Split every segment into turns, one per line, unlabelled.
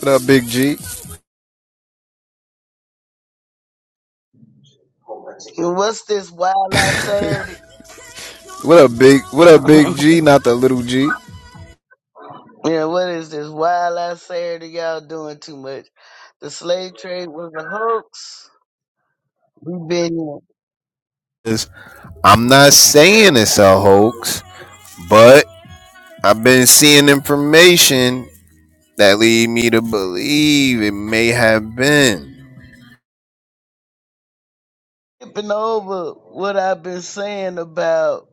What up, Big G?
What's this wild ass Saturday?
What up, Big? What up, Big G? Not the little G.
yeah, what is this wild ass Saturday? Y'all doing too much. The slave trade was a hoax. We've been
am not saying it's a hoax, but I've been seeing information that lead me to believe it may have been.
skipping over what I've been saying about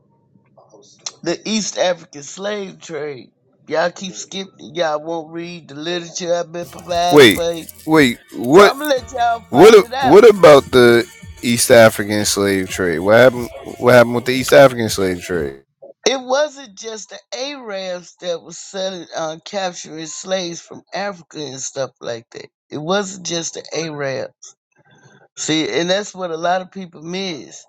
the East African slave trade. Y'all keep skipping. Y'all won't read the literature I've been providing
Wait,
for you.
wait.
So
What?
I'm gonna let y'all
What?
fight it out.
What about the East African slave trade? What happened? What happened with the East African slave trade?
It wasn't just the Arabs that was selling, uh, capturing slaves from Africa and stuff like that. It wasn't just the Arabs. See, and that's what a lot of people miss.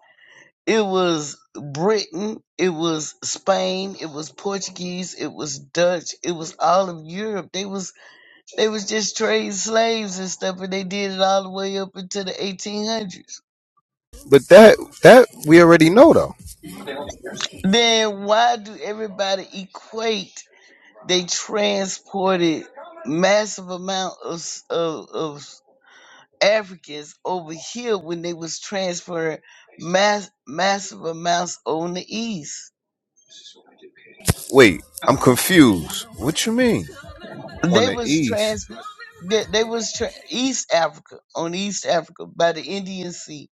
It was Britain, it was Spain, it was Portuguese, it was Dutch, it was all of Europe. They was they was just trading slaves and stuff, and they did it all the way up into the 1800s.
But that that we already know though.
Then why do everybody equate? They transported massive amount of, of, of Africans over here when they was transferring mass, massive amounts on the east.
Wait, I'm confused. What you mean on
They
the
was
East?
transfer they, they was tra- East Africa on East Africa by the Indian Sea,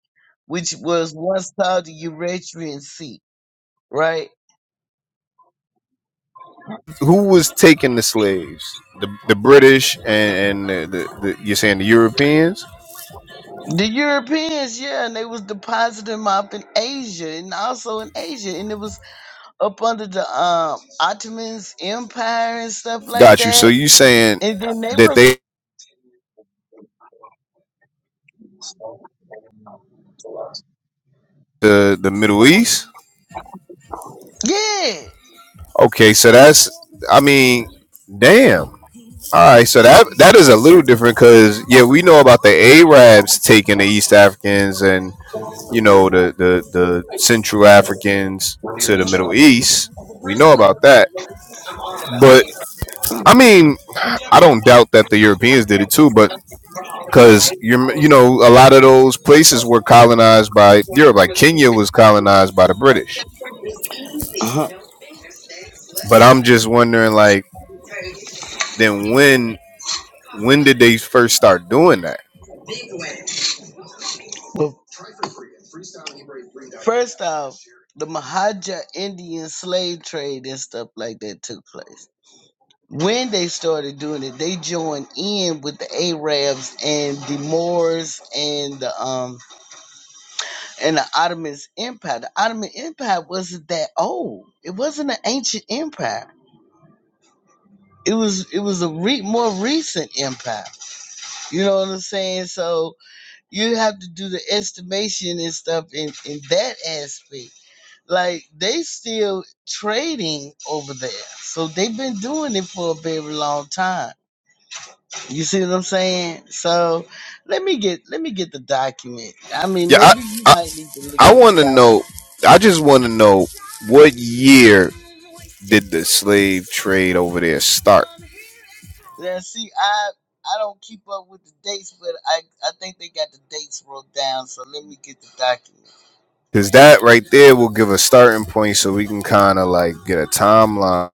which was once called the Eritrean Sea, right?
who was taking the slaves? The the British and, and the, the, the you're saying the Europeans?
The Europeans, yeah, and they was depositing them up in Asia and also in Asia, and it was up under the um Ottomans Empire and stuff like
Got you. So
that.
you saying
And then they
that
was
they the the Middle East?
yeah.
Okay, so that's I mean, damn. All right, so that that is a little different because yeah, we know about the Arabs taking the East Africans and you know the the the Central Africans to the Middle East. We know about that, but I mean, I don't doubt that the Europeans did it too. But because you're you know a lot of those places were colonized by Europe. Like Kenya was colonized by the British.
Uh-huh.
But I'm just wondering, like, then when when did they first start doing that?
But first off, the Mahaja Indian slave trade and stuff like that took place. When they started doing it, they joined in with the Arabs and the Moors and the um and the Ottoman Empire. The Ottoman Empire wasn't that old. It wasn't an ancient empire. it was it was a re- more recent impact. You know what I'm saying? So you have to do the estimation and stuff in in that aspect. Like they still trading over there, so they've been doing it for a very long time. You see what I'm saying? So let me get let me get the document. I mean,
Yeah, I
maybe you
I,
might need to look
I
at the
want to
document.
know. I just want to know what year did the slave trade over there start?
Yeah, see, I I don't keep up with the dates, but I I think they got the dates wrote down. So let me get the document.
Because that right there will give a starting point, so we can kind of like get a timeline.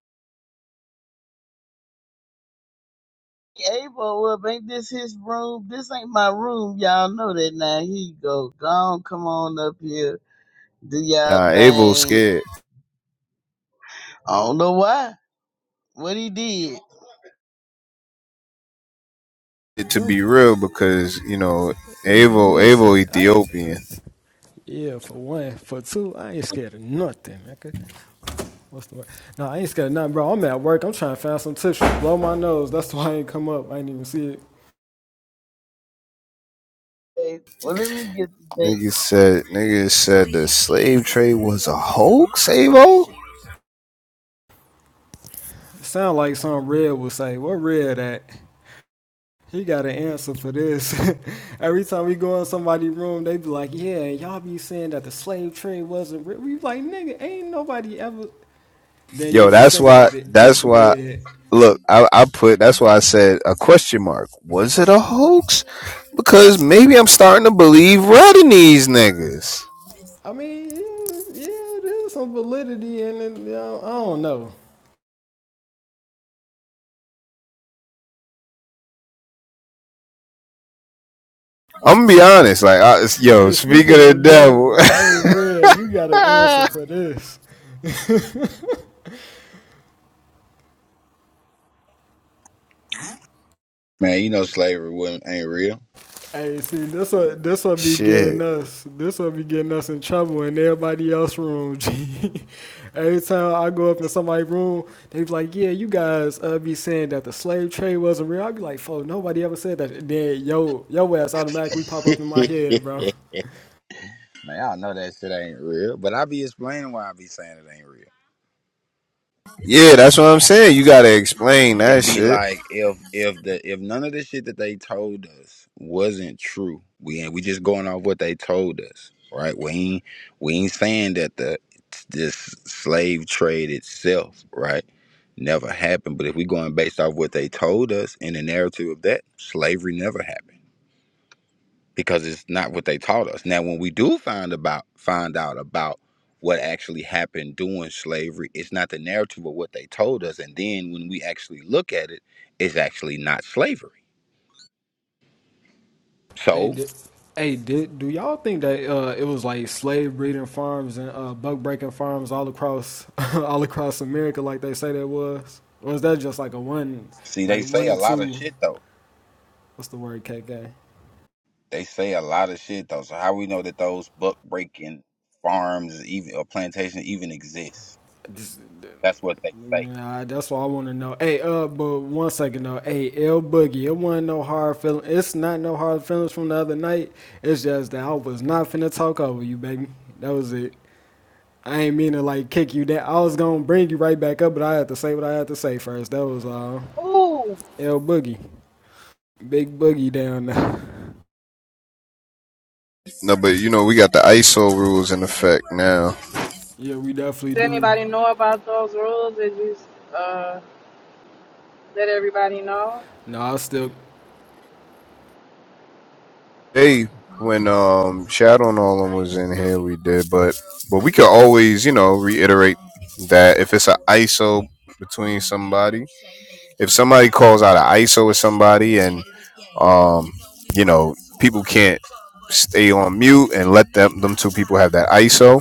Abel up, ain't this his room. This ain't my room. Y'all know that now. He go, go on, come on up here. Do y'all
Nah, Avo's
thing.
scared
I don't know why. What he did.
it, to
This
be real because you know
Man,
Avo Avo
listen, I ain't-
Ethiopian.
yeah, for one. For two, I ain't scared of nothing, nigga. What's the word? No, I ain't scared of nothing, bro. I'm at work. I'm trying to find some tissue. Blow my nose. That's why I ain't come up. I ain't even see it.
day- Well, let me get the date.
Niggas said niggas said the slave trade was a hoax, Avo?
Sound like some red would say, What red at? He got an answer for this. Every time we go in somebody's room, they be like, Yeah, y'all be saying that the slave trade wasn't real. We be like, nigga, ain't nobody ever then you
Yo,
just
that's
think
why
about it,
that's
it's
why
red.
look, I, I put that's why I said a question mark. Was it a hoax? Because maybe I'm starting to believe red in these niggas.
I mean, yeah, yeah, there's some validity in it. You know, I don't know.
I'm gonna be honest, like I, yo,
Hey,
speaking of
speaking of the devil, hey
the
Red, you got an answer
devil.
for this.
Man, you know slavery wasn't, ain't real.
Hey, see, this will this will be
shit.
getting us. This will be getting us in trouble in everybody else's room. G. Every time I go up in somebody's room, they be like, "Yeah, you guys uh, be saying that the slave trade wasn't real." I be like, "Fuck, nobody ever said that." Then yo, yo ass automatically pop
Man,
up in my head, bro.
I know that shit ain't real, but I be explaining why I be saying it ain't real. 'Cause
Yeah, that's what I'm saying. You gotta explain
It
that
be
shit.
like if if the if none of the shit that they told us wasn't true, we ain't we just going off what they told us, right? We ain't we ain't saying that the this slave trade itself, right, never happened. But if we going based off what they told us in the narrative of that, slavery never happened. because it's not what they taught us. Now, when we do find about find out about what actually happened during slavery, it's not the narrative of what they told us. And then when we actually look at it, it's actually not slavery.
Hey,
So
did, hey, did, do y'all think that uh, it was like slave breeding farms and uh, buck breaking farms all across all across America, like they say that was, or is that just like a one,
see, they
like
say
one
a
or
lot of
two?
shit though.
What's the word, K K?
They say a lot of shit though. So how we know that those buck breaking farms even or plantations even exist?
Just,
That's what they say.
nah, that's what I want to know. Hey, uh, but one second though. Hey, L Boogie, it wasn't no hard feeling. It's not no hard feelings from the other night. It's just that I was not finna talk over you, baby. That was it. I ain't mean to like kick you down. I was gonna bring you right back up, but I had to say what I had to say first. That was all.
Ooh,
L Boogie, Big Boogie down there.
No, but you know, we got the ISO rules in effect now.
yeah, we definitely
does
do.
anybody know about those rules? Did you uh, let everybody know?
No, I still,
day when um Shadow and all them was in here we did, but but we could always, you know, reiterate that if it's an ISO between somebody, if somebody calls out an ISO with somebody and um, you know, people can't stay on mute and let them them two people have that ISO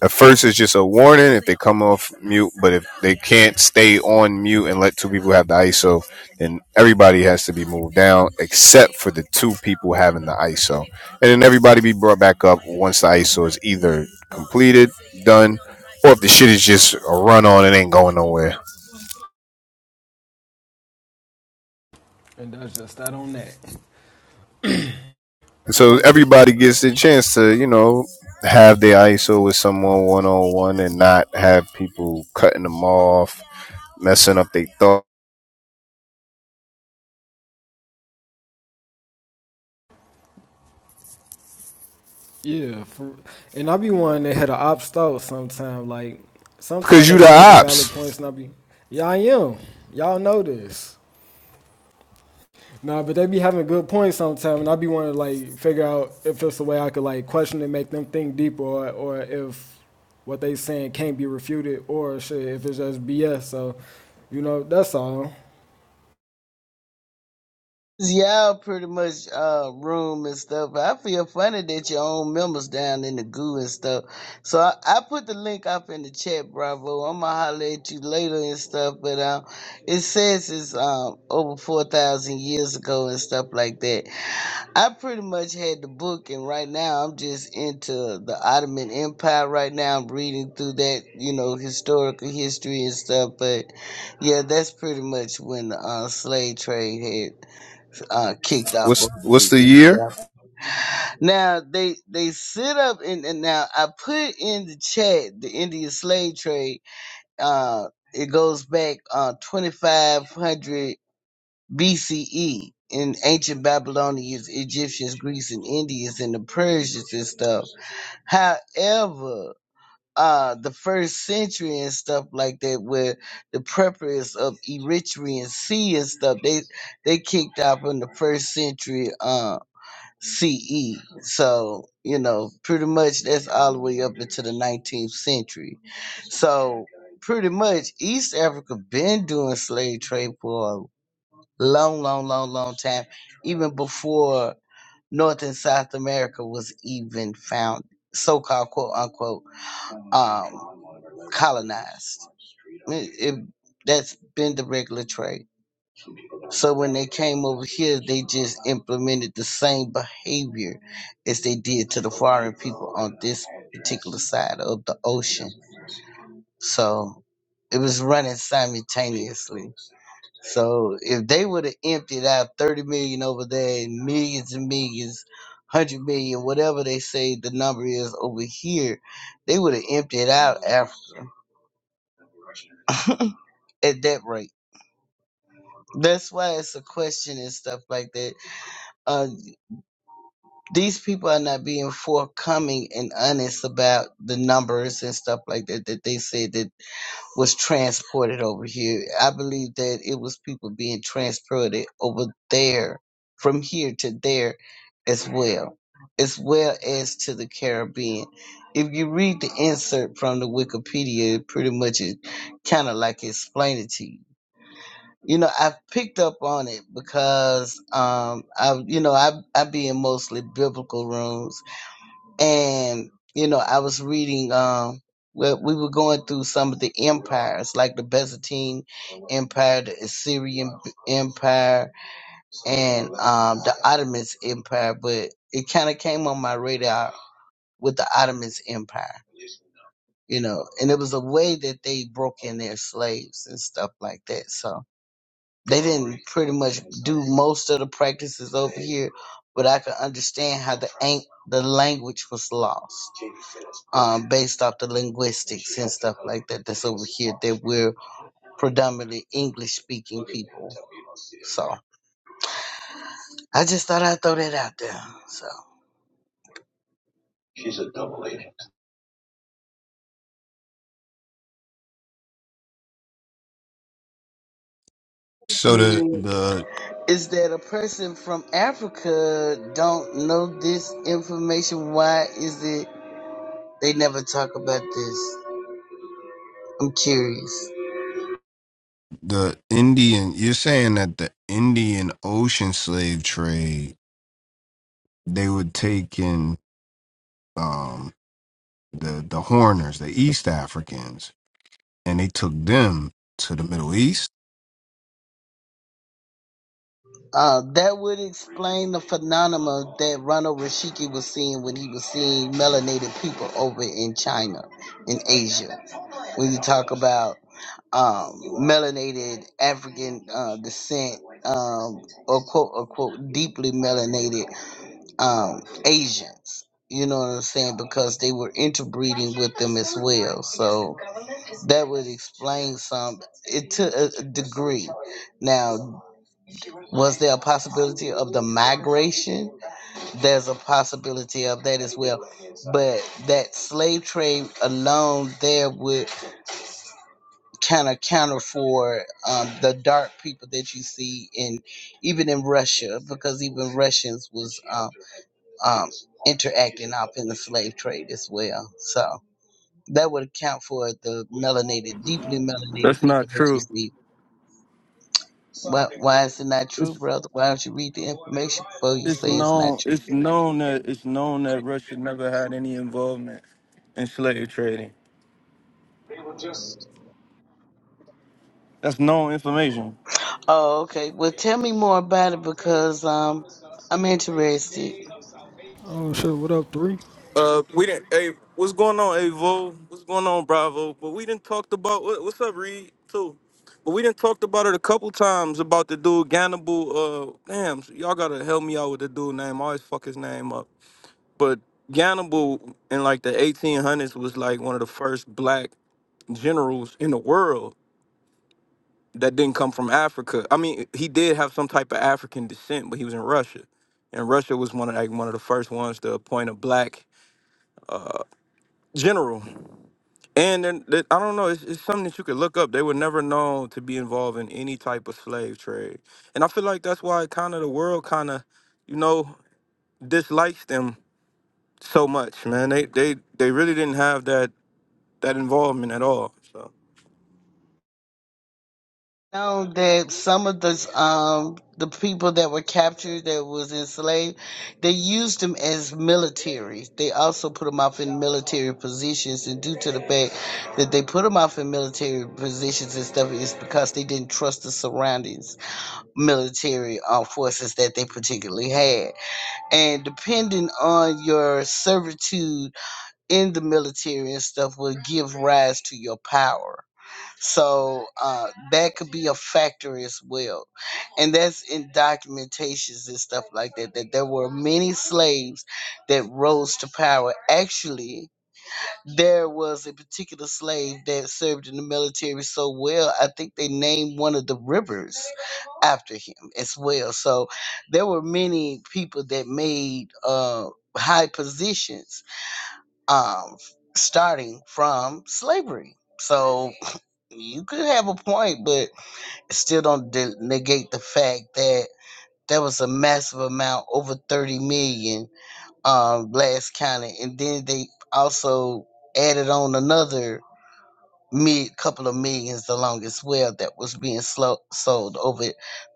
at first, it's just a warning if they come off mute, but if they can't stay on mute and let two people have the ISO, then everybody has to be moved down except for the two people having the ISO. And then everybody be brought back up once the ISO is either completed, done, or if the shit is just a run on, it ain't going nowhere.
and that's just that on that.
And So
My bad.
everybody gets the chance to, you know, have their ISO with someone one on one and not have people cutting them off, messing up their thoughts.
Yeah, for, and I be wanting to hit an op stove sometime. Like
Because
sometimes
you
they
the
be making
ops.
valid points, and I be, y'all am. Y'all know this. Nah, but they be having good points sometimes, and I be wanting to like figure out if there's a way I could like question and make them think deeper, or or if what they saying can't be refuted, or shit if it's just BS. So, you know, that's all.
It's Y'all pretty much uh room and stuff. I feel funny that your own members down in the goo and stuff. So I, I put the link up in the chat, Bravo. I'm gonna holler at you later and stuff. But um, it says it's um over four thousand years ago and stuff like that I pretty much had the book, and right now I'm just into the Ottoman Empire. Right now, I'm reading through that, you know, historical history and stuff. But yeah, that's pretty much when the uh, slave trade had uh, kicked off
What's
over
what's
the
the
East
year?
Africa. Now they they sit up and, and now I put in the chat the Indian slave trade. Uh, it goes back uh, 2,500. BCE in ancient Babylonians, Egyptians, Greeks, and Indians, and the Persians and stuff. However, uh, the first century and stuff like that, where the preppers of Eritrean Sea and stuff, they they kicked off in the first century uh, CE. So you know, pretty much that's all the way up into the 19th century. So pretty much East Africa been doing slave trade for a long, long, long, long time, even before North and South America was even found, so-called quote unquote um, colonized. It, it- that's been the regular trade. So when they came over here, they just implemented the same behavior as they did to the foreign people on this particular side of the ocean. So it was running simultaneously. So if they would have emptied out 30 million over there and millions and millions, 100 million, whatever they say the number is over here, they would have emptied out Africa at that rate. That's why it's a question and stuff like that. Uh, these people are not being forthcoming and honest about the numbers and stuff like that that they said that was transported over here. I believe that it was people being transported over there from here to there as well, as well as to the Caribbean. If you read the insert from the Wikipedia, it pretty much it kind of like explain it to you. You know, I picked up on it because um I you know, I I be in mostly biblical rooms and you know i was reading um well, we were going through some of the empires like the byzantine empire the assyrian empire and um the ottoman empire but it kind of came on my radar with the ottoman empire you know and it was a way that they broke in their slaves and stuff like that so they didn't pretty much do most of the practices over here but i could understand how the ang- the language was lost um, based off the linguistics and stuff like that that's over here that we're predominantly English speaking people. So I just thought I'd throw that out there. So she's a double
So the
agent.
the
is that a person from Africa don't know this information? Why is it they never talk about this? I'm curious.
the Indian, you're saying that the Indian Ocean slave trade, they would take in um the the Horners, the East Africans, and they took them to the Middle East.
Uh, that would explain the phenomena that Ronald Rashiki was seeing when he was seeing melanated people over in China, in Asia. When you talk about um, melanated African uh, descent, um, or quote unquote, deeply melanated um, Asians. You know what I'm saying? Because they were interbreeding with them as well. So that would explain some, it to a a degree. Now, was there a possibility of the migration? There's a possibility of that as well. But that slave trade alone there would kind of counter for um, the dark people that you see in even in Russia, because even Russians was um, um, interacting up in the slave trade as well. So that would account for the melanated, deeply melanated
That's
people
not
that you
true.
see. Why, why is it not true,
It's
brother? Why don't you read the information before you
it's
say it's not
known
true?
it's known that it's known that Russia never had any involvement in slave trading. That's known information.
Oh, okay. Well, tell me more about it because um, I'm interested.
Oh shit, what up, three?
Uh, we didn't. Hey, what's going on, Avo? What's going on, Bravo? But we didn't talked about what, what's up, Reed too. But we didn't talked about it a couple times about the dude Gannibal. Uh, damn, so y'all gotta help me out with the dude name. I always fuck his name up. But Gannibal in like the 1800s was like one of the first black generals in the world that didn't come from Africa. I mean, he did have some type of African descent, but he was in Russia, and Russia was one of like one of the first ones to appoint a black general. And then that- I don't know, it's, it's something that you could look up. They were never known to be involved in any type of slave trade, and I feel like that's why kind of the world kind of, you know, dislikes them so much. Man, they they they really didn't have that that involvement at all. So.
Know that some of the um the people that were captured that was enslaved, they used them as military. They also put them off in military positions, and due to the fact that they put them off in military positions and stuff, is because they didn't trust the surroundings, military uh, forces that they particularly had, and depending on your servitude in the military and stuff will give rise to your power. So uh, that could be a factor as well. And that's in documentations and stuff like that, that there were many slaves that rose to power. Actually, there was a particular slave that served in the military so well, I think they named one of the rivers after him as well. So there were many people that made uh, high positions um, starting from slavery. So you could have a point, but it still don't de- negate the fact that there was a massive amount, over 30 million, um, last counted, and then they also added on another mid couple of millions along as well that was being slow- sold over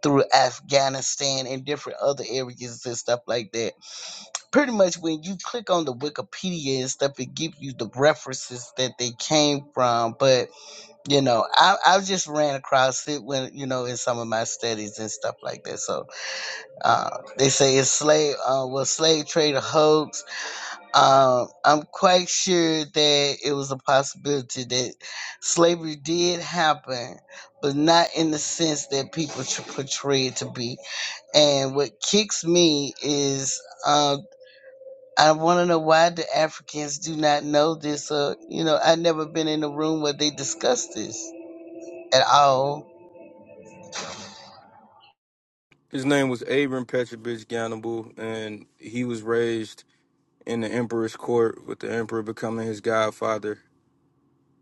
through Afghanistan and different other areas and stuff like that pretty much when you click on the Wikipedia and stuff, it gives you the references that they came from. But you know, I I just ran across it when you know in some of my studies and stuff like that. So uh, they say it's slave uh, was slave trade a hoax. Um, I'm quite sure that it was a possibility that slavery did happen, but not in the sense that people tr- portray it to be. And what kicks me is Uh, I want to know why the Africans do not know this. Uh, you know, i never been in a room where they discuss this at all.
His name was Abram Petrovich Ganable, and he was raised in the emperor's court with the emperor becoming his godfather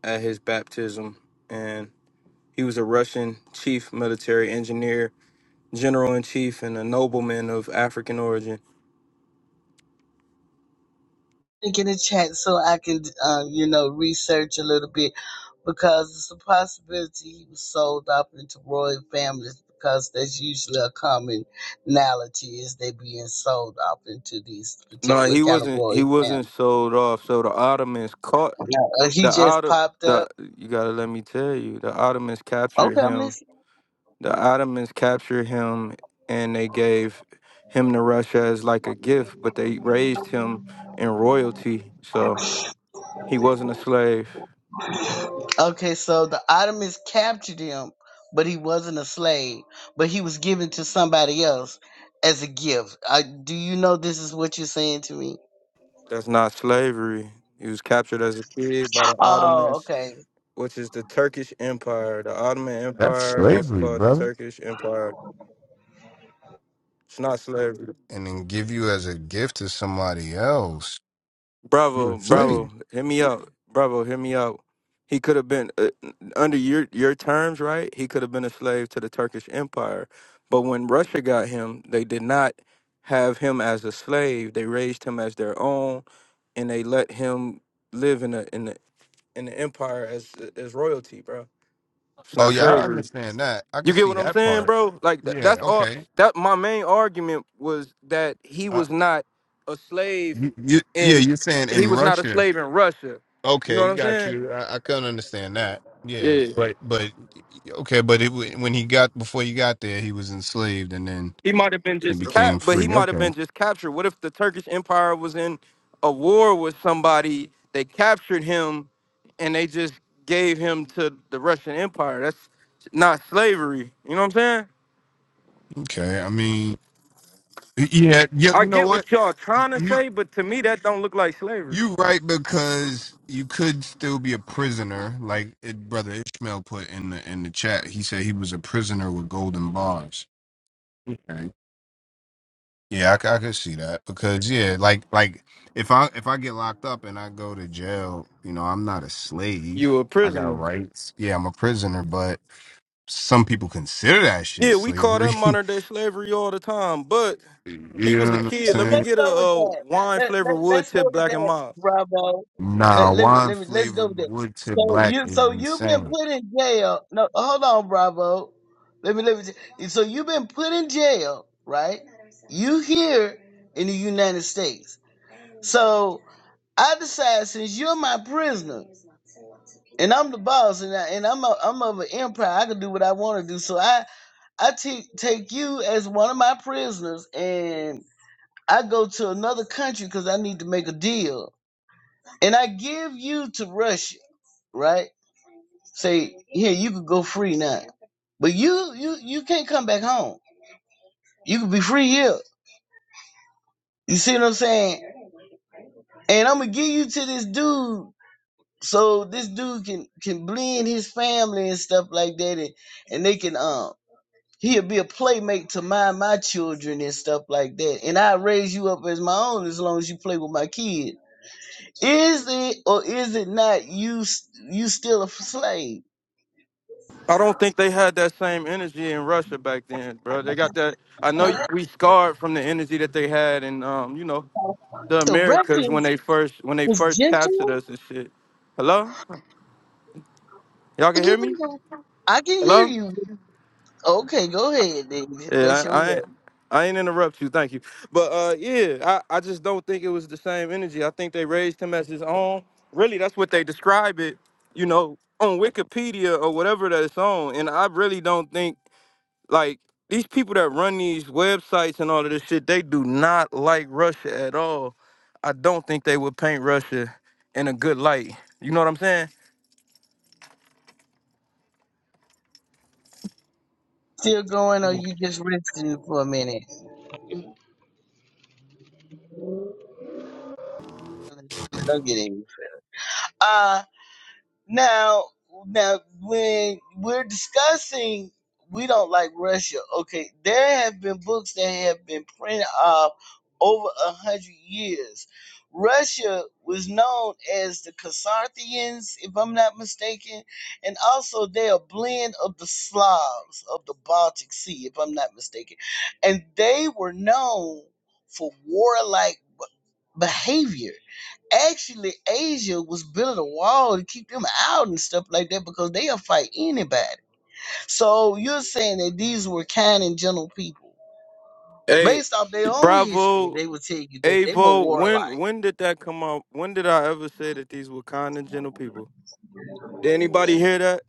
at his baptism and he was a russian chief military engineer general in chief and a nobleman of african origin
Think in the chat so I can, uh, you know, research a little bit because it's a possibility he was sold off into royal families because that's usually a commonality is they being sold off into these
no
particular
he
kind of
wasn't he
royal
wasn't
families.
sold off so the ottomans caught
Uh, he
the
just
Otto,
popped
the
up.
you gotta let me tell you the ottomans captured
Okay, I'm
him
listening.
the ottomans captured him and they gave him to russia as like a gift but they raised him in royalty so he wasn't a slave
Okay, so the Ottomans captured him, but he wasn't a slave, but he was given to somebody else as a gift. Uh, do you know this is what you're saying to me?
That's not slavery. He was captured as a kid by the
Oh,
Ottomans,
okay.
which is the Turkish Empire. The Ottoman
That's
Empire, also
slavery,
called the
brother.
Turkish Empire. It's not slavery.
And then give you as a gift to somebody else. You're
Bravo,
a slave.
bravo. Hit me up. Bravo, hit me up. He could have been uh, under your your terms, right? He could have been a slave to the Turkish Empire. But when Russia got him, they did not have him as a slave. They raised him as their own and they let him live in the in the in the empire as as royalty, bro. It's
Oh
not
yeah, I
slavery.
understand that. I can
You get
see
what I'm
that
saying,
part.
bro? Like tha-
Yeah.
that's all.
Okay.
That my main argument was that he
Uh,
was not a slave,
you, you, yeah,
in
you're saying in
he was not a
Russia.
slave in Russia. You know what
Okay,
I'm
got
saying?
you. I, I couldn't understand that. Yeah,
Yeah.
but but okay, but it wa- when he got before he got there, he was enslaved, and then
He might have been
he
just cap,
became
but he
free.
might have
Okay,
been just captured. What if the Turkish Empire was in a war with somebody? They captured him, and they just gave him to the Russian Empire. That's not slavery. You know what I'm saying?
okay. I mean, yeah, yeah.
I
You know
get
what?
what y'all trying to
You
say, but to me that don't look like slavery.
you right because you could still be a prisoner, like it, brother Ishmael put in the in the chat. He said he was a prisoner with golden bars. Yeah, I, c- I could see that because yeah, like like if I if I get locked up and I go to jail, you know, I'm not a
You
slave.
a
I got
prisoner.
rights. Yeah, I'm a prisoner, but some people consider that shit
Yeah, we call
slavery.
that modern day slavery all the time. But he
you
was
know
a
what I'm
kid. Let me
saying?
Let's
get a,
go with
uh
that.
wine
Let, let,
flavored wood
let's go
tip
with
black and
that,
mild.
Bravo.
Nah,
Let, let me
wine
let me let's go with
flavored
that.
wood tip
So
black
you
is
so you've been
insane.
put in jail. No, hold on, Bravo. Let me let me. ju- So you've been put in jail, right? You here in the United States. So I decide since you're my prisoner and I'm the boss and I, and I'm a, I'm of an empire, I can do what I want to do. So I I take take you as one of my prisoners and I go to another country because I need to make a deal and I give you to Russia, right? Say here you can go free now, but you you you can't come back home. You can be free here. You see what I'm saying? And I'm gonna give you to this dude So this dude can can blend his family and stuff like that, and, and they can um he'll be a playmate to my my children and stuff like that, and I raise you up as my own as long as you play with my kid. Is it or is it not you s- you still a slave?
I don't think they had that same energy in Russia back then, bro. They got that. I know we scarred from the energy that they had, in um, you know, the
The
Americas when
reference
they first when they
was
first captured
gentle.
us and shit. Hello, y'all can
You
hear
be
me?
the- I can hear
Hello.
you. Okay, go ahead. then. That's
Yeah, I,
your
I
way.
ain't I ain't interrupt you, thank you. But uh yeah, I, I just don't think it was the same energy. I think they raised him as his own. Really, that's what they describe it, you know, on Wikipedia or whatever that it's on. And I really don't think like these people that run these websites and all of this shit, they do not like Russia at all. I don't think they would paint Russia in a good light. You know what I'm saying?
Still going, or you just resting for a minute? Don't get angry. Uh Now, now, when we're discussing, we don't like Russia. Okay, there have been books that have been printed off over a hundred years. Russia was known as the Kasarthians, if I'm not mistaken, and also they're a blend of the Slavs of the Baltic Sea, if I'm not mistaken, and they were known for warlike behavior actually Asia was building a wall to keep them out and stuff like that because they'll fight anybody. So you're saying that these were kind and gentle people.
Hey,
Based off their own history,
bravo
they would tell you that they were
Avo, when
warlike.
when did that come out? When did I ever say that these were kind and gentle people? Did anybody hear that?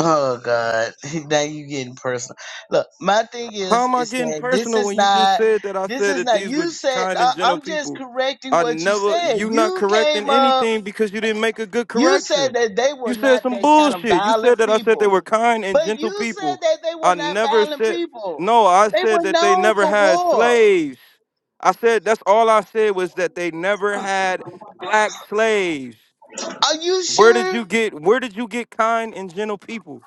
Oh God. Now you getting personal. Look, my thing
How
is
am I
is
getting
that this
personal
is
when you just
not
said that I
this
said
is
that
not
these were
you said
kind
I,
and gentle
I'm just
people?
correcting
I
what you
never
said.
you not
You
correcting
came up
anything because you didn't make a good
you said
correction.
that they
You
were
said
not
some
that kind of
bullshit. You said
violent
that I said they
people.
were kind and
But
gentle
you said
people.
that they were
I
not
never
violent
said
people.
no, I
They
said
were
that they
known
never
for
had
war.
slaves. I said that's all I said was that they never had black slaves.
Are you
Where did
sure?
you get where did you get kind and gentle people?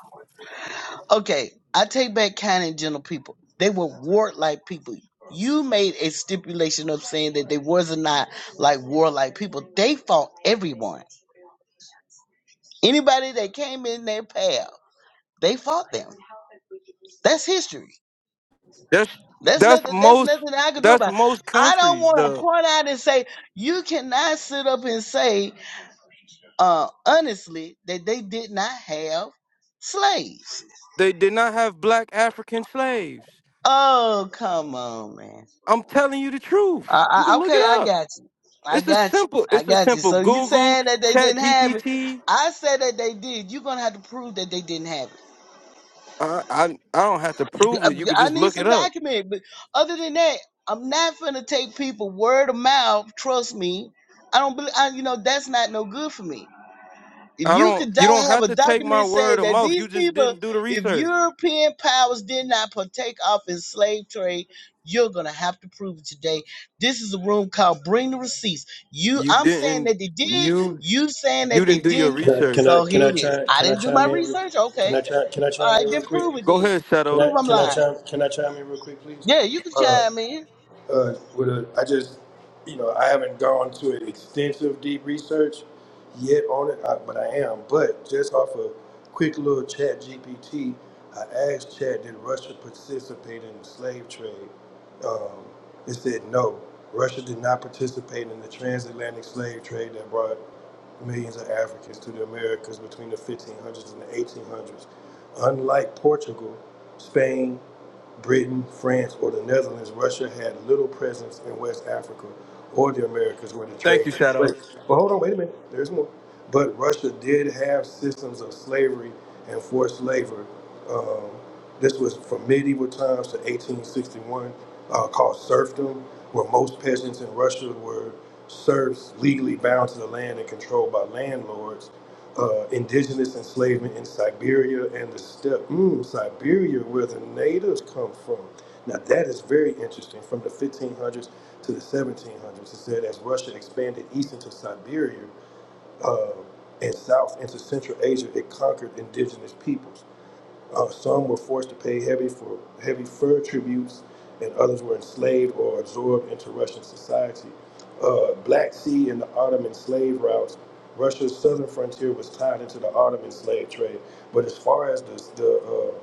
Okay, I take back kind and gentle people. They were warlike people. You made a stipulation of saying that they was not like warlike people. They fought everyone. Anybody that came in their path, they fought them. That's history.
That's
That's
that's
nothing. That's
most
nothing I can do
that's
about. it.
most
I don't
countries
want to
though.
point out and say you cannot sit up and say uh, honestly, that they did not have slaves.
They did not have black African slaves.
Oh, come on, man.
I'm telling you the truth.
I,
You
I,
can look it
okay, I
up.
got you. I
It's a
got you.
simple
I
it's a
got you.
simple
So you
Google,
saying that they
Chat
didn't have it?
GPT.
I said that they did. You're gonna have to prove that they didn't have
I I, I don't have to prove it. You
it.
could
I, I
just
need
look
some
it up.
document. But other than that, I'm not gonna take people word of mouth. Trust me. I don't believe. I, you know that's not no good for me. If
I
you
don't
could
you don't
di- have
have
a
to take my
document
word
saying
of
that
mouth. You
these
just
people,
didn't do the
if
research.
European powers did not partake of in slave trade, you're gonna have to prove it today. This is a room called "Bring the Receipts." You,
You
I'm saying
didn't
that they did.
you
You saying
you
that they
didn't do your
didn't.
Uh, Can I
research.
So
can
here
I
it is.
chime
I
can I
didn't do
chime
my
in? re-
research.
Can
Okay,
I chime can I chime
all
in
right,
real
then
quick?
prove it.
Go
Then
ahead,
Can
Shadow.
I
prove I'm
can I
lying.
chime can I chime in real quick, please?
Yeah, you can chime in.
uh, with a, I just, you know, I haven't gone to an extensive deep research yet on it, I, but I am. But just off a quick little chat GPT, I asked Chat, did Russia participate in the slave trade? Um, it said no. Russia did not participate in the transatlantic slave trade that brought millions of Africans to the Americas between the 1500s and the 1800s. Unlike Portugal, Spain, Britain, France, or the Netherlands, Russia had little presence in West Africa or the Americas where the
Thank
trade
you,
took place.
Shadow.
But hold on, wait a minute, there's more. But Russia did have systems of slavery and forced labor. Um, this was from medieval times to 1861, uh, called serfdom, where most peasants in Russia were serfs legally bound to the land and controlled by landlords. Uh, indigenous enslavement in Siberia and the steppe, mm, Siberia, where the natives come from. Now, that is very interesting. From the 1500s to the 1700s, it said as Russia expanded east into Siberia uh, and south into Central Asia, it conquered indigenous peoples. Uh, some were forced to pay heavy for heavy fur tributes, and others were enslaved or absorbed into Russian society. Uh, Black Sea and the Ottoman slave routes. Russia's southern frontier was tied into the Ottoman slave trade, but as far as the the, uh,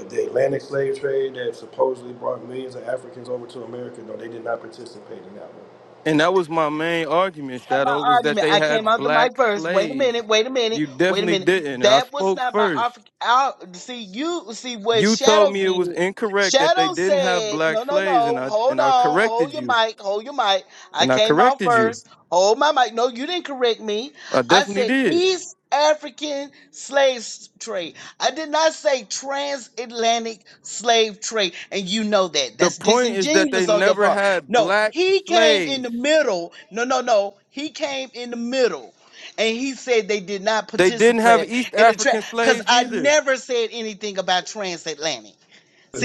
the the Atlantic slave trade that supposedly brought millions of Africans over to America, no, they did not participate in that one.
And that was my main argument,
not my
Shadow, was that
argument.
they
I came
had
out the mic
black
first. Wait a
slaves.
minute. Wait a minute.
You
Wait a
definitely
minute.
didn't. And I
That was
spoke
not my offer.
first.
I- See you. See what
You told
Shadow
me it
did.
was incorrect that they
Shadow
didn't have
said,
black
"No, no,
slaves, and
no.
I and
Hold
I
on.
corrected
Hold your
you.
mic. Hold your mic. I
And I
came out
corrected you.
first. Hold my mic. No, you didn't correct me.
I
I
definitely
said
did.
East African slave trade. I did not say transatlantic slave trade. And you know that.
The
That's
point is that they
disingenuous on your
never
part."
had
No,
black
he came in the
slaves.
middle. No, no, no. He came in the middle. And he said they did not
They didn't have
participate
East
in the trans
African
because
slaves
I
either.
never said anything about transatlantic.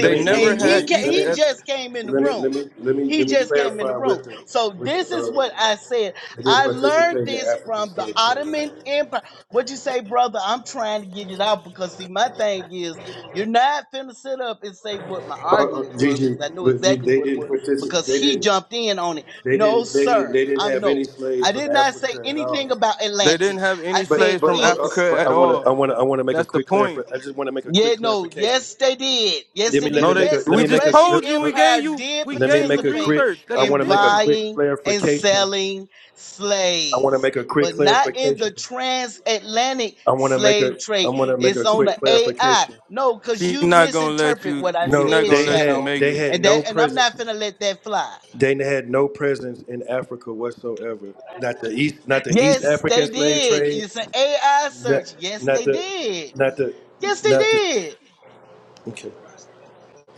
Let me let
never
and
me
he
had
ca-
let
East.
me
he
eh,
just came in the
let me let me let
room.
me let me,
He
let me
just came in the
clarify
room.
with the
So
with
this
the,
is
uh,
what I said.
They didn't
I learned
participate in the
this
African
from the
slave trade.
Ottoman
no.
Empire. What you say, brother? I'm trying to get it out because see, my thing is you're not finna sit up and say what my
Uh,
argument
uh,
was
Gigi,
because I knew
but G,
exactly
they
what it
didn't
was
participate.
because
They
he
didn't.
jumped in on it.
They
No,
didn't. They didn't.
sir.
They didn't
I'm
have
no.
any slaves
I
from
did not say
Africa at all.
anything about
They didn't
Atlantic.
have
I
any
But
said
slaves
but
from
uh, uh,
East.
Africa
but I
at
want to
all.
I want to I want to make a
That's the
quick
point.
clarif- I just want to make a
Yeah,
quick
no,
clarification.
yes, they did. Yes,
Let
they
me let
did.
me
No, they.
make a
Yes,
let
We
me
the
make
just
a
Russian
let
told you.
uh,
We gave
Empire
you.
did
We
let me
gave you
make a
participate
quick.
research that
I
they
want to
in
make a
didn't.
quick
buying and
clarification.
selling
I want to
slaves,
make a quick
but not in the
clarification.
transatlantic
I want to make
slave
a I
trade.
want to make
It's
a
on
quick
the AI.
clarification.
No, because
She
you
not gonna let
misinterpret
you.
what I
She
No,
not
said,
gonna
they
let you
had
Shadow.
make
they
it.
had
And
no
that and I'm
presence.
not gonna let that fly.
Dana had no presence in Africa whatsoever. Not the East, not the East
Yes,
African
they
slave
did.
trade.
It's an AI
Not,
search. Yes,
not
they
the,
did.
not the,
Yes, they
not the.
did.
Okay.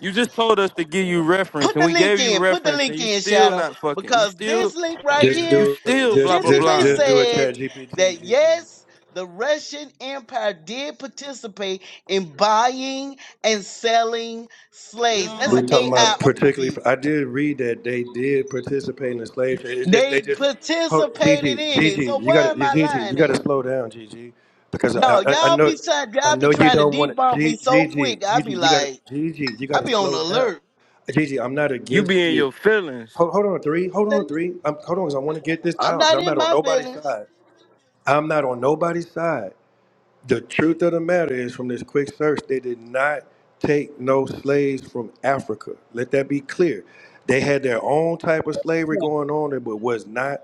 You just told us to give you reference,
put
and
the
we
link
gave you
in. Put the
reference, and
link
you
in,
still
Shadow,
not fucking. You
because this
still.
link right
Just
You
here
do,
still blah
just
blah
just
specifically
blah.
just do a
said
chat GPT,
that
GG.
yes, the Russian Empire did participate in buying and selling slaves. That's
We
an
Yo.
talking
AI
about particularly.
overview.
I did read that they did participate in the slave trade. It's just they
They
just. Oh,
participated
Gigi,
in it.
Gigi,
So
you got
where am
to
I
Gigi, you
lying
got
at?
to slow down, Gigi, because I,
No,
I, I
y'all
know,
be trying
I
y'all be
know you
trying to
don't want
debunk
to.
me so
Gigi,
quick. I
Gigi,
be
you got to
like,
Gigi, you got
I
to
be on
slow down.
alert.
Gigi, I'm not
You
against
be in
you.
your feelings.
Hold, hold on, three. Hold on, three. I'm, hold on, 'cause I want to get this
I'm
out because
not
I'm
in
not on
my
nobody's
feelings.
side. I'm not on nobody's side. The truth of the matter is, from this quick search, they did not take no slaves from Africa. Let that be clear. They had their own type of slavery going on, but was not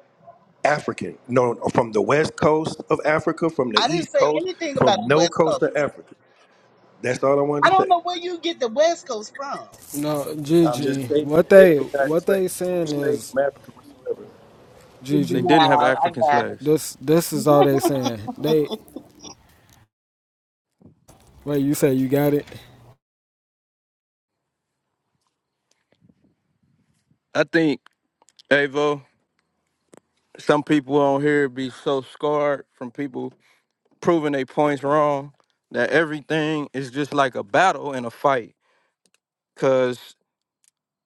African. No, from the west coast of Africa, from the
I didn't
east
say
coast,
anything about
from
the
no
West Coast.
coast of Africa. That's all I wanted
I
to
don't
say.
know where you get the West Coast from.
No,
I'm just
Gigi.
stating
What
that they
they
did not
what
slave
they
no
saying
slaves
is
from Africa whatsoever.
They
Gigi.
didn't have
Wow, I
African
got
slaves.
it.
This this is all they saying. They wait. You say you got it.
I think Avo. Some people on here be so scarred from people proving their points wrong that everything is just like a battle and a fight. Cause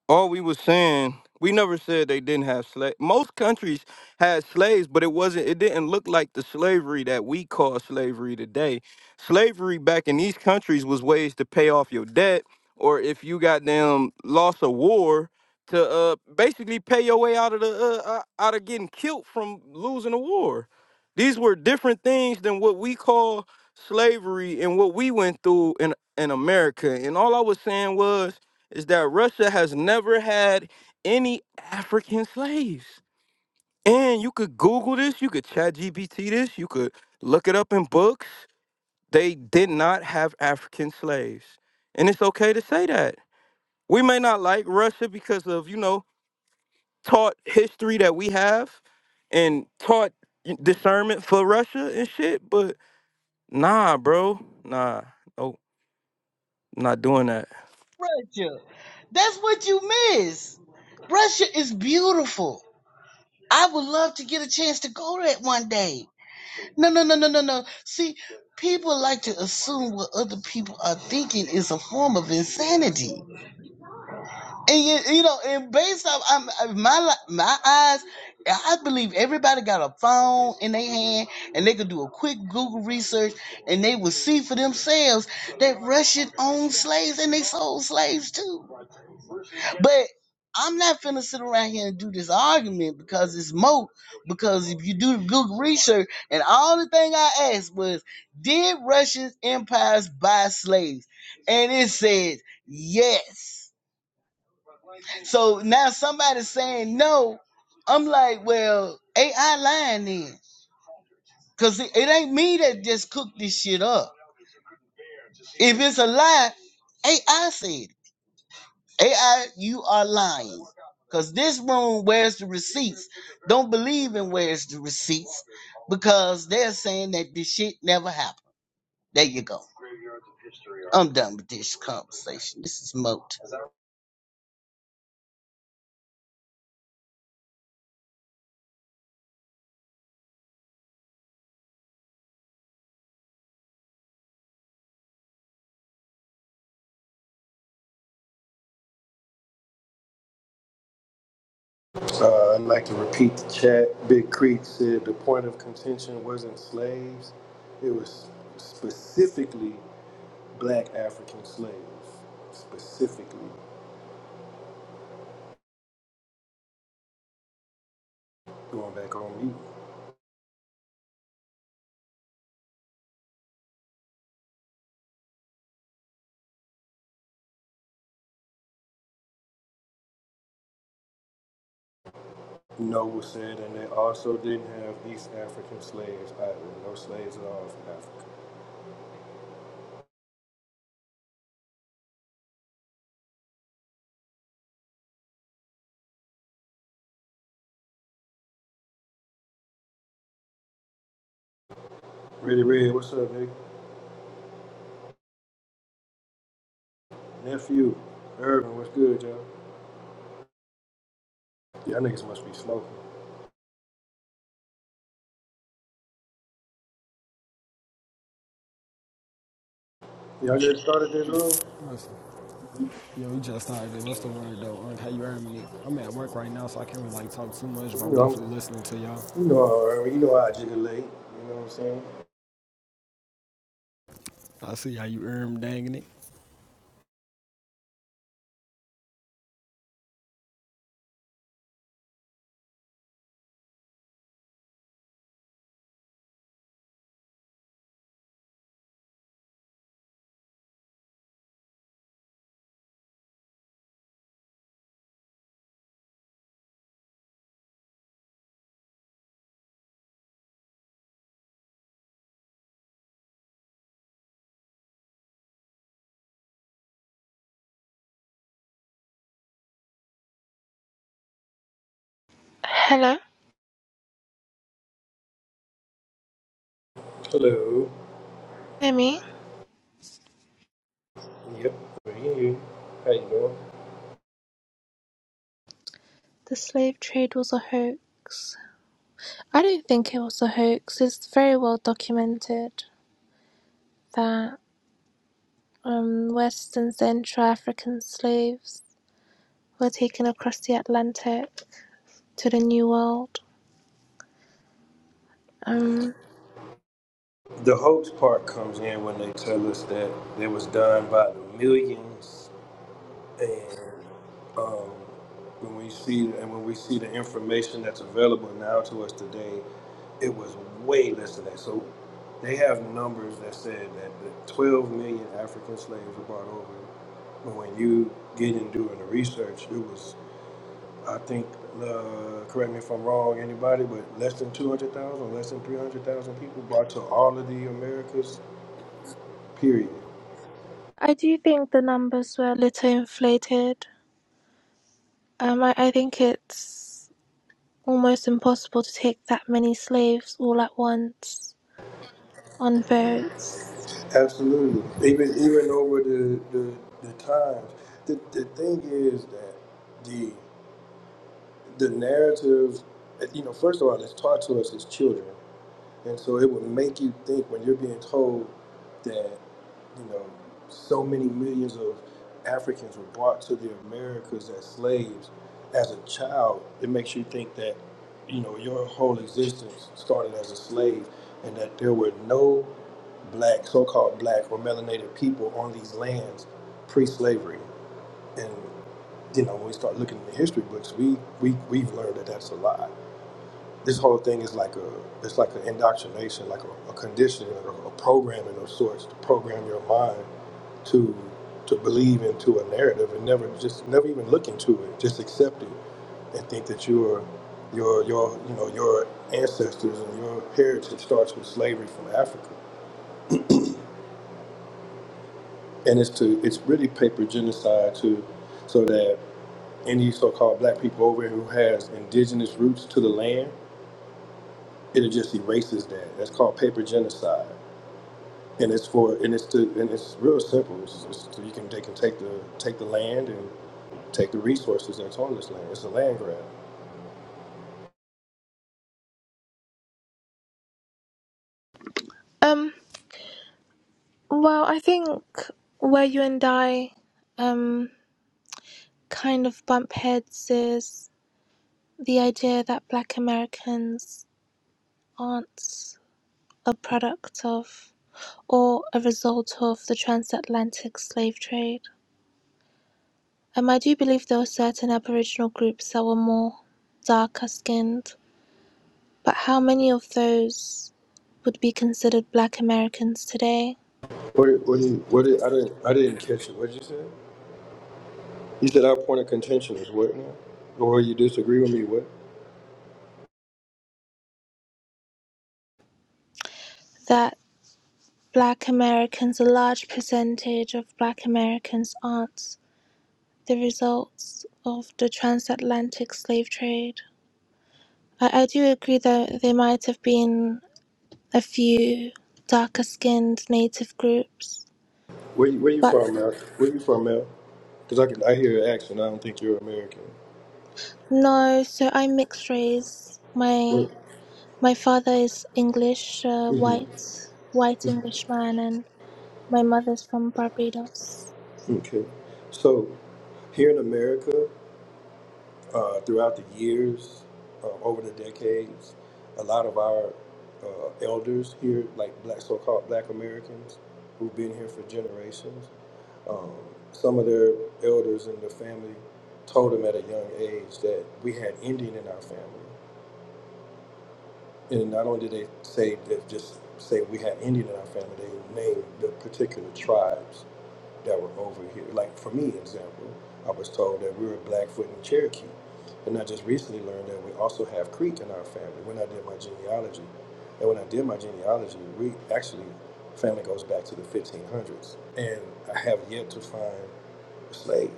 all we was saying we never said they didn't have slaves most countries had slaves but it wasn't it didn't look like the slavery that we call slavery today slavery back in these countries was ways to pay off your debt or if you got them lost a war to uh basically pay your way out of the uh, uh, out of getting killed from losing a war these were different things than what we call slavery and what we went through in in america and all i was saying was is that Russia has never had any African slaves. And you could Google this, you could chat GPT this, you could look it up in books. They did not have African slaves. And it's okay to say that. We may not like Russia because of, you know, taught history that we have and taught discernment for Russia and shit, but nah, bro. Nah. Oh, not doing that.
Russia. That's what you miss. Russia is beautiful. I would love to get a chance to go that one day. No, no, no, no, no, no. See, people like to assume what other people are thinking is a form of insanity. And you, you know, and based off I'm, I'm- my li- my eyes, I believe everybody got a phone in their hand and they could do a quick Google research and they will see for themselves that Russian owned slaves and they sold slaves too. But I'm not finna sit around here and do this argument because it's mo. Because if you do the Google research, and all the thing I asked was, did Russian empires buy slaves? And it says yes. So now somebody's saying no. I'm like, well, AI lying then. Cause it, it ain't me that just cooked this shit up. If it's a lie, AI said it. AI, you are lying. Cause this room, where's the receipts? Don't believe in where's the receipts because they're saying that this shit never happened. There you go. I'm done with this conversation. This is Moat.
Uh, I'd like to repeat the chat. Big Creek said the point of contention wasn't slaves, it was specifically black African slaves. Specifically, going back on mute. Noble said, and they also didn't have East African slaves either. No slaves at all from Africa. Really, Red, what's up, nigga? Nephew, Urban, what's good, y'all? Y'all niggas must be smoking. Y'all just started this room?
Listen, yo, we just started. it. What's the word though? How you earning it? I'm at work right now, so I can't really like talk too much, but
You
I'm
know,
definitely listening to y'all.
I'm, you know, how Urban, you know how I jiggle late. You know what I'm saying?
I see how you erm danging it.
Hello,
Hello.
Emmy. The slave trade was a hoax. I don't think it was a hoax. It's very well documented that um, West and Central African slaves were taken across the Atlantic to the New World. Um,
The hoax part comes in when they tell us that it was done by the millions, and um, when we see and when we see the information that's available now to us today, it was way less than that. So they have numbers that said that the 12 million African slaves were brought over, but when you get into doing the research, it was I think, uh, correct me if I'm wrong, anybody, but less than 200,000, less than 300,000 people brought to all of the Americas, period.
I do think the numbers were a little inflated. Um, I, I think it's almost impossible to take that many slaves all at once on boats.
Absolutely. Even even over the, the, the times. The, the thing is that the the narrative, you know, first of all, it's taught to us as children. And so it would make you think when you're being told that. you know, so many millions of Africans were brought to the Americas as slaves as a child, it makes you think that, you know, your whole existence started as a slave and that there were no black, so called black or melanated people on these lands pre slavery. And, you know, when we start looking in the history books, we, we, we've learned that that's a lie. This whole thing is like a, it's like an indoctrination, like a, a conditioning, like a programming of sorts to program your mind to to believe into a narrative and never just never even look into it, just accept it and think that your your your you know your ancestors and your heritage starts with slavery from Africa, and it's to it's really paper genocide to so that any so-called black people over here who has indigenous roots to the land, it just erases that. That's called paper genocide. and it's for and it's to and it's real simple. It's, it's to, you can they can take the take the land and take the resources that's on this land. It's a land grab.
Um, Well, I think where you and I um, kind of bump heads is the idea that black Americans aren't a product of or a result of the transatlantic slave trade. Um, I do believe there were certain Aboriginal groups that were more darker skinned, but how many of those would be considered black Americans today?
What did, what did, what did, I didn't I didn't catch it. What did you say? You said our point of contention is what now? Or you disagree with me? What?
That black Americans, a large percentage of black Americans aren't the results of the transatlantic slave trade. I, I do agree that there might have been a few darker skinned native groups,
Where you, where you
but
from, Mel? Where you from, Mel? Because I can I hear your accent. I don't think you're American.
no, so I'm mixed race. My
Where?
my father is English, uh, white, white Englishman, and my mother's from Barbados.
Okay. So here in America. uh, throughout the years, uh, over the decades, a lot of our uh, elders here, like black so-called Black Americans, who've been here for generations, um, some of their elders in the family told them at a young age that we had Indian in our family, and not only did they say that just say we had Indian in our family, they named the particular tribes that were over here. Like for me, example, I was told that we were Blackfoot and Cherokee, and I just recently learned that we also have Creek in our family. When I did my genealogy, and when I did my genealogy, we actually family goes back to the 1500s, and I have yet to find a slave.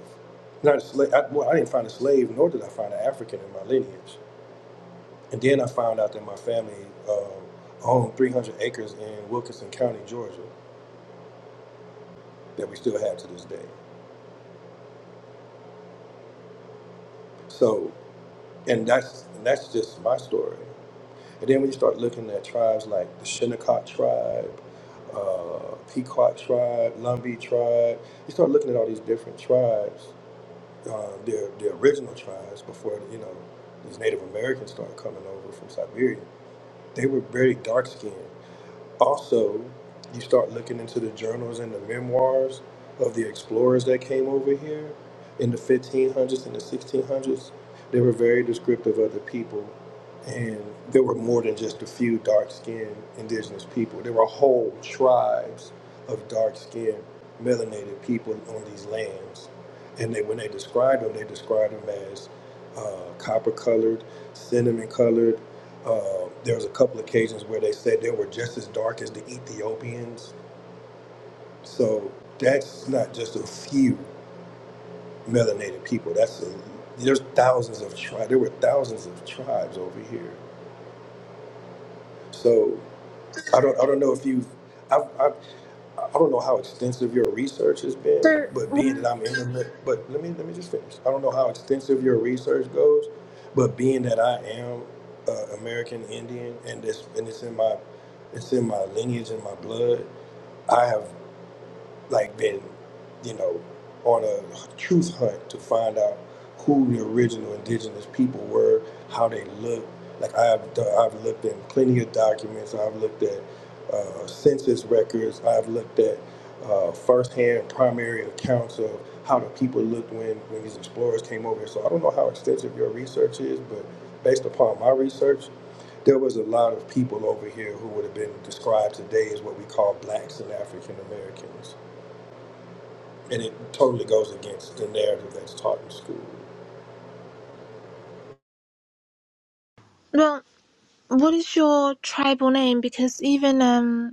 Not a slave. I, well, I didn't find a slave, nor did I find an African in my lineage. And then I found out that my family um, owned 300 acres in Wilkinson County, Georgia, that we still have to this day. So And that's and that's just my story. And then when you start looking at tribes like the Shinnecock tribe, uh, Pequot tribe, Lumbee tribe, you start looking at all these different tribes, uh, their their original tribes before you know these Native Americans started coming over from Siberia. They were very dark skinned. Also, you start looking into the journals and the memoirs of the explorers that came over here in the 1500s and the 1600s. They were very descriptive of the people, and there were more than just a few dark skinned indigenous people. There were whole tribes of dark skinned, melanated people on these lands. And they, when they described them, they described them as uh, copper colored, cinnamon colored, uh, there was a couple occasions where they said they were just as dark as the Ethiopians. So that's not just a few melanated people. That's a, there's thousands of tribes. There were thousands of tribes over here. So I don't I don't know if you've I, I, I don't know how extensive your research has been,
So,
but being
w-
that I'm in the mi- but let me let me just finish. I don't know how extensive your research goes, but being that I am uh, American Indian and this and it's in my it's in my lineage and my blood. I have like been, you know, on a truth hunt to find out who the original indigenous people were, how they looked. Like I've done, I've looked at plenty of documents. I've looked at uh, census records. I've looked at uh, firsthand primary accounts of how the people looked when when these explorers came over. So I don't know how extensive your research is, but based upon my research, there was a lot of people over here who would have been described today as what we call blacks and African Americans and it totally goes against the narrative that's taught in school.
well, what is your tribal name? Because even um,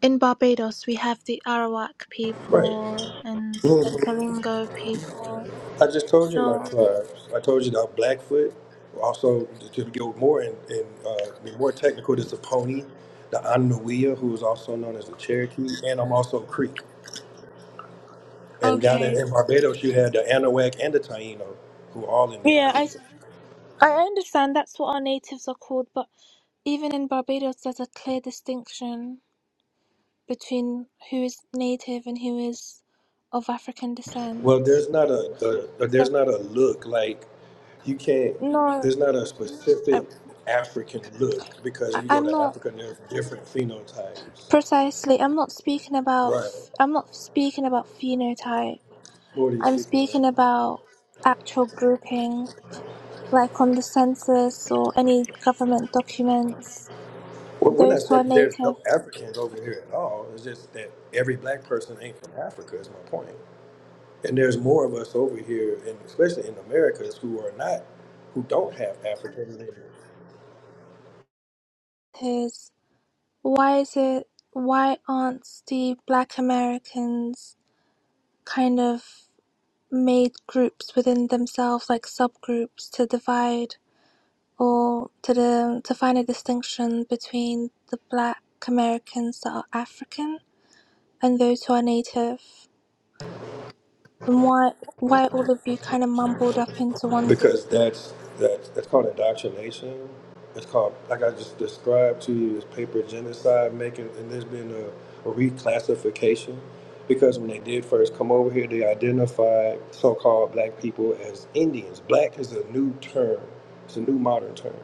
In Barbados, we have the Arawak
Right.
people and the Kalingo people.
I just told you my
So,
tribes. I told you about Blackfoot. Also, to go more and, and uh, be more technical, there's the Pony, the Anahuia, who is also known as the Cherokee, and I'm also Creek. And down in,
okay.
in Barbados, you had the Anahuac and the Taino, who are all in the
Yeah,
island.
I, I understand that's what our natives are called, but even in Barbados, there's a clear distinction between who is native and who is of African descent.
Well, there's not a, a
So,
there's not a look like you can't.
no,
There's not a
I,
specific African look because
I-
you go
I'm
to
not
Africa, there are different phenotypes.
precisely, I'm not speaking about,
Right.
I'm not speaking about phenotype.
What are you
I'm
speaking of?
speaking about actual grouping. like on the census or any government documents,
Well, we're not
those who
saying
are
that there's
native
no Africans over here at all. It's just that every black person ain't from Africa. Is my point. And there's more of us over here, and especially in Americas, who are not, who don't have African lineage.
is why is it why aren't the black Americans kind of made groups within themselves like subgroups to divide or to the to find a distinction between the black Americans that are African and those who are native? And why why all of you kind of mumbled up into one group?
because that's that's that's called indoctrination. It's called, like I just described to you, is paper genocide making, and there's been a, a reclassification because when they did first come over here, they identified so-called black people as Indians. Black is a new term; it's a new modern term.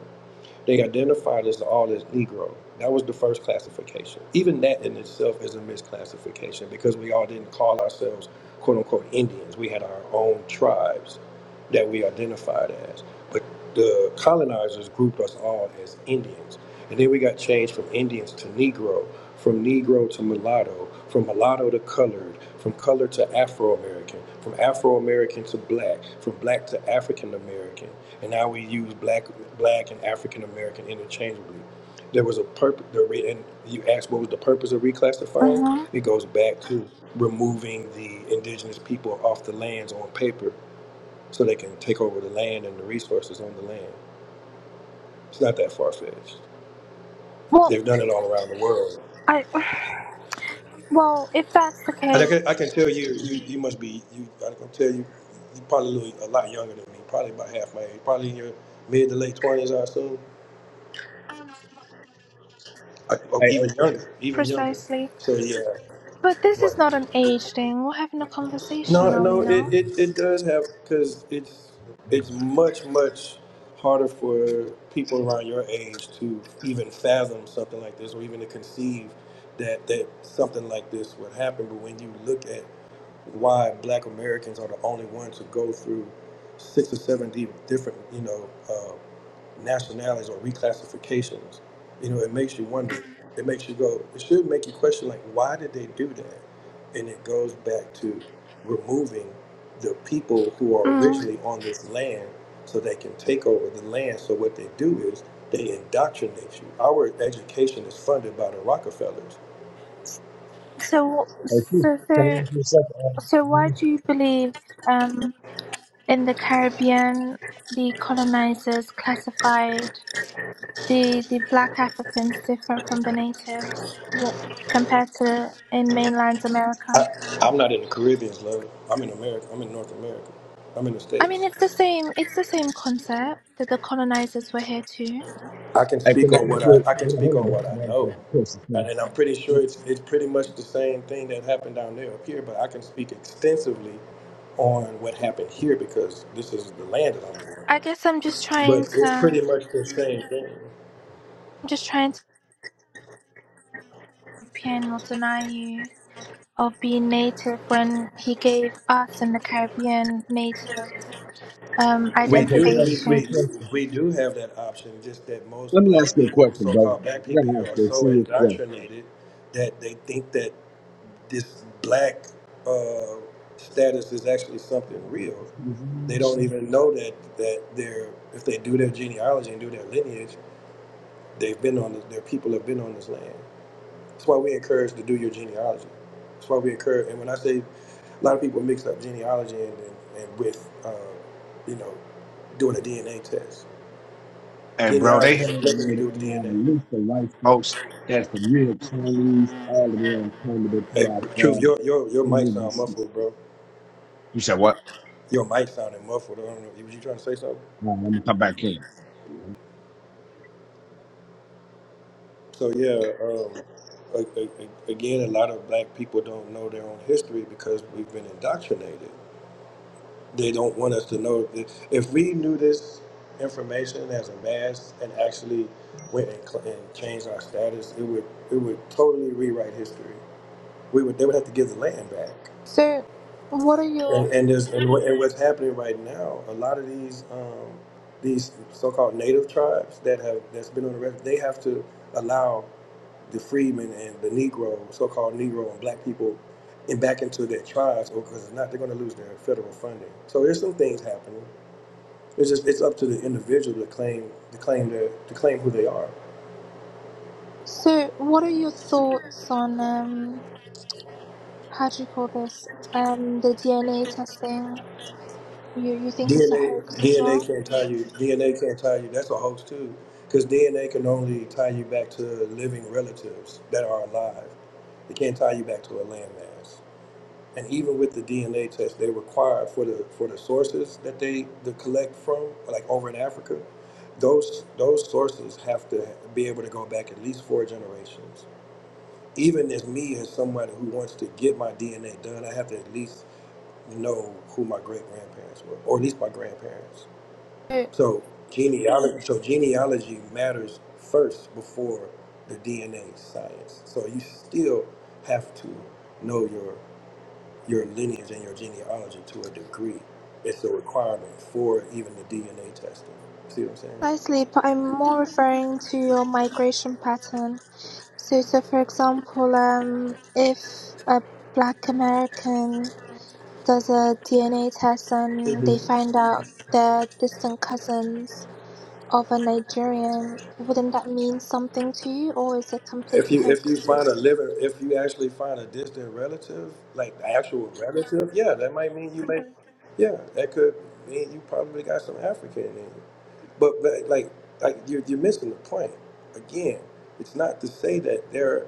They identified us all as Negro. That was the first classification. Even that in itself is a misclassification because we all didn't call ourselves quote unquote Indians. We had our own tribes that we identified as. But the colonizers grouped us all as Indians. And then we got changed from Indians to Negro, from Negro to mulatto, from mulatto to colored, from colored to Afro American, from Afro American to black, from black to African American and now we use black, black and African American interchangeably. There was a purpose. and you asked what was the purpose of reclassifying?
Uh-huh.
It goes back to removing the indigenous people off the lands on paper, so they can take over the land and the resources on the land. It's not that far fetched.
Well,
They've done it all around the world.
I Well, if that's the
And I
case,
can, I can tell you, you, you must be, you, I can tell you, you're probably a, little, a lot younger than me, probably about half my age, probably in your mid to late 20s, I assume, I, or
I, I,
even younger, even younger.
precisely.
So yeah,
But this
Right.
is not an age thing. We're having a conversation,
No,
are we
no, it,
not?
it, it does have because it's it's much much harder for people around your age to even fathom something like this or even to conceive that that something like this would happen. But when you look at why Black Americans are the only ones to go through six or seven di- different you know uh, nationalities or reclassifications, you know, it makes you wonder. It makes you go, it should make you question, like, why did they do that? And it goes back to removing the people who are
Mm.
originally on this land so they can take over the land. So what they do is they indoctrinate you. Our education is funded by the Rockefellers.
So,
I think,
so,
can I
so,
ask you something? Um,
so, why
really?
do you believe um, in the Caribbean the colonizers classified the the black Africans different from the natives what, compared to in mainland
I,
America?
I'm not in the Caribbean, love. I'm in America. I'm in North America. I'm in the
I mean,
States.
it's the same. It's the same concept that the colonizers were here too.
I can
I
speak
can I ask
on what
you,
I, I can
hold on,
speak
hold on,
on
bro. I
what I
gotta ask you a
know.
question. Now.
And then I'm pretty sure it's it's pretty much the same thing that happened down there up here, but I can speak extensively on what happened here because this is the land that I'm on.
I guess I'm just trying
But
to.
it's pretty
I'm
much the same thing.
just trying to. European Watanabe of being native when he gave us in the Caribbean native um,
We
Okay, can
do
I ask
we,
you a
we
identifications.
question?
we do have that option, just that most
Let me ask
black
you a
people,
question,
so
bro.
called black
I
people
gotta
here
ask
are
you a
so
serious question.
indoctrinated that they think that this black uh, status is actually something real. They don't even know that that they're if they do their genealogy and do their lineage, they've been on this, their people have been on this land. That's why we encourage to do your genealogy. That's why we encourage. And when I say a lot of people mix up genealogy and and, and with uh, you know doing a DNA test.
Hey, bro,
Genealogy
they had
has nothing to
made
do
a
with
uh,
DNA.
list of white folks that's from Europe, Chinese, all the way on China, they pay
Hey,
off
truth,
uh,
your your your mic
Indian
sound
descent.
muffled, bro.
You said what?
Your mic sounded muffled. I don't know. Was you trying to say something?
All right, I'm gonna come back in.
So yeah, um, a- a- a- again, a lot of black people don't know their own history because we've been indoctrinated. They don't want us to know. that- If we knew this information as a mass and actually went and, cl- and changed our status, it would it would totally rewrite history. We would they would have to give the land back.
So, what are your
And and there's and, what, and what's happening right now, a lot of these um, these so-called native tribes that have that's been on the rest, they have to allow the freedmen and the Negro, so-called Negro and Black people, and back into their tribes, or because if not, they're going to lose their federal funding. So there's some things happening. It's just it's up to the individual to claim to claim their to claim who they are.
so what are your thoughts on um, how do you call this um, the DNA testing? You you think it's a
DNA
hoax as well?
DNA can't tie you. DNA can't tie you. That's a hoax too, because DNA can only tie you back to living relatives that are alive. It can't tie you back to a landmass. and even with the DNA test, they require for the for the sources that they to collect from, like over in Africa, those those sources have to be able to go back at least four generations. Even as me, as somebody who wants to get my DNA done, I have to at least know who my great grandparents were, or at least my grandparents.
So,
So genealogy, so genealogy matters first before the DNA science. So you still have to know your your lineage and your genealogy to a degree. It's a requirement for even the DNA testing. See what I'm
precisely, but I'm more referring to your migration pattern. So, so for example, um, if a Black American does a DNA test
saying?
and
hmm
they find out they're distant cousins of a Nigerian, wouldn't that mean something to you, or is it complete
If you if you
hoax? To
find a liver, if you actually find a distant relative, like the actual relative, yeah, that might mean you may, yeah, that could mean you probably got some African in you. But, but like like you're you're missing the point. Again, it's not to say that there are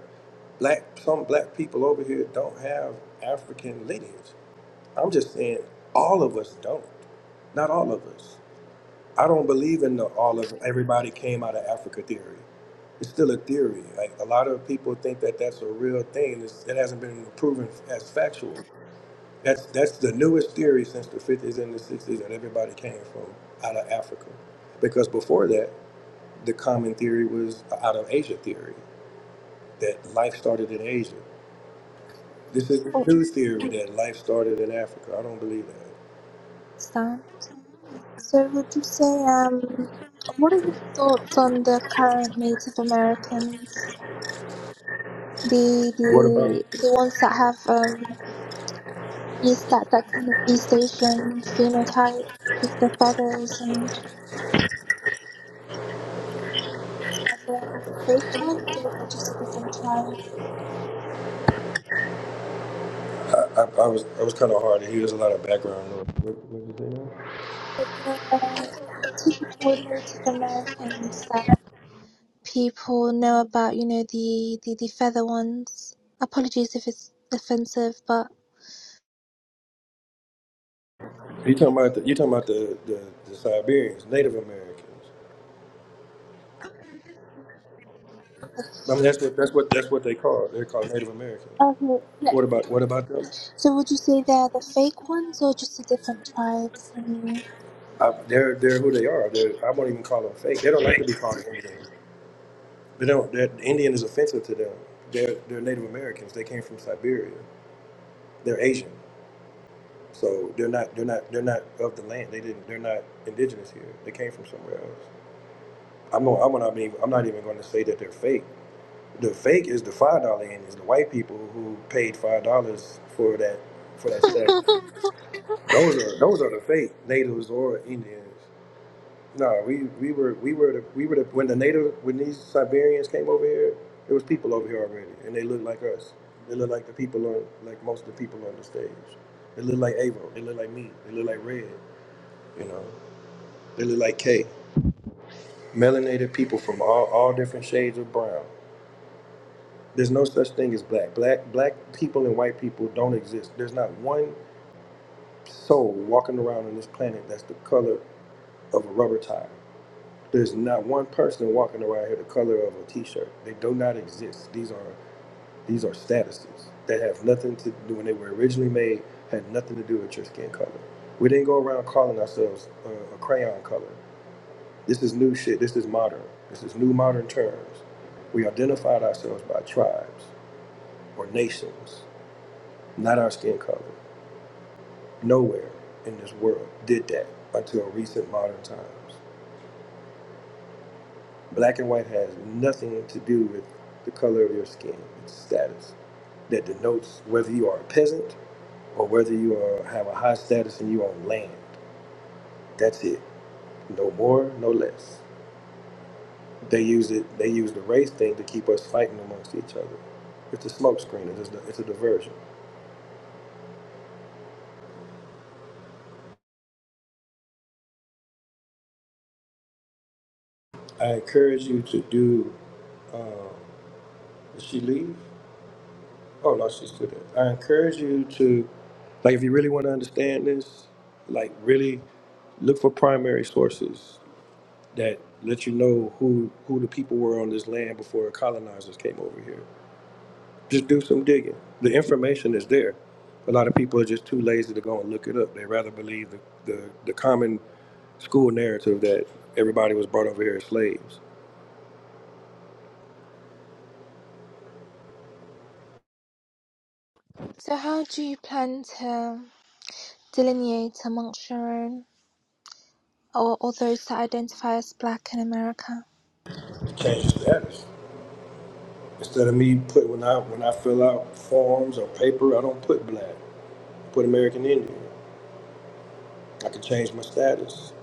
black some black people over here don't have African lineage. I'm just saying all of us don't. Not all of us. I don't believe in the all of everybody came out of Africa theory. It's still a theory. Like a lot of people think that that's a real thing. It's, it hasn't been proven as factual. That's that's the newest theory since the 50s and the 60s that everybody came from out of Africa. Because before that, the common theory was out of Asia theory that life started in Asia. This is the
oh,
new theory that life started in Africa. I don't believe that.
Stan. So would you say um, what are your thoughts on the current Native Americans, the
What about it?
the the ones that have um East that that kind of East Asian phenotype with the feathers and that they're the fake ones, or they're just a different tribe?
I, I was I was kind of hard to hear. There's a lot of background noise. What, what did you say now?
the, the typical Native Americans that people know about, you know, the, the, the feather ones. Apologies if it's offensive, but.
You talking about the you talking about the, the, the Siberians, Native Americans? I mean that's what that's what that's what they call. They're called Native Americans.
Okay, look.
What about what about them?
So would you say they're the fake ones or just a different tribe from you?
I, they're they're who they are. They're, I won't even call them fake. They don't like to be called Indian. They don't. That Indian is offensive to them. They're they're Native Americans. They came from Siberia. They're Asian. So they're not they're not they're not of the land. They didn't. They're not indigenous here. They came from somewhere else. I'm not, I'm not even I'm not even going to say that they're fake. The fake is the five dollar and is the white people who paid five dollars for that for that stuff. Those are those are the fake natives or Indians. No, we, we were we were the, we were the, when the native when these Siberians came over here, there was people over here already, and they looked like us. They looked like the people on like most of the people on the stage. They looked like Avo. They looked like me. They looked like Red. You know, they look like K. Melanated people from all all different shades of brown. There's no such thing as black. Black black people and white people don't exist. There's not one soul walking around on this planet that's the color of a rubber tire. There's not one person walking around here the color of a t-shirt. They do not exist. These are these are statuses that have nothing to do when they were originally made had nothing to do with your skin color. We didn't go around calling ourselves uh, a crayon color. This is new shit. This is modern. This is new modern terms. We identified ourselves by tribes or nations. Not our skin color. Nowhere in this world did that until recent modern times. Black and white has nothing to do with the color of your skin. It's status that denotes whether you are a peasant or whether you are, have a high status and you own land. That's it. No more, no less. They use it. They use the race thing to keep us fighting amongst each other. It's a smokescreen. It's, a- it's a diversion. I encourage you to do. Did she leave? Oh no, she's still there. I encourage you to, like, if you really want to understand this, like, really look for primary sources that let you know who who the people were on this land before colonizers came over here. Just do some digging. The information is there. A lot of people are just too lazy to go and look it up. They rather believe the, the, the common school narrative that everybody was brought over here as slaves.
so how do you plan to delineate amongst your own or, or those that identify as black in America?
Change the status. Instead of me put when I when I fill out forms or paper, I don't put black. put American Indian. I could change my status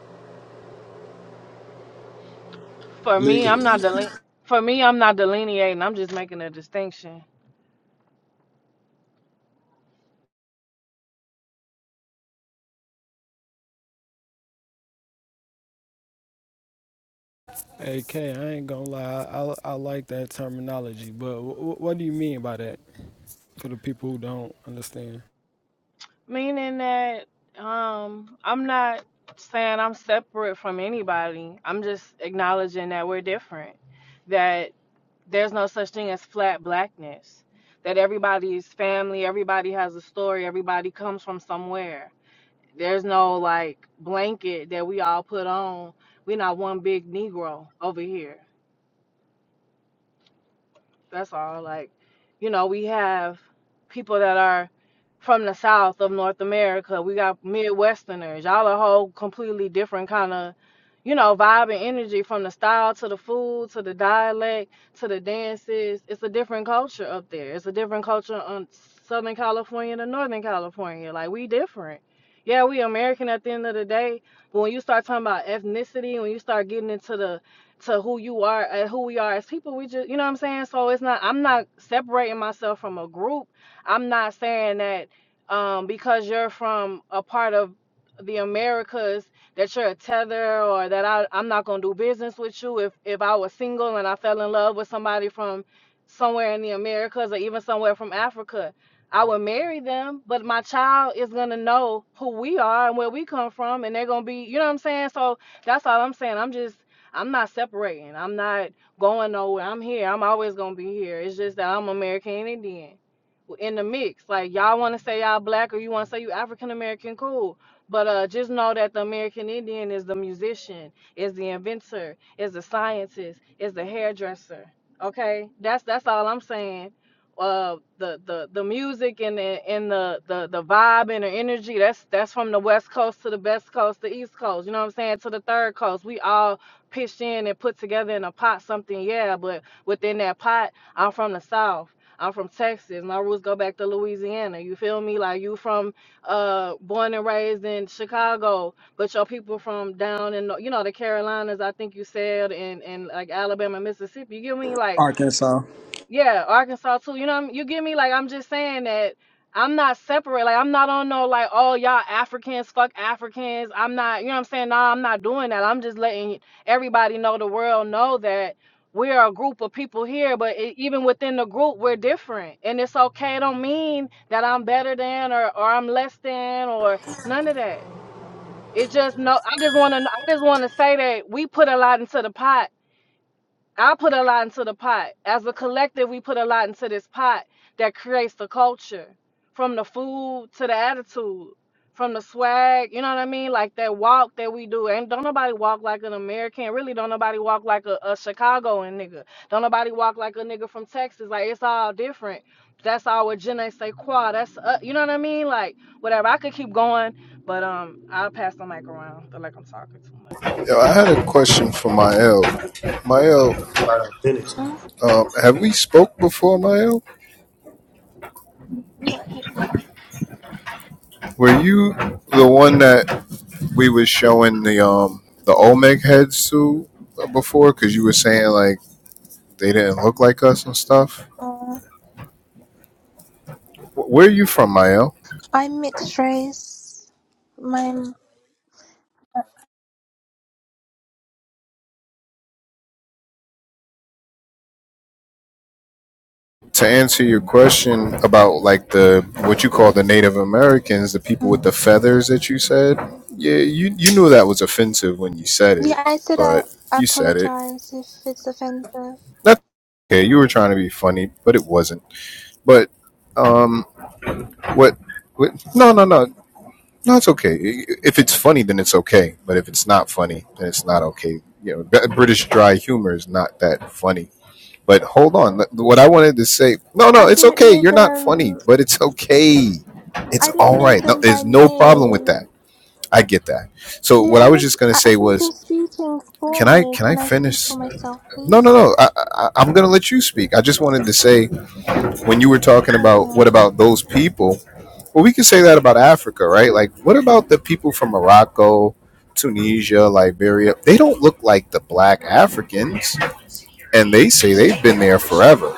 For me, I'm
legally,
not deli- for me, I'm not delineating. I'm just making a distinction,
Hey, K, I ain't gonna lie, I, I like that terminology, but w- what do you mean by that for the people who don't understand?
meaning that um, I'm not saying I'm separate from anybody. I'm just acknowledging that we're different. That there's no such thing as flat blackness. That everybody is family. Everybody has a story. Everybody comes from somewhere. There's no like blanket that we all put on. We're not one big Negro over here. That's all. Like, you know, we have people that are from the south of North America. We got Midwesterners. Y'all a whole completely different kind of, you know, vibe and energy from the style to the food to the dialect to the dances. It's a different culture up there. It's a different culture on Southern California to Northern California. Like we different. Yeah, we American at the end of the day, but when you start talking about ethnicity, when you start getting into the to who you are uh, who we are as people we just you know what i'm saying so it's not i'm not separating myself from a group i'm not saying that um because you're from a part of the americas that you're a tether or that I, i'm not going to do business with you if if i was single and i fell in love with somebody from somewhere in the americas or even somewhere from africa i would marry them but my child is going to know who we are and where we come from and they're going to be you know what i'm saying so that's all i'm saying i'm just I'm not separating. I'm not going nowhere. I'm here. I'm always gonna be here. It's just that I'm American Indian in the mix. Like y'all want to say y'all black or you want to say you African American, cool. But uh, just know that the American Indian is the musician, is the inventor, is the scientist, is the hairdresser. Okay, that's that's all I'm saying. Uh, the the the music and the and the the the vibe and the energy. That's that's from the west coast to the best coast, the east coast. You know what I'm saying? To the third coast. We all pitched in and put together in a pot something, yeah, but within that pot, I'm from the South. I'm from Texas. My roots go back to Louisiana. You feel me? Like you from uh born and raised in Chicago, but your people from down in you know the Carolinas, I think you said, and and like Alabama, Mississippi. You get me? Like yeah, Arkansas too. You know, what I'm- you get me? Like, I'm just saying that I'm not separate. Like, I'm not on no like, oh y'all Africans, fuck Africans. I'm not. You know what I'm saying? No, I'm not doing that. I'm just letting everybody know, the world know that we're a group of people here. But it, even within the group, we're different, and it's okay. It don't mean that I'm better than or or I'm less than or none of that. It's just no. I just wanna. I just wanna say that we put a lot into the pot I put a lot into the pot. As a collective, we put a lot into this pot that creates the culture from the food to the attitude, from the swag, you know what I mean? Like that walk that we do. And don't nobody walk like an American. Really, don't nobody walk like a, a Chicagoan nigga. Don't nobody walk like a nigga from Texas. Like it's all different. That's all what ne say. quoi. That's, uh, you know what I mean? Like whatever. I could keep going, but um, I'll pass the mic around. I feel like I'm talking too much.
Yo, I had a question for Mael. Mael,
my identity.
um, have we spoke before, Mael? Were you the one that we was showing the um the Olmec heads too uh, before because you were saying like they didn't look like us and stuff.
Uh,
Where are you from, Mael?
I mixed race. My
To answer your question about like the what you call the Native Americans, the people with the feathers that you said, yeah, you you knew that was offensive when you said it,
Yeah, I said I
but you said it.
apologize if it's offensive.
That's okay. You were trying to be funny, but it wasn't. But um, what? what no, no, no. No, it's okay. If it's funny, then it's okay. But if it's not funny, then it's not okay. You know, British dry humor is not that funny. But hold on. What I wanted to say, no, no,
I
it's
didn't
okay.
know
You're not funny,
them.
but it's okay. It's
I didn't
all
know
right. No,
them by
there's no problem with
name.
that. I get that. So
No,
what I was
honest.
just gonna
I, I
say
think you're
was,
speaking for
can I
me.
can
Can
I
I speak for
finish?
myself,
No, no,
please?
no. I, I, I'm gonna let you speak. I just wanted to say when you were talking about
Okay.
what about those people Well, we can say that about Africa, right? Like, what about the people from Morocco, Tunisia, Liberia? They don't look like the black Africans, and they say they've been there forever.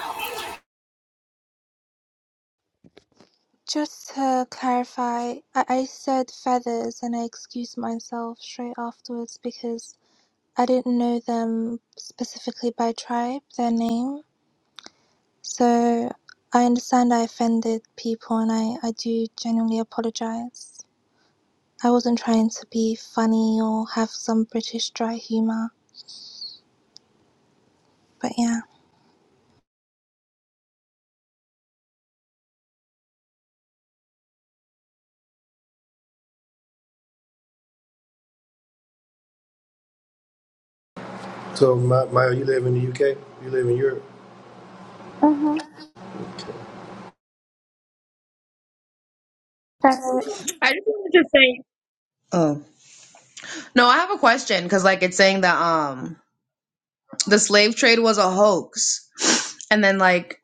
Just to clarify, I, I said feathers and I excused myself straight afterwards because I didn't know them specifically by tribe, their name. So I understand I offended people and I, I do genuinely apologize. I wasn't trying to be funny or have some British dry humor, but yeah.
So, Ma- Maya, you live in the UK? You live in Europe?
Mm-hmm. So,
I just wanted to say. Oh no, I have a question because like it's saying that um the slave trade was a hoax, and then like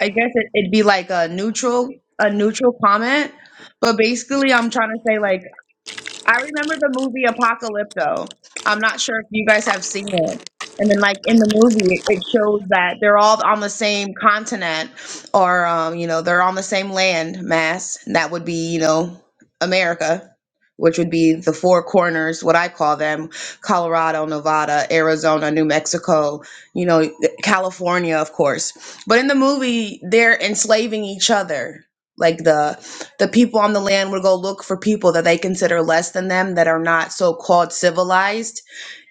I guess it, it'd be like a neutral a neutral comment, but basically I'm trying to say like. I remember the movie Apocalypto. I'm not sure if you guys have seen it. And then, like in the movie, it it shows that they're all on the same continent, or um, you know, they're on the same land mass. and That would be, you know, America, which would be the four corners, what I call them: Colorado, Nevada, Arizona, New Mexico, you know, California, of course. But in the movie, they're enslaving each other, like the the people on the land would go look for people that they consider less than them that are not so called civilized,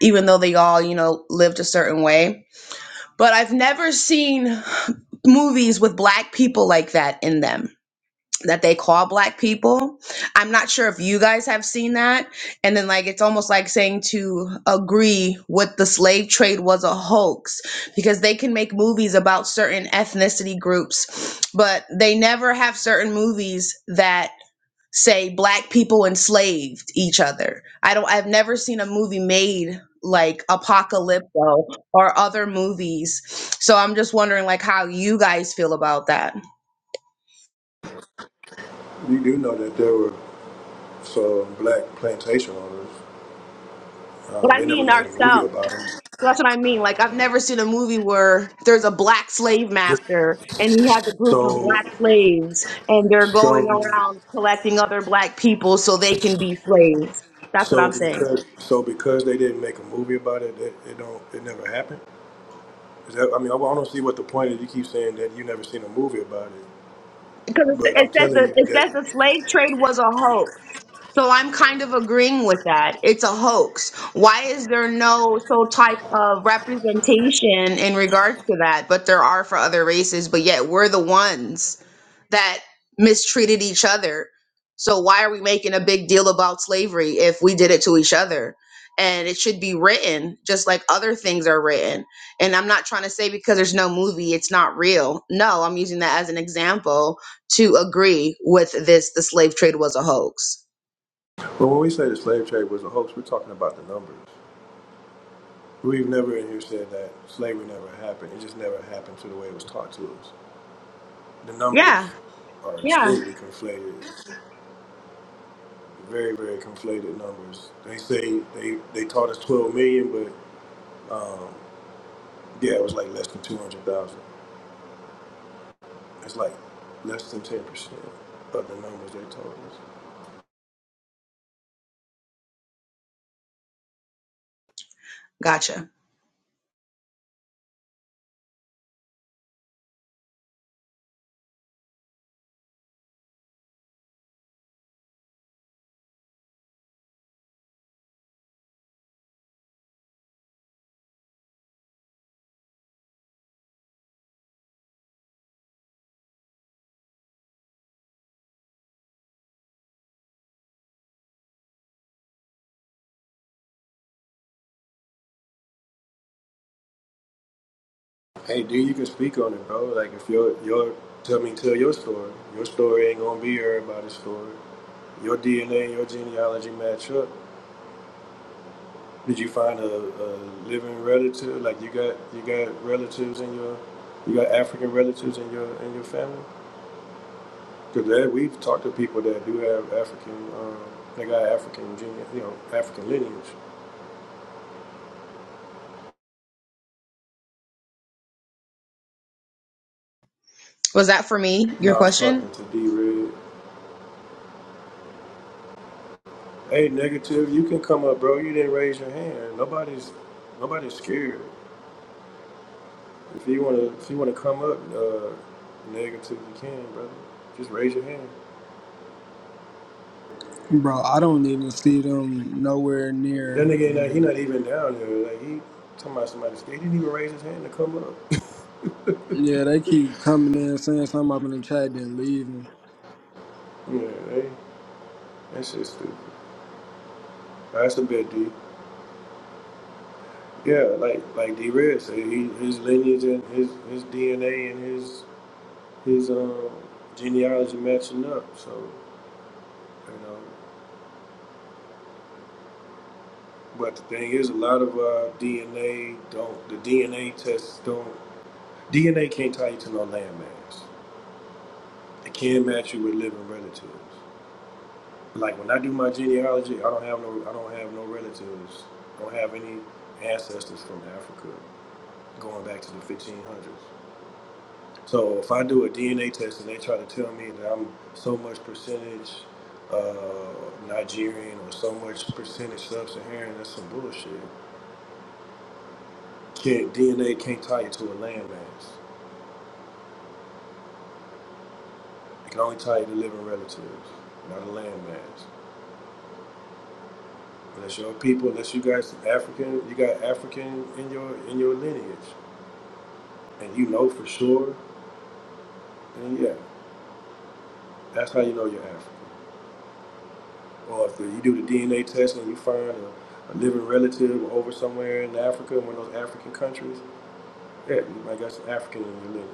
even though they all, you know, lived a certain way. But I've never seen movies with black people like that in them that they call black people. I'm not sure if you guys have seen that. And then, like, it's almost like saying to agree with the slave trade was a hoax because they can make movies about certain ethnicity groups, but they never have certain movies that say black people enslaved each other. I don't I've never seen a movie made like Apocalypto or other movies. So I'm just wondering like how you guys feel about that.
You do know that there were some black plantation owners. Uh,
But I
they never
mean
made a movie
ourselves.
about them.
So that's what I mean. Like I've never seen a movie where there's a black slave master and he has a group of
So,
black slaves and they're going
so,
around collecting other black people so they can be slaves. That's what
so
I'm saying.
because so because they didn't make a movie about it, it, it don't it never happened. Is that, I mean, I don't see what the point is. You keep saying that you never seen a movie about it,
Because it
but I'm
it says the
telling you
it
that.
says the slave trade was a hoax. So I'm kind of agreeing with that. It's a hoax. Why is there no so type of representation in regards to that? But there are for other races, but yet we're the ones that mistreated each other. So why are we making a big deal about slavery if we did it to each other? And it should be written just like other things are written. And I'm not trying to say because there's no movie, it's not real. No, I'm using that as an example to agree with this the slave trade was a hoax.
Well, when we say the slave trade was a hoax, we're talking about the numbers. We've never in here said that slavery never happened. It just never happened to the way it was taught to us. The
Yeah.
numbers are
Yeah.
extremely conflated, very, very conflated numbers. They say they, they taught us 12 million, but yeah, it was like less than 200,000. It's like less than 10% of the numbers they told us.
Gotcha.
Hey, dude, you can speak on it, bro. Like, if your, your, tell me, tell your story. Your story ain't gonna be everybody's story. Your DNA and your genealogy match up Did you find a, a living relative? Like you got you got relatives in your you got African relatives in your in your family? Because we've talked to people that do have African, um, they got African gene, you know, African lineage.
Was that for me,
Now
your
I was
question?
talking to D Red. Hey, negative, you can come up, bro. You didn't raise your hand. Nobody's nobody's scared. If you wanna if you wanna come up, uh, negative, you can, brother. Just raise your hand.
Bro, I don't even see them nowhere
That
near.
nigga, like, he not even down here. Like, he talking about somebody's state. He didn't even raise his hand to come up.
Yeah, they keep coming in saying something up in the chat, then leaving.
Yeah, they, that shit's stupid. That's a bit D. Yeah, like like D Red said, he, his lineage and his his DNA and his his um genealogy matching up. So you know, but the thing is, a lot of uh, DNA don't the DNA tests don't DNA can't tie you to no landmass. It can match you with living relatives. Like when I do my genealogy, I don't have no I don't have no relatives. don't have any ancestors from Africa going back to the 1500s. So if I do a DNA test and they try to tell me that I'm so much percentage uh, Nigerian or so much percentage sub-Saharan, that's some bullshit. Can't, DNA can't tie you to a landmass. It can only tie you to living relatives, not a landmass. Unless your people, unless you guys African, you got African in your in your lineage. and you know for sure, then yeah, that's how you know you're African. Or if the, you do the DNA test and you find a, a living relative over somewhere in Africa, one of those African countries, yeah, you might got some African in your lineage.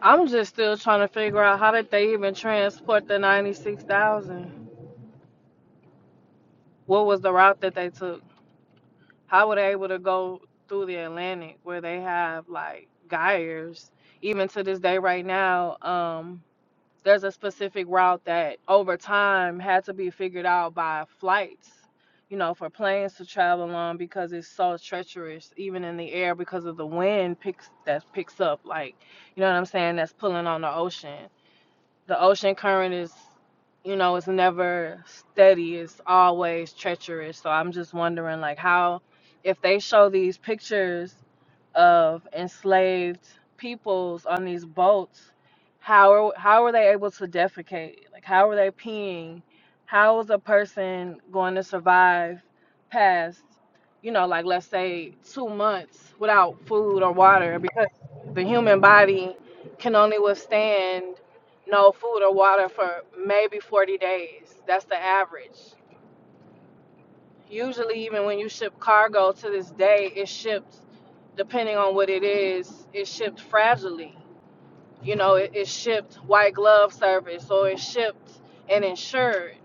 I'm just still trying to figure out how did they even transport the 96,000? What was the route that they took? How were they able to go through the Atlantic where they have like gyres? Even to this day, right now, um, there's a specific route that over time had to be figured out by flights, you know, for planes to travel on because it's so treacherous, even in the air because of the wind picks that picks up, like, you know what I'm saying, that's pulling on the ocean The ocean current is, you know, it's never steady. It's always treacherous. So I'm just wondering, like, how if they show these pictures of enslaved peoples on these boats how are, how were they able to defecate like how were they peeing how is a person going to survive past you know like let's say 2 months without food or water because the human body can only withstand no food or water for maybe 40 days that's the average Usually, even when you ship cargo to this day, it's shipped, depending on what it is, it's shipped fragilely. You know, it, it's shipped white glove service or it's shipped and insured.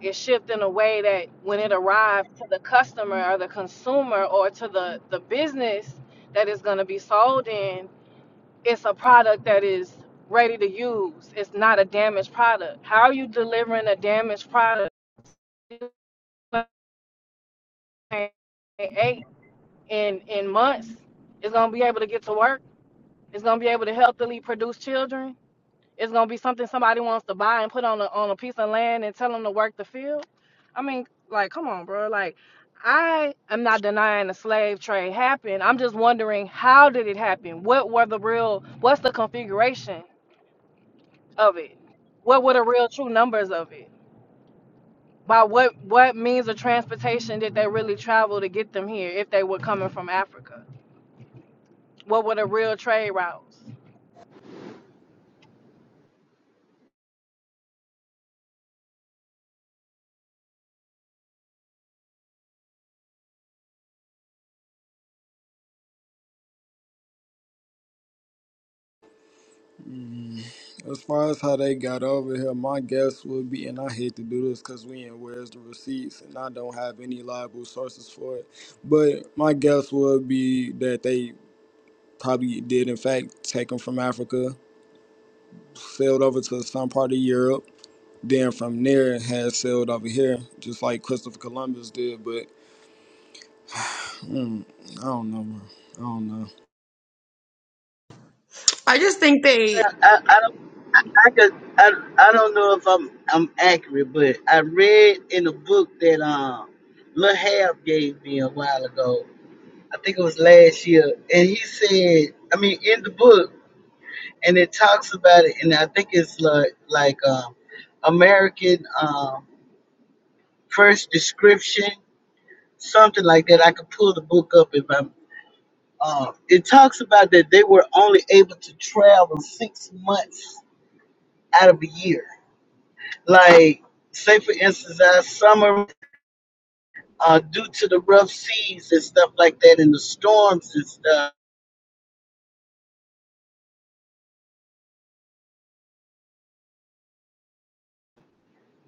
It's shipped in a way that when it arrives to the customer or the consumer or to the, the business that it's going to be sold in, it's a product that is ready to use. It's not a damaged product. How are you delivering a damaged product? Eight in in months is gonna be able to get to work. It's gonna be able to healthily produce children. It's gonna be something somebody wants to buy and put on a on a piece of land and tell them to work the field. I mean, like, come on, bro. Like, I am not denying the slave trade happened. I'm just wondering how did it happen? What were the real? What's the configuration of it? What were the real true numbers of it? By what what means of transportation did they really travel to get them here if they were coming from Africa? What were the real trade routes?
As far as how they got over here, my guess would be, and I hate to do this because we ain't where's the receipts, and I don't have any liable sources for it. But my guess would be that they probably did, in fact, take them from Africa sailed over to some part of Europe. Then from there, it had sailed over here, just like Christopher Columbus did. But mm, I don't know, bro. I don't know.
I just think they
I, I I could, I, I don't know if I'm I'm accurate, but I read in a book that um Lahab gave me a while ago. I think it was last year, and he said, I mean, in the book, and it talks about it, and I think it's like like um American um first description, something like that. I could pull the book up if I'm. Um, it talks about that they were only able to travel six months out of a year Like, say for instance, our summer, uh, due to the rough seas and stuff like that, and the storms and stuff,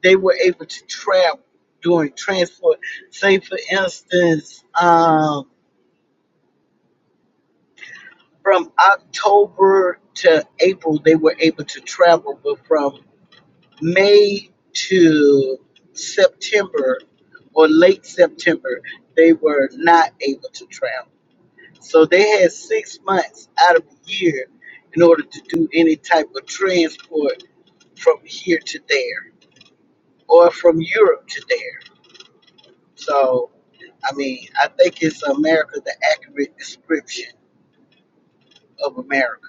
they were able to travel during transport. Say for instance, um, from October to April, they were able to travel, but from May to September or late September, they were not able to travel. So they had six months out of the year in order to do any type of transport from here to there or from Europe to there. So, I mean, I think it's America, the accurate description of America.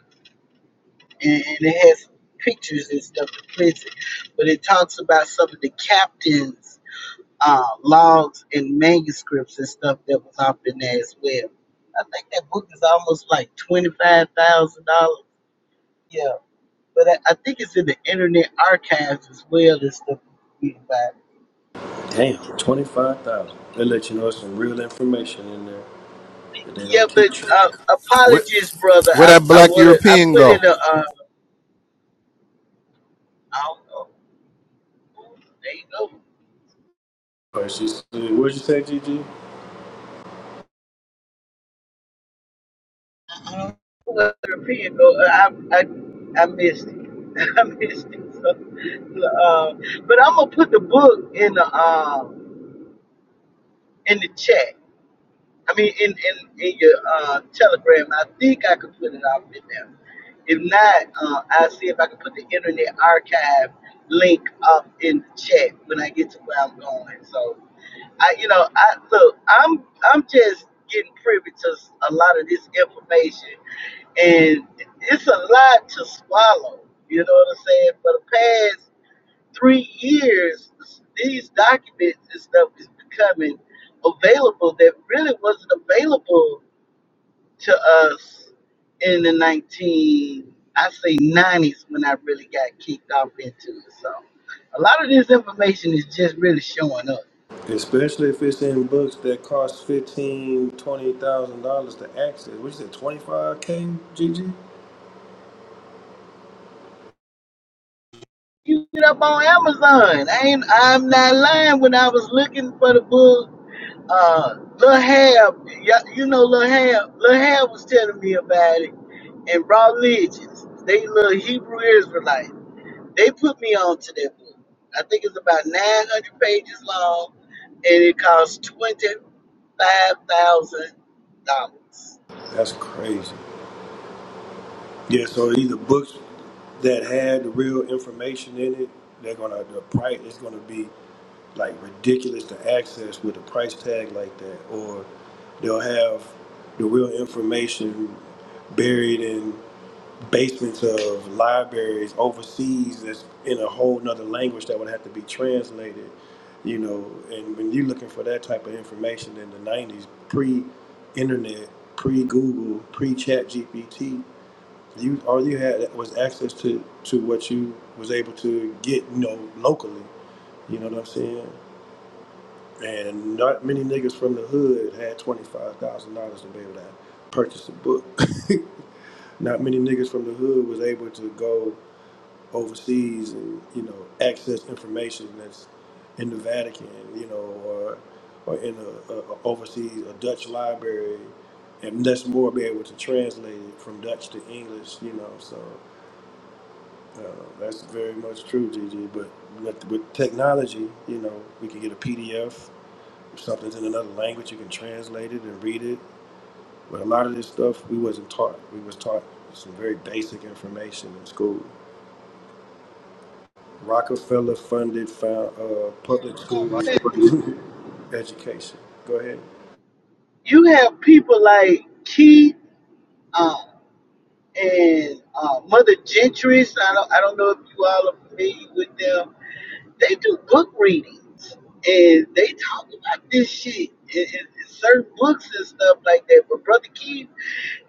And, and it has pictures and stuff to place it, but it talks about some of the captains. Uh, logs and manuscripts and stuff that was off in there as well. I think that book is almost like twenty five thousand dollars. Yeah. but I, I think it's in the Internet Archives as well as stuff you can find. it.
Damn, 25000 They let you know some real information in there that they
Yeah,
don't
but
teach you.
uh,
Where,
apologies, brother.
where
I
that
I
black
wanna I
European
put
go?
in a uh, I don't know. There you go.
But she said, what'd you say, Gigi?
I don't know where the pen I I I missed it. I missed it. So, uh, but I'm gonna put the book in the um in the chat. I mean, in in, in your uh, Telegram, I think I could put it up in there. If not, uh, I'll see if I can put the Internet Archive link up in the chat when I get to where I'm going. So I, you know, I look, I'm I'm just getting privy to a lot of this information, and it's a lot to swallow. You know what I'm saying? For the three years, these documents and stuff is becoming available that really wasn't available to us in the 19, I say 90s when I really got kicked off into it. So a lot of this information is just really showing up.
Especially if it's in books that cost fifteen, twenty thousand dollars to access. What you said, twenty five K, Gigi?
You get up on Amazon. I ain't, I'm not lying. When I was looking for the book uh, Lil Hab, y- you know Lil Hab, Lil Hab was telling me about it, and Rob Legends, they little Hebrew Israelites, they put me on to that book. I think it's about 900 pages long, and it costs $25,000.
That's crazy. Yeah, so either books that had the real information in it, they're gonna the price is gonna be like ridiculous to access with a price tag like that, or they'll have the real information buried in basements of libraries overseas that's in a whole nother language that would have to be translated, you know. And when you're looking for that type of information in the '90s, pre-internet, pre-Google, pre-Chat GPT you all you had was access to to what you was able to get, you know, locally. You know what I'm saying? And not many niggas from the hood had twenty five thousand dollars to be able to purchase a book. not many niggas from the hood was able to go overseas and you know access information that's in the Vatican, you know, or or in a, a, a overseas a Dutch library, and that's more be able to translate it from Dutch to English, you know. So Uh, that's very much true, Gigi. But with, with technology, you know, we can get a PDF. If something's in another language, you can translate it and read it. But a lot of this stuff we wasn't taught. We was taught some very basic information in school. Rockefeller funded found, uh, public school education. Go ahead.
You have people like Keith um, and uh, Mother Gentry, so I don't, I don't know if you all are familiar with them, They do book readings and they talk about this shit in, in, in certain books and stuff like that. But Brother Keith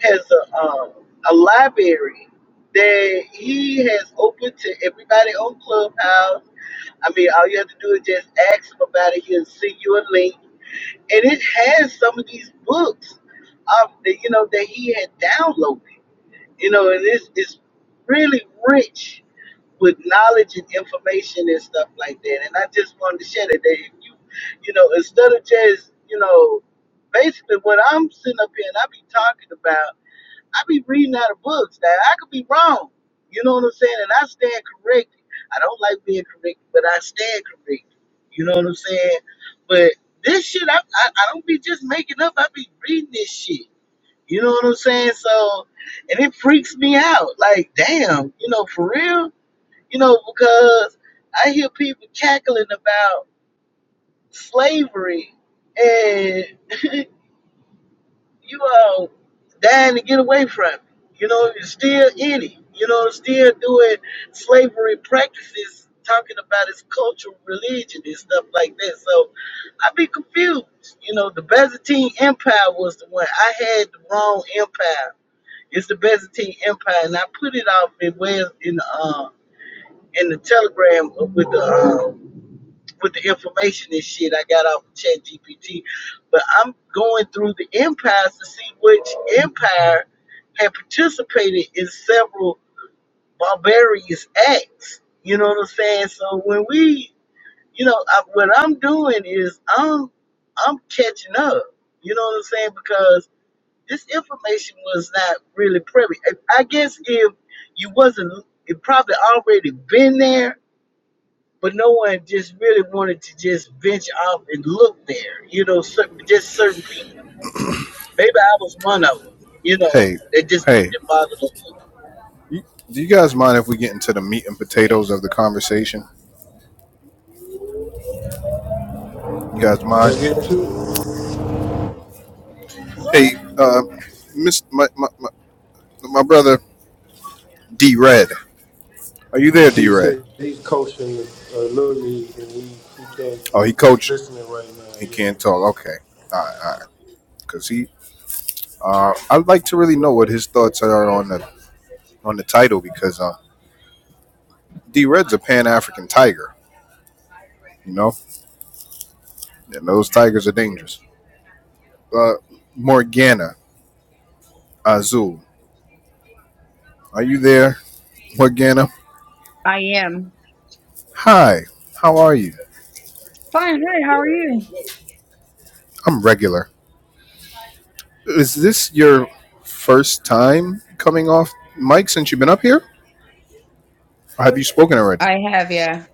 has a um, a library that he has opened to everybody on Clubhouse. I mean, all you have to do is just ask him about it. He'll send you a link, and it has some of these books, um, that you know that he had downloaded. You know, and it's it's really rich with knowledge and information and stuff like that. And I just wanted to share that that if you, you know, instead of just, you know, basically what I'm sitting up here and I be talking about, I be reading out of books. Now I could be wrong. You know what I'm saying? And I stand corrected. I don't like being corrected, but I stand corrected. You know what I'm saying? But this shit, I, I, I don't be just making up. I be reading this shit. You know what I'm saying? So, and it freaks me out. Like, damn, you know, for real you know, because I hear people cackling about slavery and you all dying to get away from it. You know, you're still in it. You know, still doing slavery practices, talking about its cultural religion and stuff like that. So I'd be confused. You know, the Byzantine Empire was the one. I had the wrong empire. It's the Byzantine Empire, and I put it off in well in the uh, in the telegram with the um, with the information and shit I got off of Chat GPT. But I'm going through the empires to see which empire had participated in several barbarous acts. You know what I'm saying? So when we, you know, I, what I'm doing is I'm I'm catching up. You know what I'm saying? Because this information was not really privy. I I guess if you wasn't, it probably already been there but no one just really wanted to just venture out and look there. You know, certain, just certain people. Maybe I was one of them. You know,
Hey,
that just
hey,
didn't bother to look.
do you guys mind if we get into the meat and potatoes of the conversation? You guys
Let's
mind?
get into it.
Hey, uh, Miss, my, my, my, my brother D Red, are you there, D
He
Red?
said he's coaching uh, little league and he, he can't.
Oh, he
Just
coaching.
listening right now.
He can't
Yeah.
talk. Okay, all right, all right. Cause he Uh, I'd like to really know what his thoughts are on the on the title because uh, D Red's a Pan African tiger, you know, and those tigers are dangerous. Uh, Morgana Azul, are you there, Morgana?
I am.
Hi, how are you?
Fine, hey, how are you?
I'm regular. Is this your first time coming off mic since you've been up here? Or have you spoken already?
I have, yeah.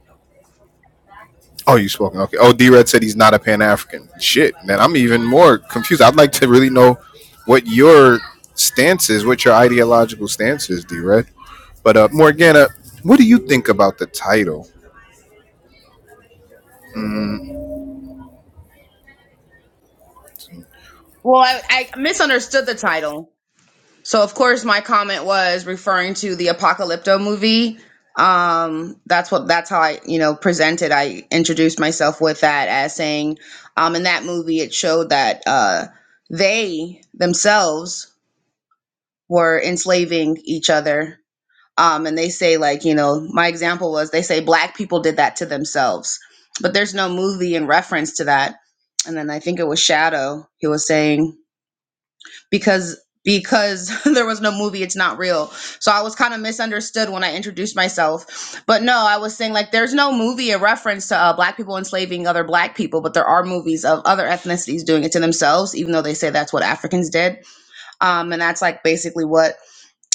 Oh, you spoken. Okay. Oh, D Red said he's not a Pan African. Shit, man. I'm even more confused. I'd like to really know what your stance is, what your ideological stance is, D Red. But uh, Morgana, what do you think about the title?
Well, I, I misunderstood the title. So of course my comment was referring to the Apocalypto movie. Um that's what that's how I, you know, presented. I introduced myself with that as saying um in that movie it showed that uh they themselves were enslaving each other. Um and they say like, you know, my example was they say black people did that to themselves. But there's no movie in reference to that. And then I think it was Shadow. He was saying because because there was no movie it's not real so i was kind of misunderstood when i introduced myself but no i was saying like there's no movie a reference to uh, black people enslaving other black people but there are movies of other ethnicities doing it to themselves even though they say that's what africans did um, and that's like basically what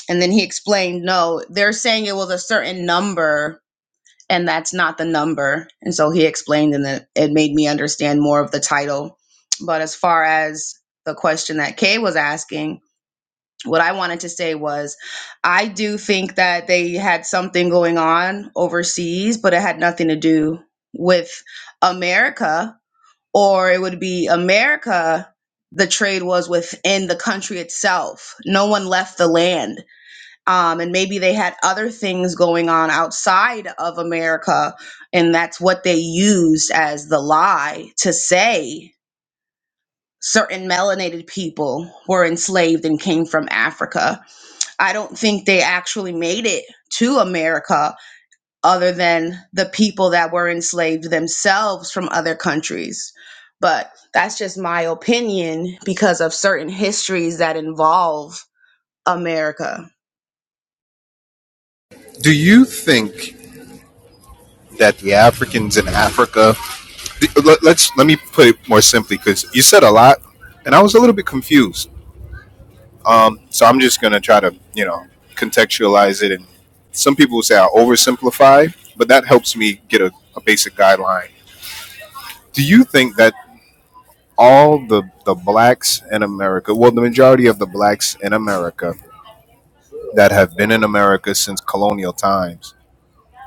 and then he explained no they're saying it was a certain number and that's not the number and so he explained and it, it made me understand more of the title but as far as the question that kay was asking what I wanted to say was I do think that they had something going on overseas, but it had nothing to do with America, or it would be America. The trade was within the country itself. No one left the land. Um, and maybe they had other things going on outside of America. And that's what they used as the lie to say certain melanated people were enslaved and came from Africa I don't think they actually made it to America other than the people that were enslaved themselves from other countries. But that's just my opinion because of certain histories that involve America.
Do you think that the Africans in Africa? let- Let's let me put it more simply because you said a lot, and I was a little bit confused. Um, so I'm just gonna try to you know contextualize it, and some people will say I oversimplify, but that helps me get a, a basic guideline Do you think that all the, the blacks in America, well, the majority of the blacks in America that have been in America since colonial times,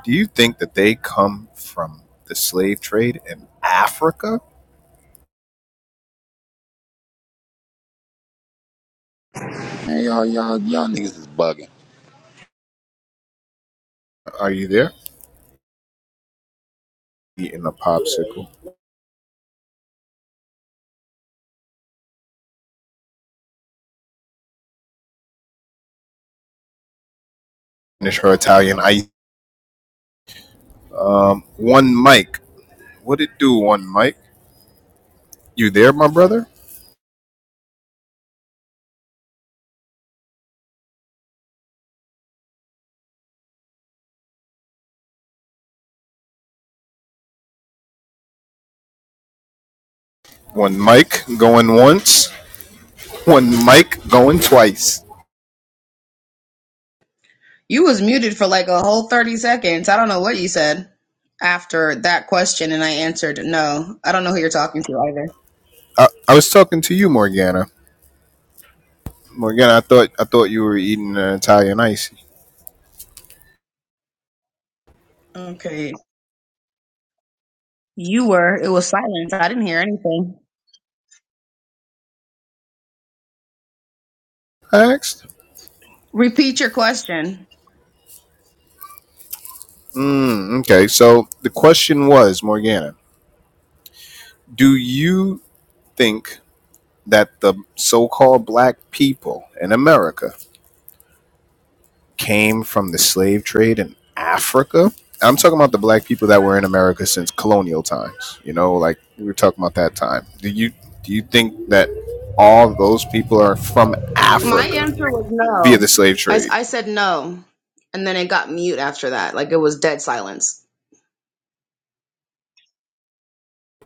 do you think that they come from the slave trade in Africa?
Man, y'all, y'all, y'all niggas is bugging.
Are you there? Eating a popsicle. Finish her Italian ice. Um, one mic. What it do, one mic? You there, my brother? One mic going once, one mic going twice.
You was muted for like a whole 30 seconds. I don't know what you said after that question and I answered no. I don't know who you're talking to either.
I, I was talking to you, Morgana. Morgana, I thought I thought you were eating an Italian icy.
Okay. You were. It was silence. I didn't hear anything.
I asked.
Repeat your question.
Mm, okay, so the question was, Morgana, do you think that the so-called black people in America came from the slave trade in Africa? I'm talking about the black people that were in America since colonial times. You know, like we were talking about that time. Do you do you think that all those people are from
My
Africa
answer was
via the
no.
slave
I, s-
trade?
I said no, and then it got mute after that. Like it was dead silence.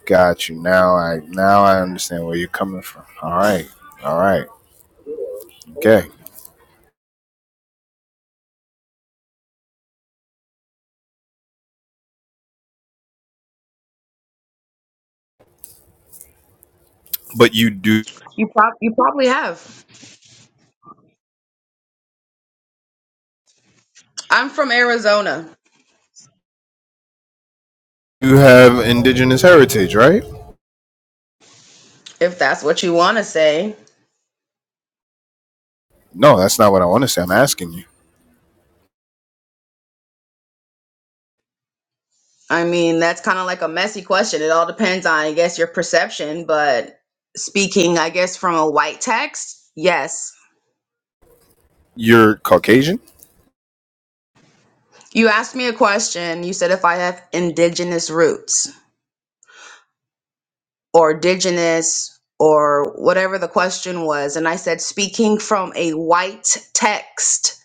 Got you. Now I now I understand where you're coming from. All right. All right. Okay. But you do
You prob- you probably have. I'm from Arizona.
have indigenous heritage, right?
If that's what you want to say.
No, that's not what I want to say. I'm asking you.
I mean, that's kind of like a messy question. It all depends on, I guess, your perception. But speaking, I guess, from a white text, yes.
You're Caucasian?
You asked me a question. You said if I have indigenous roots. or indigenous or whatever the question was. And I said, speaking from a white text,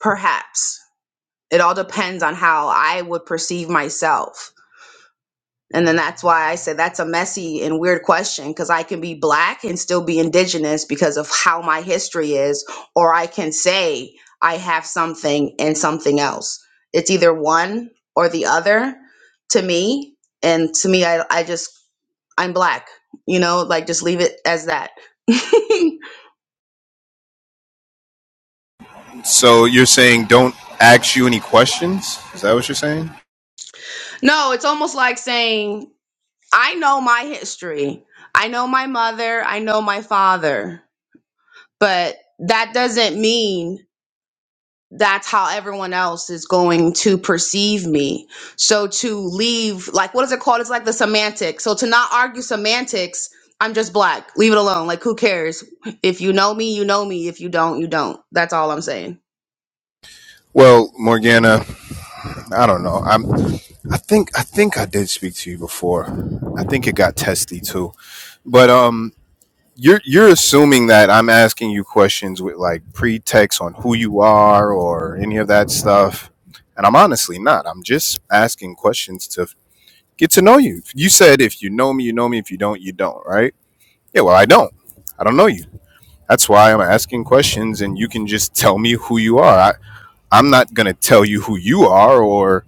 perhaps. It all depends on how I would perceive myself. And then that's why I said that's a messy and weird question because I can be black and still be indigenous because of how my history is, or I can say I have something and something else. It's either one or the other to me. And to me, I, I just I'm black. You know, like just leave it as that. no,
So you're saying don't ask you any questions? Is that what you're saying?
it's almost like saying, I know my history. I know my mother. I know my father. But that doesn't mean that's how everyone else is going to perceive me. So to leave, like, what is it called? It's like the semantics. So to not argue semantics, I'm just black. Leave it alone. Like, who cares? If you know me, you know me. If you don't, you don't. That's all I'm saying.
Well, Morgana, I don't know. I'm I think I think I did speak to you before. I think it got testy too. But um you're you're assuming that I'm asking you questions with like pretext on who you are or any of that stuff, and I'm honestly not. I'm just asking questions to get to know you. You said if you know me, you know me. If you don't, you don't. Right? Yeah. Well, I don't. I don't know you. That's why I'm asking questions, and you can just tell me who you are. I, I'm not gonna tell you who you are, or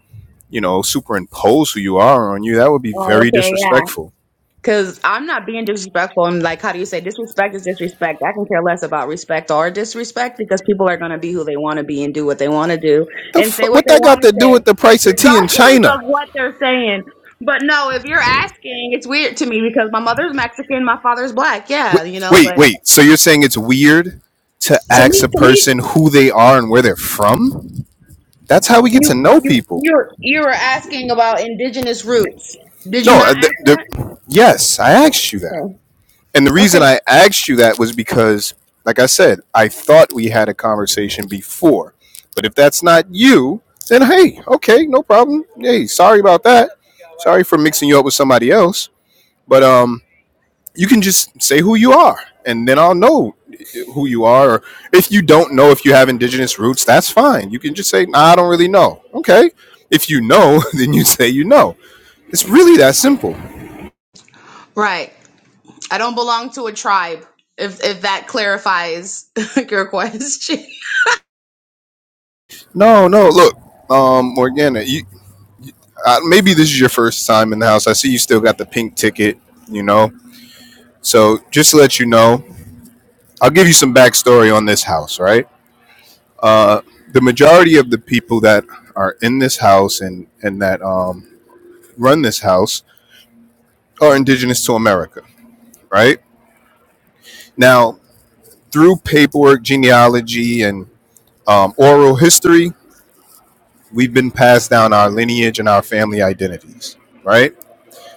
you know, superimpose who you are on you. That would be
Oh,
very
okay. yeah.
disrespectful.
Cause I'm not being disrespectful and like how do you say disrespect is disrespect. I can care less about respect or disrespect because people are gonna be who they wanna be and do what they wanna do
The
and
f-
say what
what
they
that got
wanna
to do
say,
with the price of tea in
regardless
China?
of what they're saying. But no, if you're asking, it's weird to me because my mother's Mexican, my father's black,
Wait,
yeah, you know,
wait,
but
wait. So you're saying it's weird to
to
ask
me
a
to me
person who they are and where they're from? That's how we get to
you
know
you
people.
you're you were asking about indigenous roots. Did you
No,
not
uh, th- th-
ask
yes, I asked you
that?
that.
Okay.
And the reason
Okay.
I asked you that was because, like I said, I thought we had a conversation before. But if that's not you, then hey, okay, no problem. Hey, sorry about that. Sorry for mixing you up with somebody else. But um, you can just say who you are and then i'll know who you are or if you don't know if you have indigenous roots that's fine you can just say nah, i don't really know okay if you know then you say you know it's really that simple
Right. I don't belong to a tribe. If if that clarifies your question.
no no look um morgana you uh, maybe this is your first time in the house i see you still got the pink ticket you know so just to let you know i'll give you some backstory on this house right uh the majority of the people that are in this house and and that um run this house are indigenous to America, right? Now, through paperwork, genealogy, and um, oral history, we've been passed down our lineage and our family identities, right?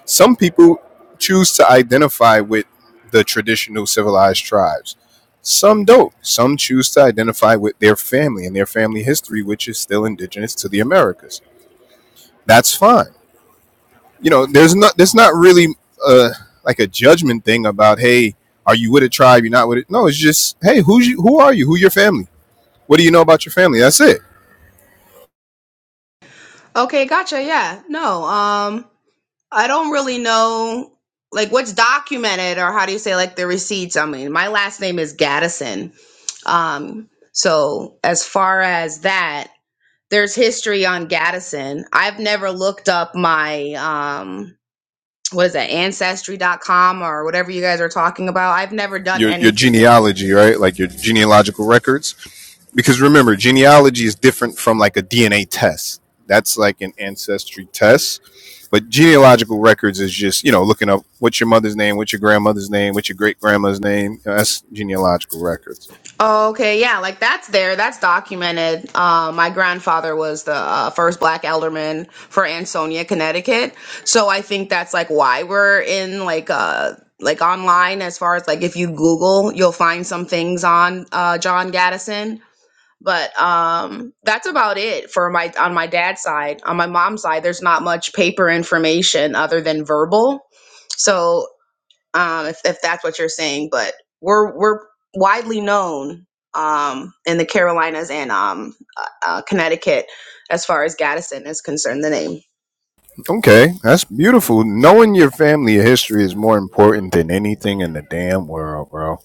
Some people choose to identify with the traditional civilized tribes. Some don't. Some choose to identify with their family and their family history, which is still indigenous to the Americas. That's fine you know, there's not there's not really uh like a judgment thing about hey, are you with a tribe? You're not with it. No, it's just hey, who's you? Who are you? Who your family? What do you know about your family? That's it.
okay, gotcha. Yeah. No. Um I don't really know like what's documented or how do you say like the receipts? I mean, my last name is Gaddison. Um so as far as that, there's history on Gaddison. I've never looked up my um what is that ancestry.com or whatever you guys are talking about. I've never done
Your your
anything
genealogy, right? Like your genealogical records. Because remember, genealogy is different from like a DNA test. That's like an ancestry test. But genealogical records is just you know looking up what's your mother's name, what's your grandmother's name, what's your great grandma's name. You know, That's genealogical records.
Oh, Okay, yeah, like that's there, that's documented. Uh, my grandfather was the uh, first black alderman for Ansonia, Connecticut. So I think that's like why we're in like uh like online as far as like if you Google, you'll find some things on uh, John Gaddison. But um, that's about it for my on my dad's side. On my mom's side, there's not much paper information other than verbal. So um, if, if that's what you're saying. But we're we're widely known um, in the Carolinas and um, uh, uh, Connecticut as far as Gaddison is concerned. The name.
Okay, that's beautiful. Knowing your family history is more important than anything in the damn world, bro.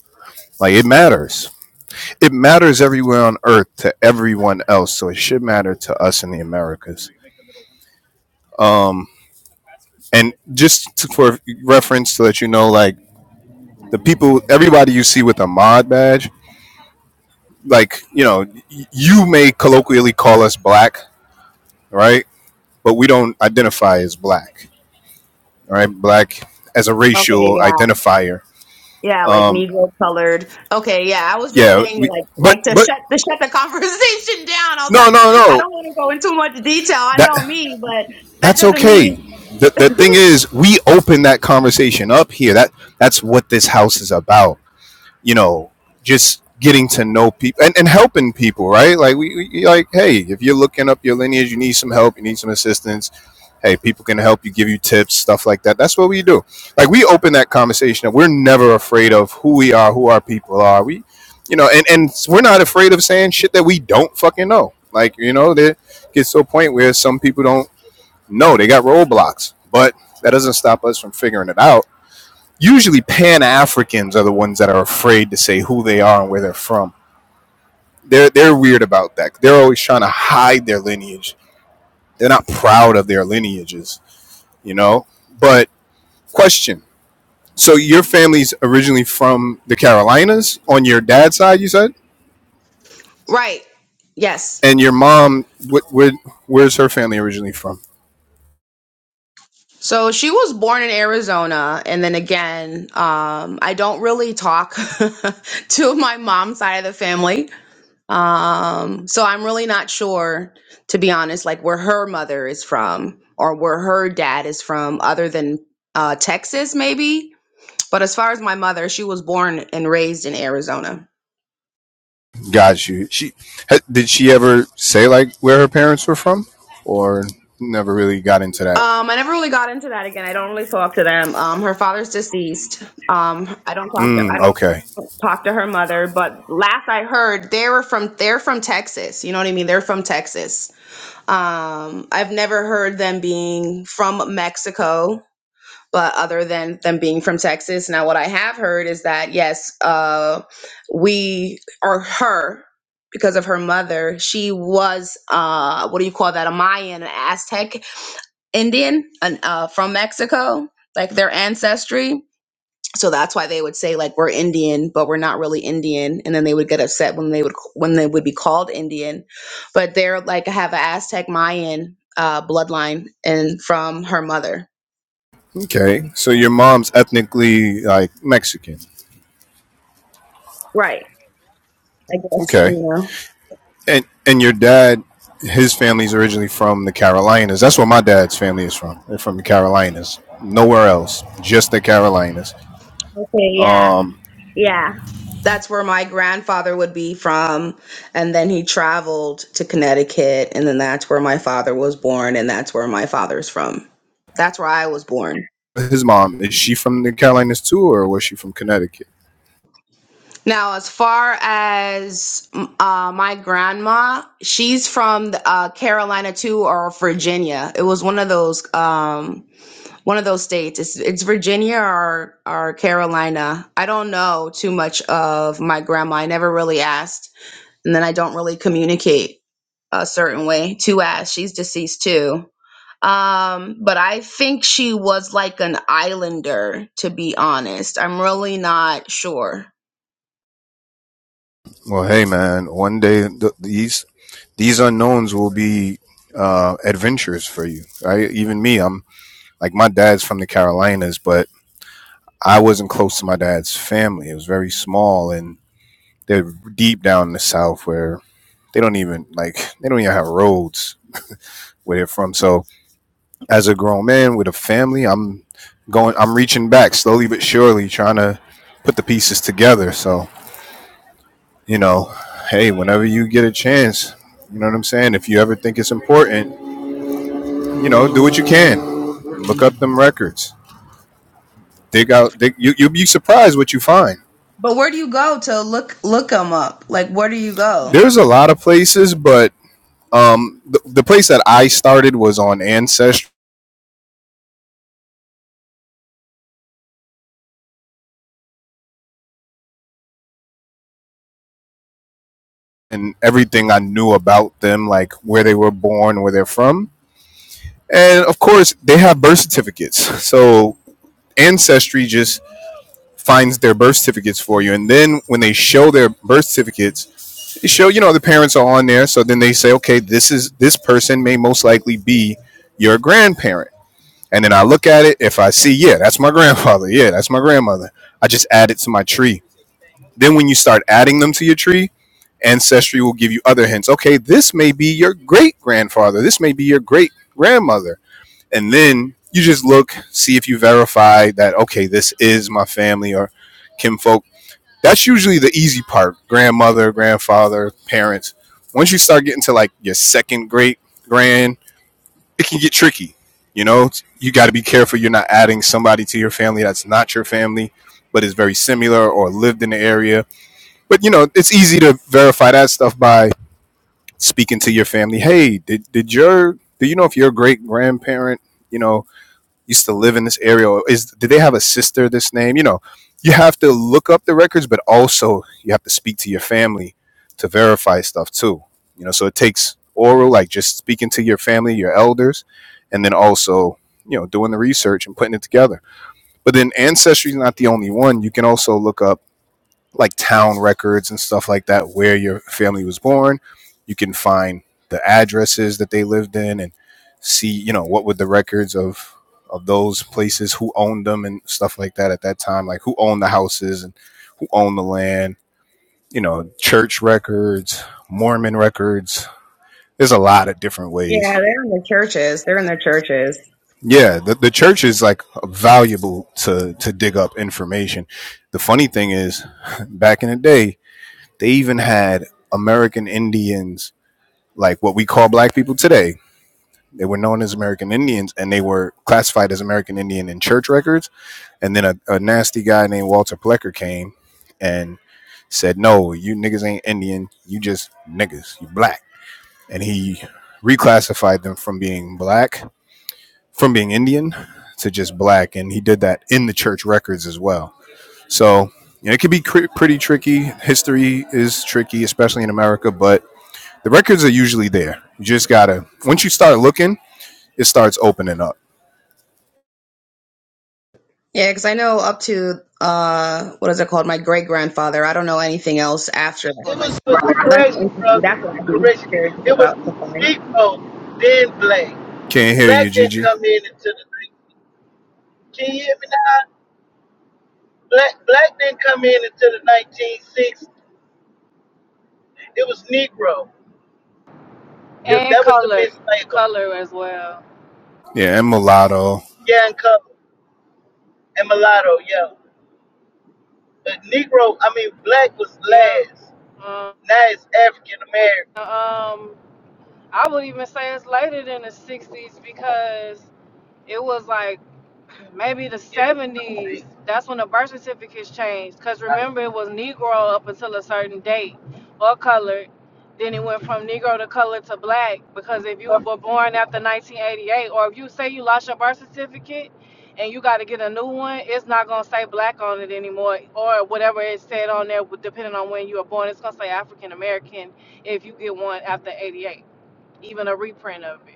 Like it matters. It matters everywhere on earth to everyone else, so it should matter to us in the Americas. Um and just to, for reference to let you know like the people everybody you see with a mod badge, like, you know, y- you may colloquially call us black, right? But we don't identify as black, all right? Black as a
Okay,
racial
yeah,
identifier
yeah, like
Um,
Negro colored. Okay, yeah, I was just
Yeah,
saying,
we,
like,
but
like to
but
shut to shut the conversation down. I was
no
like,
no
I
no
don't want to go into much detail. I
that
know me, but that
that's
doesn't
okay.
mean
The the thing is, we open that conversation up here. That that's what this house is about. You know, just getting to know people and, and helping people, right? Like we, we like, hey, if you're looking up your lineage, you need some help, you need some assistance. hey, people can help you, give you tips, stuff like that. That's what we do. Like we open that conversation up. We're never afraid of who we are, who our people are. We, you know, and and we're not afraid of saying shit that we don't fucking know. Like you know, there gets to a point where some people don't know they got roadblocks, but that doesn't stop us from figuring it out. Usually, Pan Africans are the ones that are afraid to say who they are and where they're from. They're they're weird about that. They're always trying to hide their lineage. They're not proud of their lineages, you know. But Question. So your family's originally from the Carolinas on your dad's side, you said,
right. Yes.
and your mom, what, where, where's her family originally from?
So she was born in Arizona, and then again, um, I don't really talk to my mom's side of the family. Um, so I'm really not sure, to be honest, like where her mother is from or where her dad is from, other than uh, Texas, maybe. But as far as my mother, she was born and raised in Arizona.
Got you. She did she ever say like where her parents were from, or never really got into that?
Um, I never really got into that again. I don't really talk to them. Um, her father's deceased. Um, I don't talk to. I
Mm,
don't.
okay,
talked to her mother, but last I heard, they were from they're from Texas. You know what I mean? They're from Texas. Um, I've never heard them being from Mexico, but other than them being from Texas. Now, what I have heard is that yes, uh, we or her because of her mother, she was uh, what do you call that? A Mayan, an Aztec Indian, an, uh, from Mexico, like their ancestry so that's why they would say like we're indian but we're not really indian and then they would get upset when they would when they would be called indian but they're like I have an aztec mayan uh, bloodline and from her mother
okay. So your mom's ethnically like Mexican.
Right. i guess
Okay,
you know
and and your dad, his family's originally from the Carolinas. That's where my dad's family is from. They're from the Carolinas. Nowhere else, just the Carolinas.
Okay. Yeah. Yeah. that's where my grandfather would be from and then he traveled to connecticut and then that's where my father was born and that's where my father's from that's where i was born
his mom is she from the Carolinas too, or was she from Connecticut?
Now, as far as mm, uh, my grandma, she's from uh, Carolina too, or Virginia. It was one of those, um, one of those states. It's it's Virginia or or Carolina. I don't know too much of my grandma. I never really asked, and then I don't really communicate a certain way to ask. She's deceased too, um, but I think she was like an islander. To be honest, I'm really not sure
Well, hey man, one day th- these these unknowns will be uh, adventures for you. Right? Even me, I'm like my dad's from the Carolinas, but I wasn't close to my dad's family. It was very small, and they're deep down in the South where they don't even like they don't even have roads where they're from. So as a grown man with a family, I'm going, I'm reaching back slowly but surely, trying to put the pieces together. So you know, hey, whenever you get a chance, you know what I'm saying? If you ever think it's important, you know, do what you can. Look up them records. Dig out, dig, you, you'll be surprised what you find.
But where do you go to look look them up? Like, where do you go?
There's a lot of places, but um, the, the place that I started was on Ancestry and everything I knew about them, like where they were born, where they're from. And of course, they have birth certificates. So Ancestry just finds their birth certificates for you. And then when they show their birth certificates, to show you know the parents are on there so then they say okay this is this person may most likely be your grandparent and then i look at it if i see yeah that's my grandfather yeah that's my grandmother i just add it to my tree then when you start adding them to your tree ancestry will give you other hints okay this may be your great grandfather this may be your great grandmother and then you just look see if you verify that okay this is my family or kinfolk that's usually the easy part grandmother grandfather parents once you start getting to like your second great grand it can get tricky you know you got to be careful you're not adding somebody to your family that's not your family but is very similar or lived in the area but you know it's easy to verify that stuff by speaking to your family hey did, did your do you know if your great grandparent you know used to live in this area or is did they have a sister this name you know you have to look up the records but also you have to speak to your family to verify stuff too you know so it takes oral like just speaking to your family your elders and then also you know doing the research and putting it together but then ancestry is not the only one you can also look up like town records and stuff like that where your family was born. You can find the addresses that they lived in and see, you know, what were the records of of those places, who owned them and stuff like that at that time, like who owned the houses and who owned the land, you know, church records, Mormon records. There's a lot of different
Yeah,
ways.
they're in the churches. They're in the churches.
Yeah, the, the church is like valuable to to dig up information. The funny thing is, back in the day, They even had American Indians, like what we call black people today. They were known as American Indians and they were classified as American Indian in church records. And then a, a nasty guy named Walter Plecker came and said, No, you niggas ain't Indian. You just niggas. You black. And he reclassified them from being black, from being Indian to just black. And he did that in the church records as well. So you know, it can be cr- pretty tricky. History is tricky, especially in America, but the records are usually there. You just gotta once you start looking, it starts opening up.
Yeah, because I know up to uh, what is it called? My great grandfather. I don't know anything else after that.
It was for the
So that's
correction,
interesting.
brother.
That's what I'd be
Correction.
curious
It was
about to find.
Negro, then black.
Can't hear you,
Black didn't
Gigi.
come in until the. nineteen Can you hear me now? Black, black didn't come in until the 1960s. It was Negro. It-
and
that was the
color,
mislabel.
color as well.
Yeah, and mulatto.
Yeah, and color and mulatto. Yeah, but Negro. I mean, black was
Yeah.
last.
Um,
Now it's African American.
um, I would even say it's later than the '60s because it was like maybe the
Yeah.
70s that's when the birth certificates changed because remember it was negro up until a certain date or colored then it went from negro to colored to black because if you were born after 1988 or if you say you lost your birth certificate and you got to get a new one it's not going to say black on it anymore or whatever it said on there depending on when you were born it's going to say african american if you get one after 88 even a reprint of it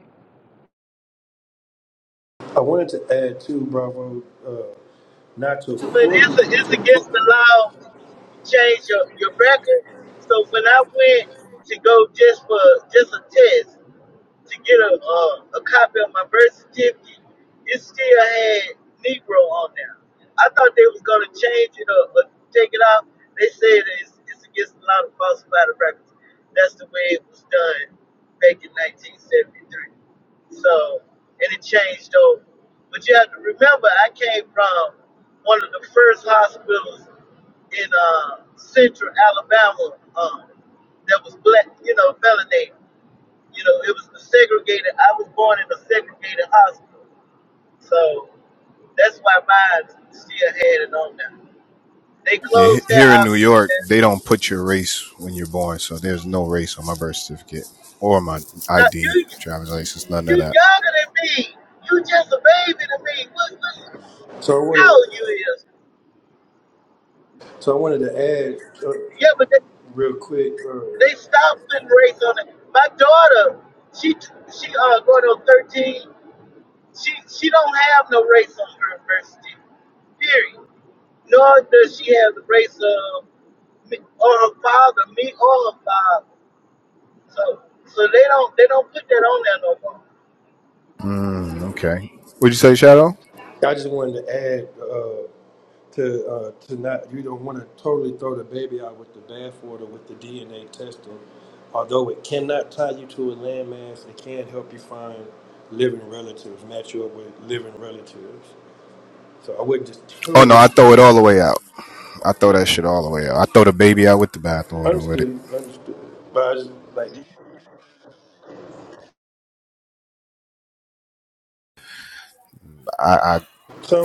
I wanted to add too, Bravo. uh, Not to
But it's
fully.
a, it's
To, fu-
against the law to change your, your record. So when I went to go just for just a test, to get a uh, a copy of my birth certificate, it still had Negro on there. I thought they was gonna change it or, or take it out. They said it's, it's against a lot of falsified records. That's the way it was done back in 1973. So and it changed over. But you have to remember, I came from one of the first hospitals in uh, central Alabama um, that was black, you know, melanated. You know, it was the segregated. I was born in a segregated hospital, so that's why mine still had it on them. They
Yeah,
closed that
here in New
hospital.
York, they
down.
don't put your race when you're born, so there's no race on my birth certificate or my
Now,
ID,
you,
driver's license, none
you
of that.
younger than me. You just a baby to me. What, what
so I
how
wanted.
old you is?
So I wanted to add uh,
Yeah, but they,
real quick. Uh,
they stopped putting race on it. My daughter, she she uh going on 13. She she don't have no race on her adversity, period. Nor does she have the race of me or her father, me or her father. So so they don't they don't put that on there no more.
Mm, okay. What'd you say, Shadow?
I just wanted to add uh, to uh, to not. You don't want to totally throw the baby out with the bathwater with the DNA testing. Although it cannot tie you to a landmass, it can help you find living relatives, match you up with living relatives. So I wouldn't just
Oh no,
totally.
I throw it all the way out. I throw
Yeah.
that shit all the way out. I throw the baby out with the bathwater with it.
Understood, understood. But I just like
I, I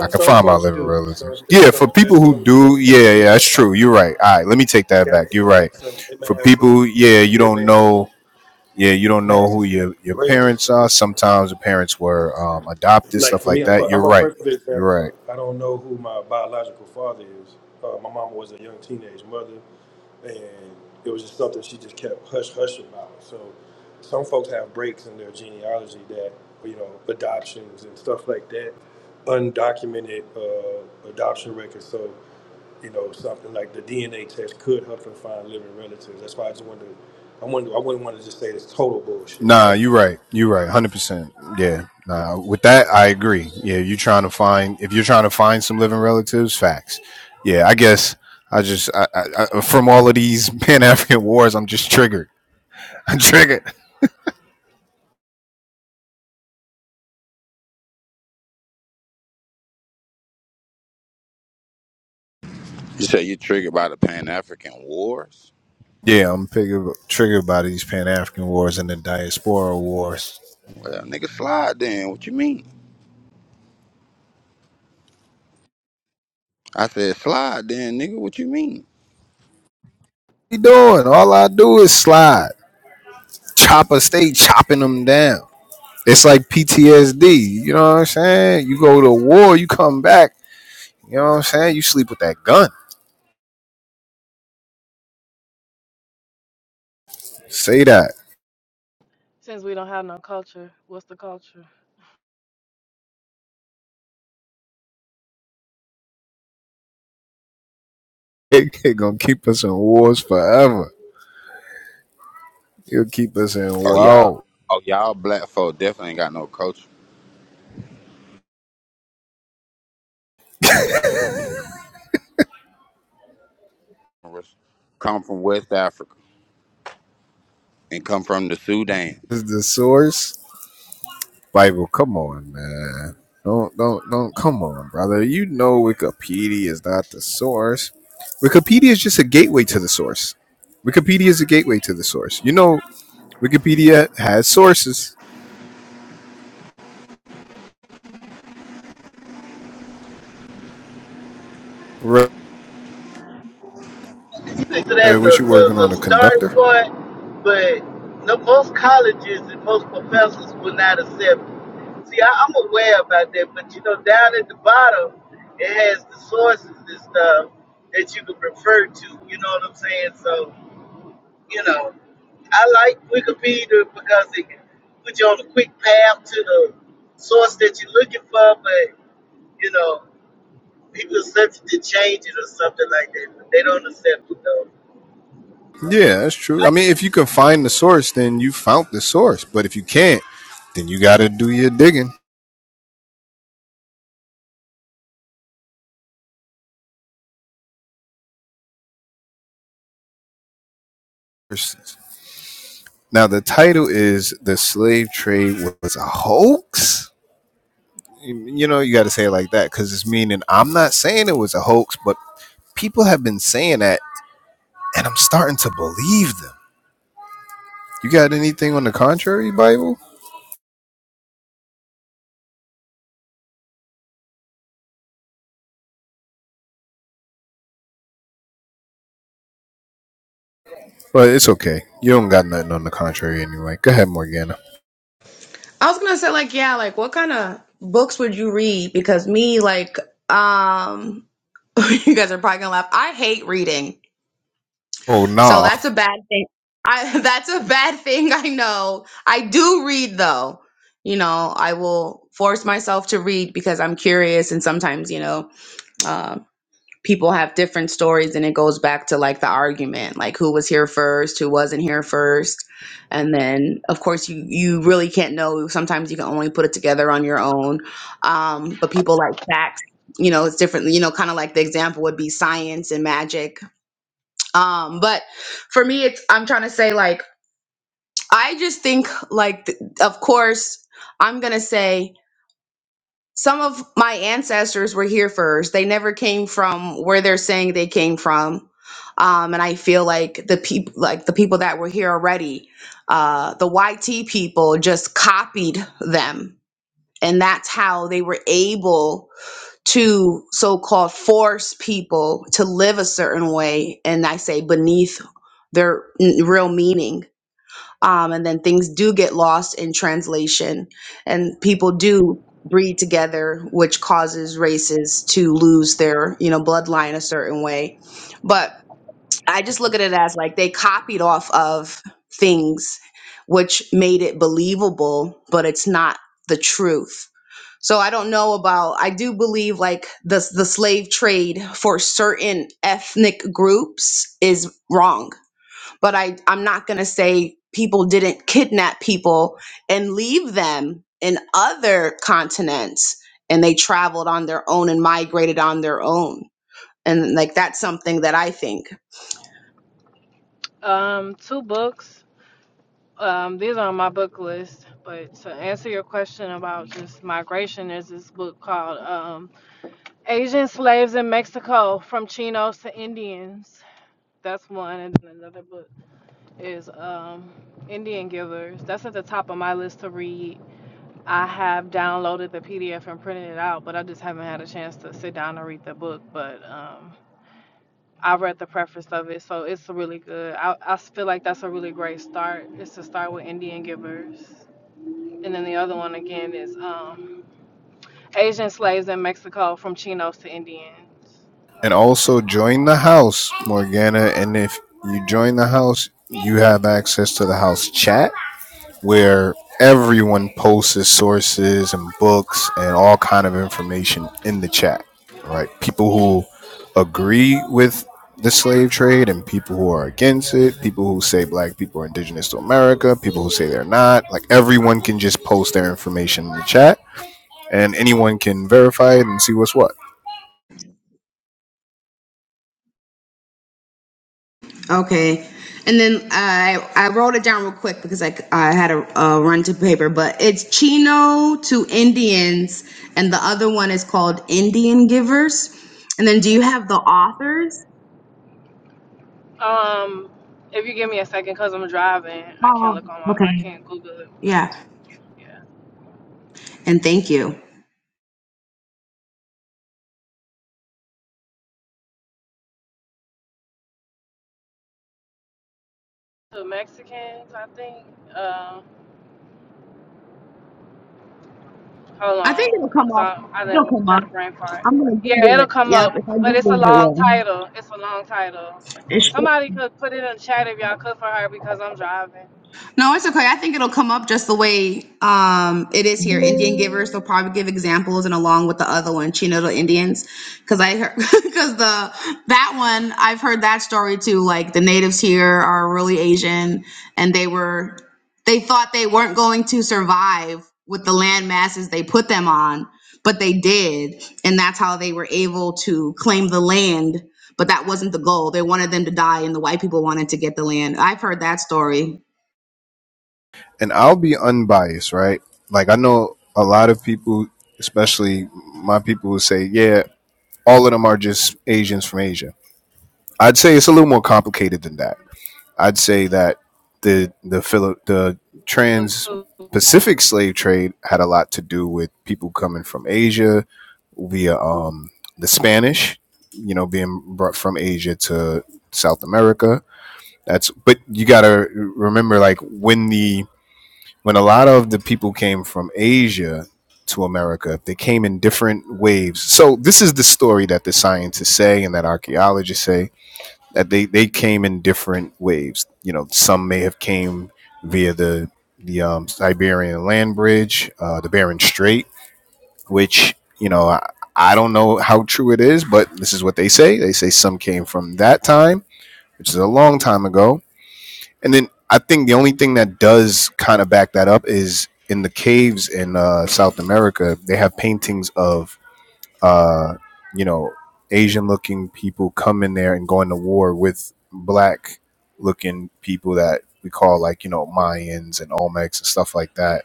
I can
some
find my
folks
living
do. Some
relatives.
there's
Yeah,
some
for
there's
people who
some some
do,
folks
yeah, yeah,
do
that's
have.
true. You're right. All right, let me take that
Yeah,
back.
they
You're
may
right.
have some. They may
For
have
people,
some.
who- yeah,
So
you
they
don't
may have
know,
some.
yeah, you don't
May have
know who
some
your your
breaks.
parents are. Sometimes the parents were um, adopted,
Like
stuff
for
like
me, I'm a,
that.
I'm
You're
a
right.
perfect example.
You're right.
I don't know who my biological father is. Uh, my mama was a young teenage mother, and it was just something she just kept hush hush about. So some folks have breaks in their genealogy that you know adoptions and stuff like that, undocumented uh, adoption records. So you know, something like the DNA test could help them find living relatives. That's why I just wanted to, I wanted, I wouldn't want to just say it's total bullshit.
Nah,
That's
you're right. You're right. Hundred percent. Yeah. Nah, with that, I agree. Yeah, you trying to find if you're trying to find some living relatives, facts. Yeah, I guess I just I, I, I, from all of these Pan African wars, I'm just triggered. I'm triggered.
You say you're triggered by the Pan African Wars?
Yeah, I'm triggered, triggered by these Pan African wars and the diaspora wars.
Well, nigga, slide then. What you mean? I said, slide then, nigga. What you mean?
What you doing? All I do is slide. Chopper stay chopping them down. It's like PTSD. You know what I'm saying? You go to war, you come back. You know what I'm saying? You sleep with that gun. Say that.
since we don't have no culture what's the culture
It, it gonna keep us in wars forever. It'll keep us in
Oh, y'all,
wow.
oh, y'all black folk definitely ain't got no culture. Come from West Africa and come from the Sudan.
Is the source? Bible, come on, man. Don't don't don't come on, brother. You know Wikipedia is not the source. Wikipedia is just a gateway to the source. Wikipedia is a gateway to the source. You know Wikipedia has sources. Right.
So that's
Right, What
a,
you working
a,
on
a
a
starting
conductor?
point, but no, most colleges and most professors will not accept it. See, I, I'm aware about that, but you know, down at the bottom, it has the sources and stuff that you can refer to. You know what I'm saying? So You know, I like Wikipedia because it can put you on a quick path to the source that you're looking for, but, you know, people are subject to change it or something like that, but they don't accept it, though.
Yeah, that's true. I mean, if you can find the source, then you found the source. But if you can't, then you got to do your digging. Now, the title is The Slave Trade Was a Hoax? You know, you got to say it like that because it's meaning I'm not saying it was a hoax, but people have been saying that, and I'm starting to believe them. You got anything on the contrary, Bible? But it's okay. You don't got nothing on the contrary anyway. Go ahead, Morgana.
I was gonna say like, yeah, like what kind of books would you read? Because me, like, um, you guys are probably gonna laugh. I hate reading.
Oh,
So
nah.
that's a bad thing. I that's a bad thing, I know. I do read though. You know, I will force myself to read because I'm curious and sometimes, you know, uh, people have different stories and it goes back to like the argument, like who was here first, who wasn't here first. And then of course you you really can't know. Sometimes you can only put it together on your own. Um, but people like facts, you know, it's different, you know, kind of like the example would be science and magic um but for me it's i'm trying to say like i just think like th- of course i'm gonna say some of my ancestors were here first they never came from where they're saying they came from um and i feel like the people like the people that were here already uh the yt people just copied them and that's how they were able to so-called force people to live a certain way and i say beneath their n- real meaning um, and then things do get lost in translation and people do breed together which causes races to lose their you know bloodline a certain way but I just look at it as like they copied off of things which made it believable, but it's not the truth. So I don't know about I do believe like the the slave trade for certain ethnic groups is wrong. But I I'm not going to say people didn't kidnap people and leave them in other continents and they traveled on their own and migrated on their own. And like that's something that I think.
Um, two books. Um, these are on my book list. But to answer your question about just migration, there's this book called um, "Asian Slaves in Mexico: From Chinos to Indians." That's one, and then another book is um, "Indian Givers." That's at the top of my list to read. I have downloaded the PDF and printed it out, but I just haven't had a chance to sit down and read the book. But um, I read the preface of it, so it's really good. I I feel like that's a really great start. Is to start with Indian Givers, and then the other one again is um, Asian Slaves in Mexico from Chinos to Indians.
And also join the house, Morgana. And if you join the house, you have access to the house chat where everyone posts his sources and books and all kind of information in the chat right people who agree with the slave trade and people who are against it people who say black people are indigenous to america people who say they're not like everyone can just post their information in the chat and anyone can verify it and see what's what
Okay. And then I I wrote it down real quick because I, I had a, uh run to paper, but it's Chino to Indians, and the other one is called Indian Givers. And then do you have the authors?
Um, if you give me a second, cause I'm driving, I
Oh,
can't look on my,
okay.
I can't Google it, but
Yeah.
yeah.
And thank you.
The Mexicans, I think. uh, Hold
I think
on,
it'll come
cause
up.
I I
It'll
done
come up.
got a brain fart.
I'm gonna
Yeah,
Google
it'll
it.
come
Yep,
up,
if I
but it's a
Google it, it
long
will.
title. It's a long title.
It
Somebody could put it in the chat if y'all could for her because I'm driving.
No, it's okay. I think it'll come up just the way um, it is here. Indian givers, they'll probably give examples, and along with the other one, Chinola Indians, because I because the that one I've heard that story too. Like the natives here are really Asian, and they were they thought they weren't going to survive with the land masses they put them on, but they did, and that's how they were able to claim the land. But that wasn't the goal. They wanted them to die, and the white people wanted to get the land. I've heard that story.
and i'll be unbiased right like i know a lot of people especially my people who say yeah all of them are just asians from asia I'd say it's a little more complicated than that. I'd say that the the Philip the
But
trans
too,
Pacific slave trade had a lot to do with people coming from Asia via um, the Spanish, you know, being brought from Asia to South America. That's but you gotta remember like when the when a lot of the people came from Asia to America, they came in different waves. So this is the story that the scientists say and that archaeologists say that they they came in different waves. You know, some may have came via the the um, Siberian land bridge, uh, the Bering Strait, which you know I, I don't know how true it is, but this is what they say. They say some came from that time, which is a long time ago. And then I think the only thing that does kind of back that up is in the caves in uh, South America, they have paintings of uh, you know, Asian looking people come in there and going to war with black looking people that we call like, you know, Mayans and Olmecs and stuff like that.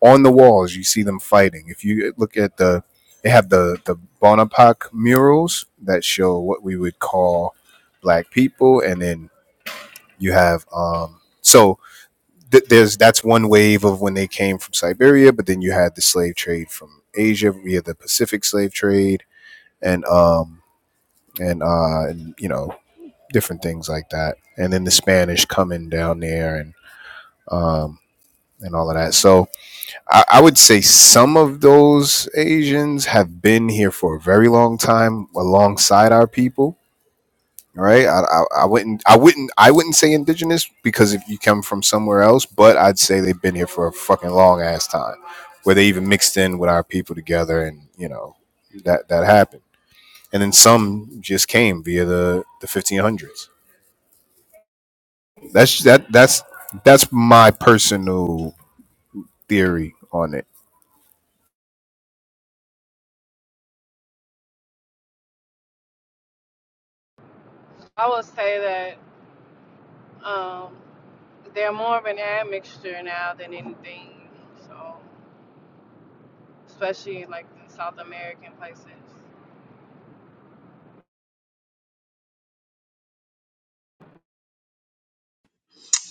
On the walls, you see them fighting. If you look at the, they have the, the Bonaparte murals that show what we would call black people. And then you have, um, so th- there's, that's one wave of when they came from Siberia, but then you had the slave trade from Asia via the Pacific slave trade and um and uh and you know different things like that and then the spanish coming down there and um and all of that so I, I would say some of those asians have been here for a very long time alongside our people right i, I, I wouldn't i wouldn't i wouldn't say indigenous because if you come from somewhere else but i'd say they've been here for a fucking long ass time where they even mixed in with our people together and you know that that happened and then some just came via the the 1500s. That's that that's that's my personal theory on it.
I would say that um, they're more of an admixture now than anything. So, especially like in South American places.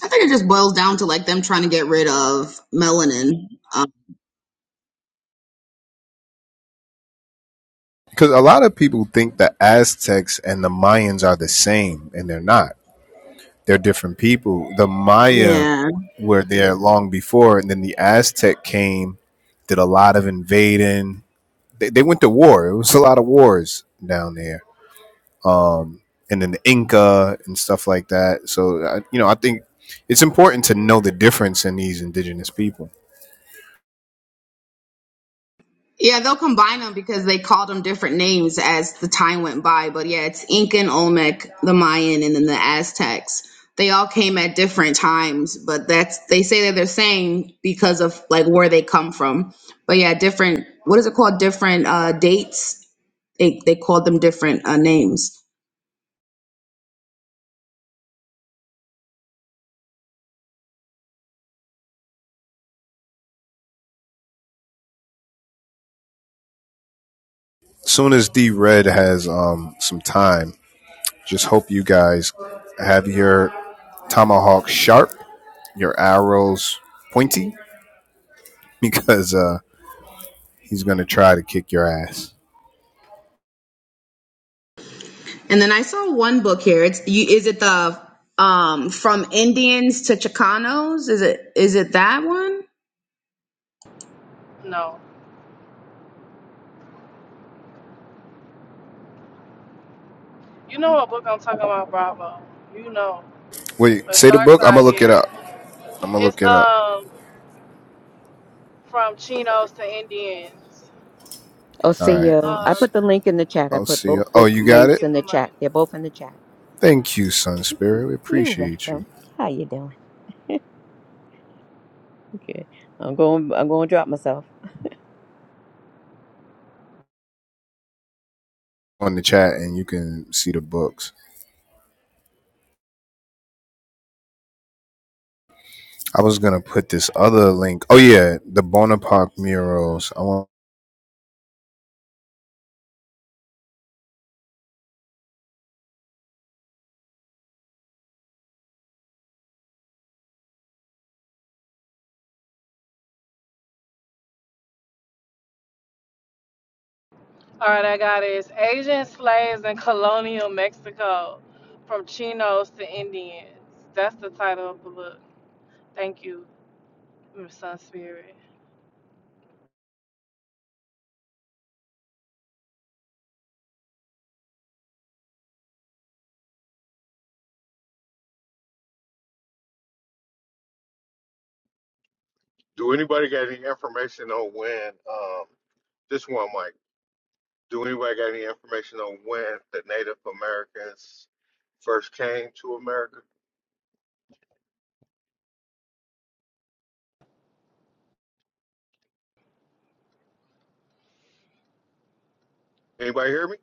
I think it just boils down to like them trying to get rid of melanin. Um,
Because a lot of people think the Aztecs and the Mayans are the same, and they're not. They're different people. The Maya
Yeah.
were there long before, and then the Aztec came, did a lot of invading. They, they went to war. It was a lot of wars down there um, and then the Inca and stuff like that. So I, you know, I think it's important to know the difference in these indigenous people.
yeah, they'll combine them because they called them different names as the time went by. But yeah, it's Incan, Olmec, the Mayan, and then the Aztecs. They all came at different times, but that's they say that they're saying because of like where they come from. But yeah, different. What is it called? Different uh, dates. They they called them different uh, names.
Soon as D Red has um, some time, just hope you guys have your tomahawk sharp, your arrows pointy, because uh, he's gonna try to kick your ass.
And then I saw one book here. It's you. Is it the um from Indians to Chicanos? Is it is it that one?
No, you know what book I'm talking about, Bravo. You know,
Wait,
but
say the
Dark
book. I'm gonna
Side
look it
here.
up. I'm gonna
It's
look it up.
um from Chinos to Indians.
Oh,
All
see
right, let
you.
me
I
Um,
see.
put the link in the chat. I
Oh,
put
see.
both
Oh,
book
you got
thank
links
it.
you
in
so
the
much.
chat. They're both in the chat.
Thank you, Sun Spirit. We
You're
appreciate you.
welcome. How you doing? Okay. I'm going I'm going to drop myself.
on the chat and you can see the books. I was gonna put this other link. Oh yeah, the Bonaparte murals. I want.
All right, I got it. It's Asian slaves in colonial Mexico, from Chinos to Indians. That's the title of the book. Thank you, Miss Sun Spirit.
Do anybody got any information on when um, this one, Mike? Do anybody got any information on when the Native Americans first came to America? Anybody hear me?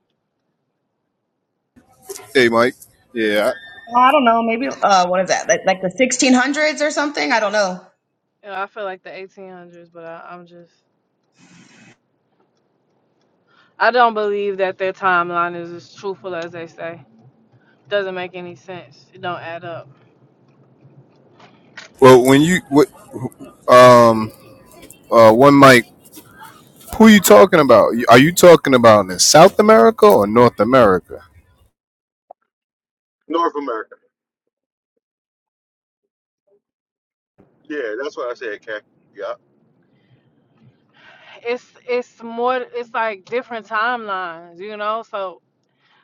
Hey Mike. Yeah.
Well, I don't know. Maybe uh, what is that? Like, like the 1600s or something? I don't know.
You know, I feel like the 1800s, but I, I'm just, I don't believe that their timeline is as truthful as they say. Doesn't make any sense. It don't add up.
Well, when you what um uh one Mike, who you talking about? Are you talking about in South America or North America?
North America. Yeah, that's what I said, Cap. Yeah.
It's it's more. It's like different timelines, you know. So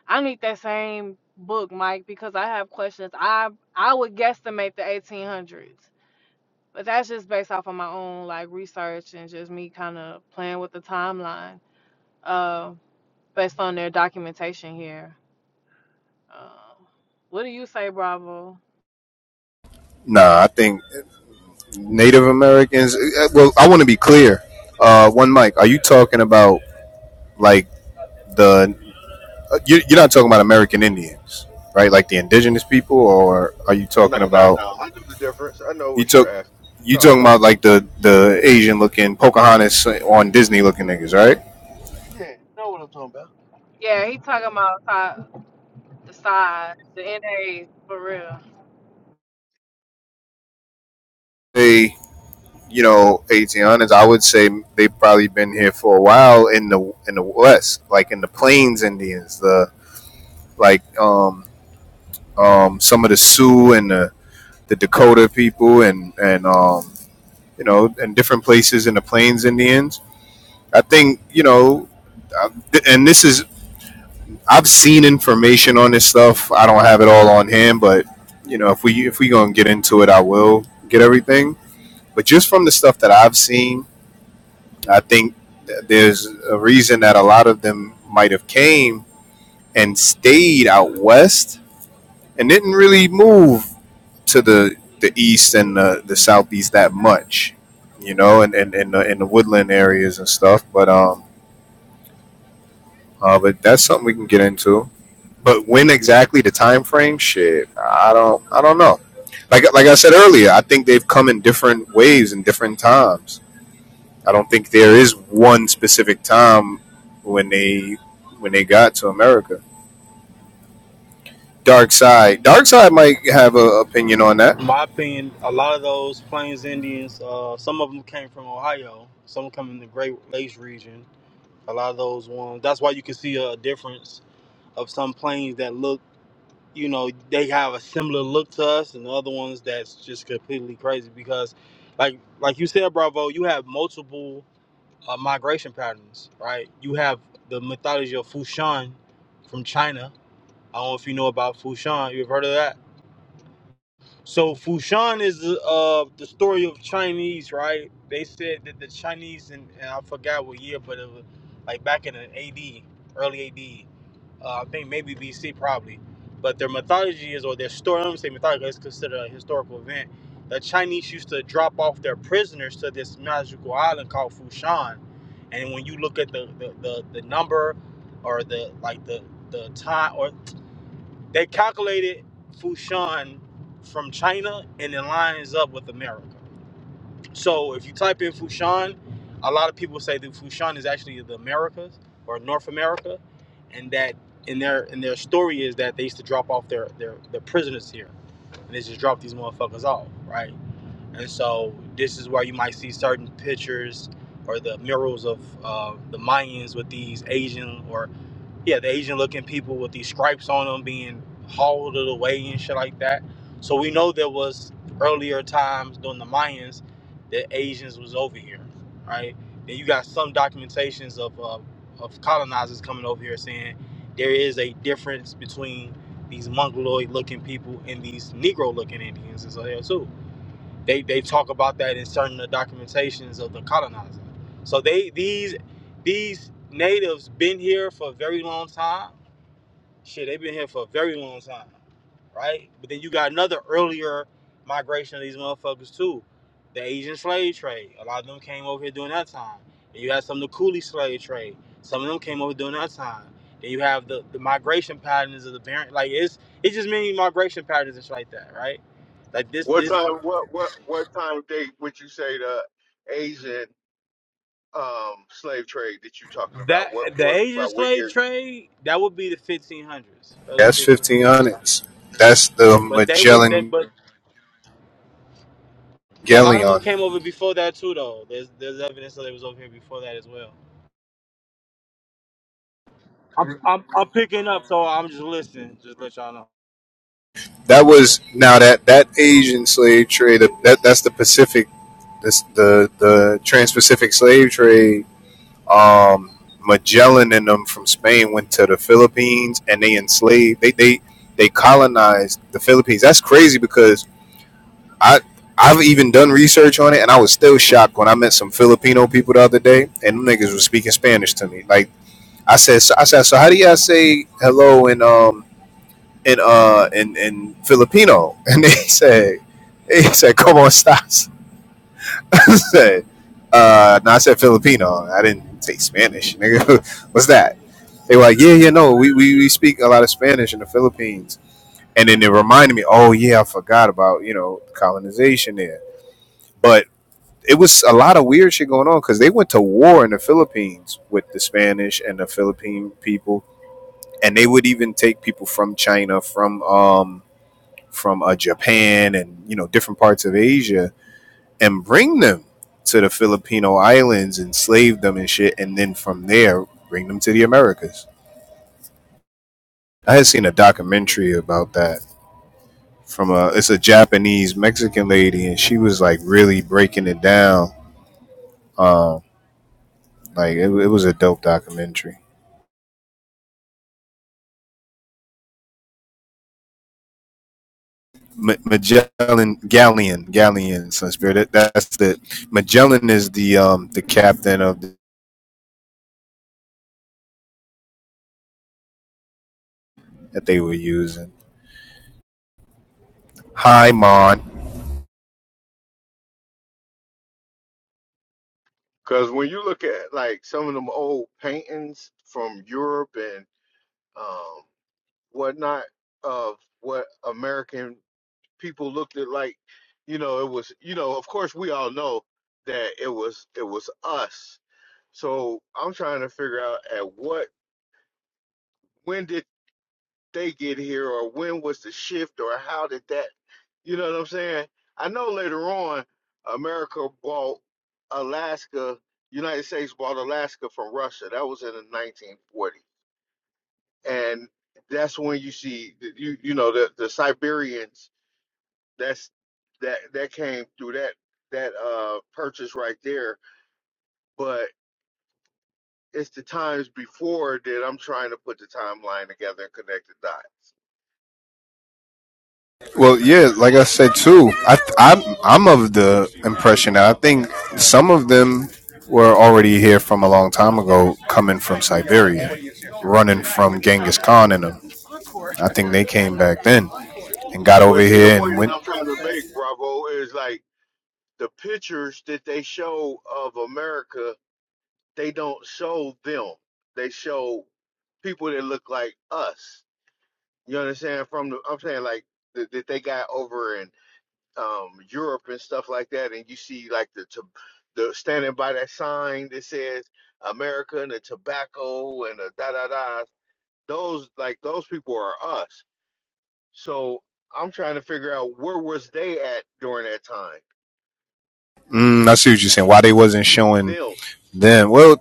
I need that same book, Mike, because I have questions. I I would guesstimate the eighteen hundreds, but that's just based off of my own like research and just me kind of playing with the timeline, uh, based on their documentation here. Uh, what do you say, Bravo?
Nah, I think Native Americans. eh, eh, Well, I want to be clear. Uh, one Mike, are you talking about like the? uh, you- You're not talking about American Indians, right? Like the indigenous people, or are you
No,
talking
no,
about
no. I know the difference. I know
you
what
took?
you're asking.
You
No, I
talking
know the
about
difference.
like the the Asian looking Pocahontas on Disney looking niggas, right?
Yeah, you know what I'm talking about.
Yeah, he talking about si- the size, the NA for real.
They, you know, 1800s. I would say they've probably been here for a while in the in the West, like in the Plains Indians, the like um um some of the Sioux and the, the Dakota people and and um you know and different places in the Plains Indians. I think you know, and this is I've seen information on this stuff. I don't have it all on hand, but you know, if we if we gonna get into it, I will get everything. But just from the stuff that I've seen, I think th- there's a reason that a lot of them might have came and stayed out west and didn't really move to the the east and the, the southeast that much, you know, and in and, and the, in the woodland areas and stuff. But um, uh, but that's something we can get into. But when exactly the time frame? Shit, I don't, I don't know. Like, like I said earlier, I think they've come in different waves and different times. I don't think there is one specific time when they when they got to America. Dark Side, Dark Side might have an opinion on that.
my opinion, a lot of those Plains Indians, uh, some of them came from Ohio, some come in the Great Lakes region. A lot of those ones. That's why you can see a difference of some plains that look, you know, they have a similar look to us, and the other ones that's just completely crazy because, like, like you said, Bravo, you have multiple uh, migration patterns, right? You have the mythology of Fushan from China. I don't know if you know about Fushan. You've heard of that? So Fushan is uh the story of Chinese, right? They said that the Chinese and, and I forgot what year, but it was like back in the AD, early AD. Uh, I think maybe BC probably. But their mythology is or their story, I don't say mythology, it's considered a historical event. The Chinese used to drop off their prisoners to this magical island called Fushan. And when you look at the the, the, the number or the like the the time or they calculated Fushan from China and it lines up with America. So if you type in Fushan, a lot of people say that Fushan is actually the Americas or North America, and that in their in their story is that they used to drop off their their, their prisoners here and they just drop these motherfuckers off, right? And so this is where you might see certain pictures or the murals of uh, the Mayans with these Asian or yeah, the Asian looking people with these stripes on them being hauled away and shit like that. So we know there was earlier times during the Mayans that Asians was over here, right? Then you got some documentations of uh, of colonizers coming over here saying there is a difference between these mongoloid looking people and these Negro looking Indians is there too. They they talk about that in certain of the documentations of the colonizer. So they these these natives been here for a very long time. Shit, they've been here for a very long time, right? But then you got another earlier migration of these motherfuckers too. The Asian slave trade. A lot of them came over here during that time. And you had some of the coolie slave trade. Some of them came over during that time. Then you have the, the migration patterns of the parent. Like it's it's just many migration patterns and shit like that, right? Like this
What
this
time? What what what time date would you say the Asian um slave trade that you're talking
That
about? What
the
what
Asian
about what
slave
year?
trade that would be the 1500s, early
That's
1500s.
fifteen hundreds. That's the
Yeah, but they would that
Magellan
but yeah, a lot of them
Galleon.
came over before that too though. There's there's evidence that they was over here before that as well. I'm I'm, I'm picking up, so I'm just listening. Just to let y'all know.
That was now that that Asian slave trade. That that's the Pacific. That's the the Trans Pacific slave trade Um, Magellan and them from Spain went to the Philippines and they enslaved. They they they colonized the Philippines. That's crazy because I I've even done research on it and I was still shocked when I met some Filipino people the other day and them niggas was speaking Spanish to me. Like I said, so, I said, so how do y'all say hello in um in uh in in Filipino? And they said they said come on stars. I said uh no, I said Filipino. I didn't say Spanish, nigga. What's that? They were like, yeah, yeah, no, we, we, we speak a lot of Spanish in the Philippines. And then it reminded me, oh, yeah, I forgot about, you know, colonization there. But it was a lot of weird shit going on because they went to war in the Philippines with the Spanish and the Philippine people. And they would even take people from China, from um, from uh, Japan and, you know, different parts of Asia and bring them to the Filipino islands, enslave them and shit. And then from there, bring them to the Americas. I had seen a documentary about that from a it's a Japanese Mexican lady, and she was like really breaking it down. Um, like it, it was a dope documentary. Ma- Magellan Galleon Galleon Sunspirit. That, that's the Magellan is the um the captain of the, that they were using. Hi, Mon.
Because when you look at like some of them old paintings from Europe and um, whatnot of what American people looked at like, you know, it was, you know, of course we all know that it was it was us. So I'm trying to figure out at what when did they get here or when was the shift or how did that you know what i'm saying i know later on america bought alaska united states bought alaska from russia that was in the 1940s and that's when you see the- you you know the the siberians that's that that came through that that uh purchase right there but it's the times before that i'm trying to put the timeline together and connect the dots
Well, yeah, like I said too, I I'm I'm of the impression that I think some of them were already here from a long time ago, coming from Siberia, running from Genghis Khan and them. I think they came back then and got over
But see, the
here
point
and
that
went.
I'm trying to make, Bravo, is like the pictures that they show of America, they don't show them. They show people that look like us. You understand? From the, I'm saying like that, that they got over in um, Europe and stuff like that, and you see like the to, the standing by that sign that says America and the tobacco and the da da da. Those like those people are us. So I'm trying to figure out where was they at during that time.
Mm, I see what you're saying. Why they wasn't showing
Them.
them? Well,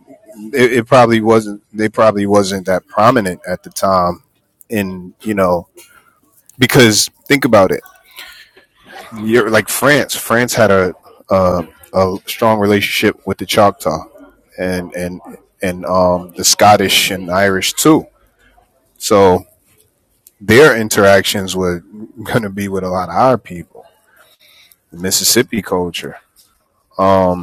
it, it probably wasn't. They probably wasn't that prominent at the time. In you know, because think about it. You're like France. France had a a, a strong relationship with the Choctaw and and and um, the Scottish and Irish too. So their interactions were going to be with a lot of our people. The Mississippi culture. Um,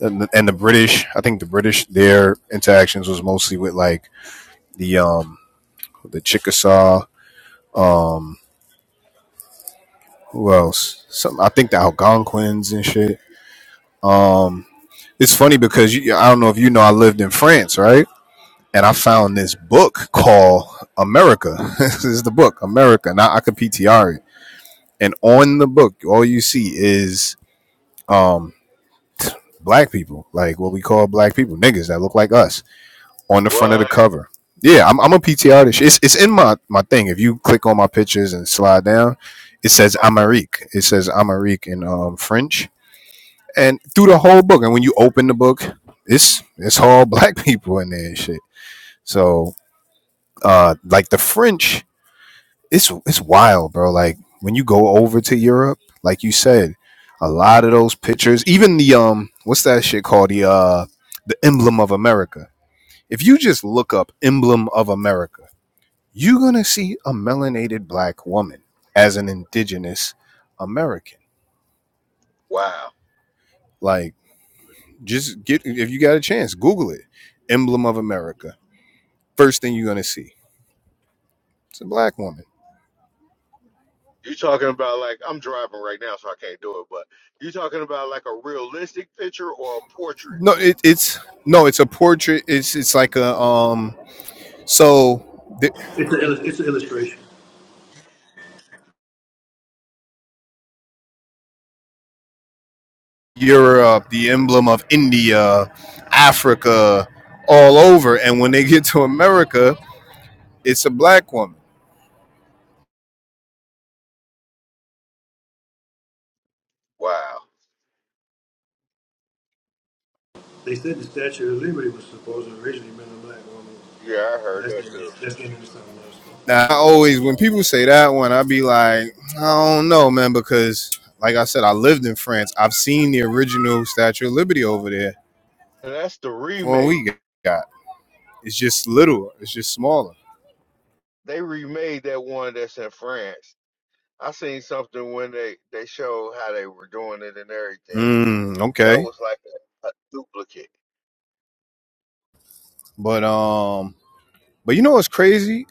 and the, and the British, I think the British, their interactions was mostly with like the um the Chickasaw, um who else? Some I think the Algonquins and shit. Um, it's funny because you, I don't know if you know I lived in France, right? And I found this book called America. this is the book America. Now I could PTR it, and on the book, all you see is um black people, like what we call black people, niggas that look like us on the front of the
What?
cover. Yeah, I'm, I'm a PTR this. shit. It's it's in my my thing. If you click on my pictures and slide down, it says
Okay.
Amérique. It says Amérique in um, French, and through the whole book. And when you open the book, it's it's all black people in there and shit. So uh, like the French, it's it's wild, bro. Like when you go over to Europe, like you said, a lot of those pictures, even the um, what's that shit called? The uh, the emblem of America. If you just look up emblem of America you're going to see a melanated black woman as an indigenous American.
Wow.
Like, just get, if you got a chance, Google it. Emblem of America. First thing you're going to see. It's a black woman.
You talking about like I'm driving right now, so I can't do it. But you talking about like a realistic picture or a portrait?
No, it, it's, no, it's a portrait. It's, it's like a, um, so the, Europe, the emblem of India, Africa, all over. And when they get to America, it's a black woman
Wow.
really been a black woman.
Yeah, I heard
That's
that
getting,
too.
that's getting into something else.
Now, I always, when people say that one, I be like, I don't know, man, because like I said, I lived in France. I've seen the original Statue of Liberty over there.
And that's the
The one
remake.
we got, it's just little, it's just smaller.
They remade that one that's in France. I seen something when they they showed how they were doing it and everything.
Mm,
That
okay,
was like a, a duplicate.
but um, but you know what's crazy?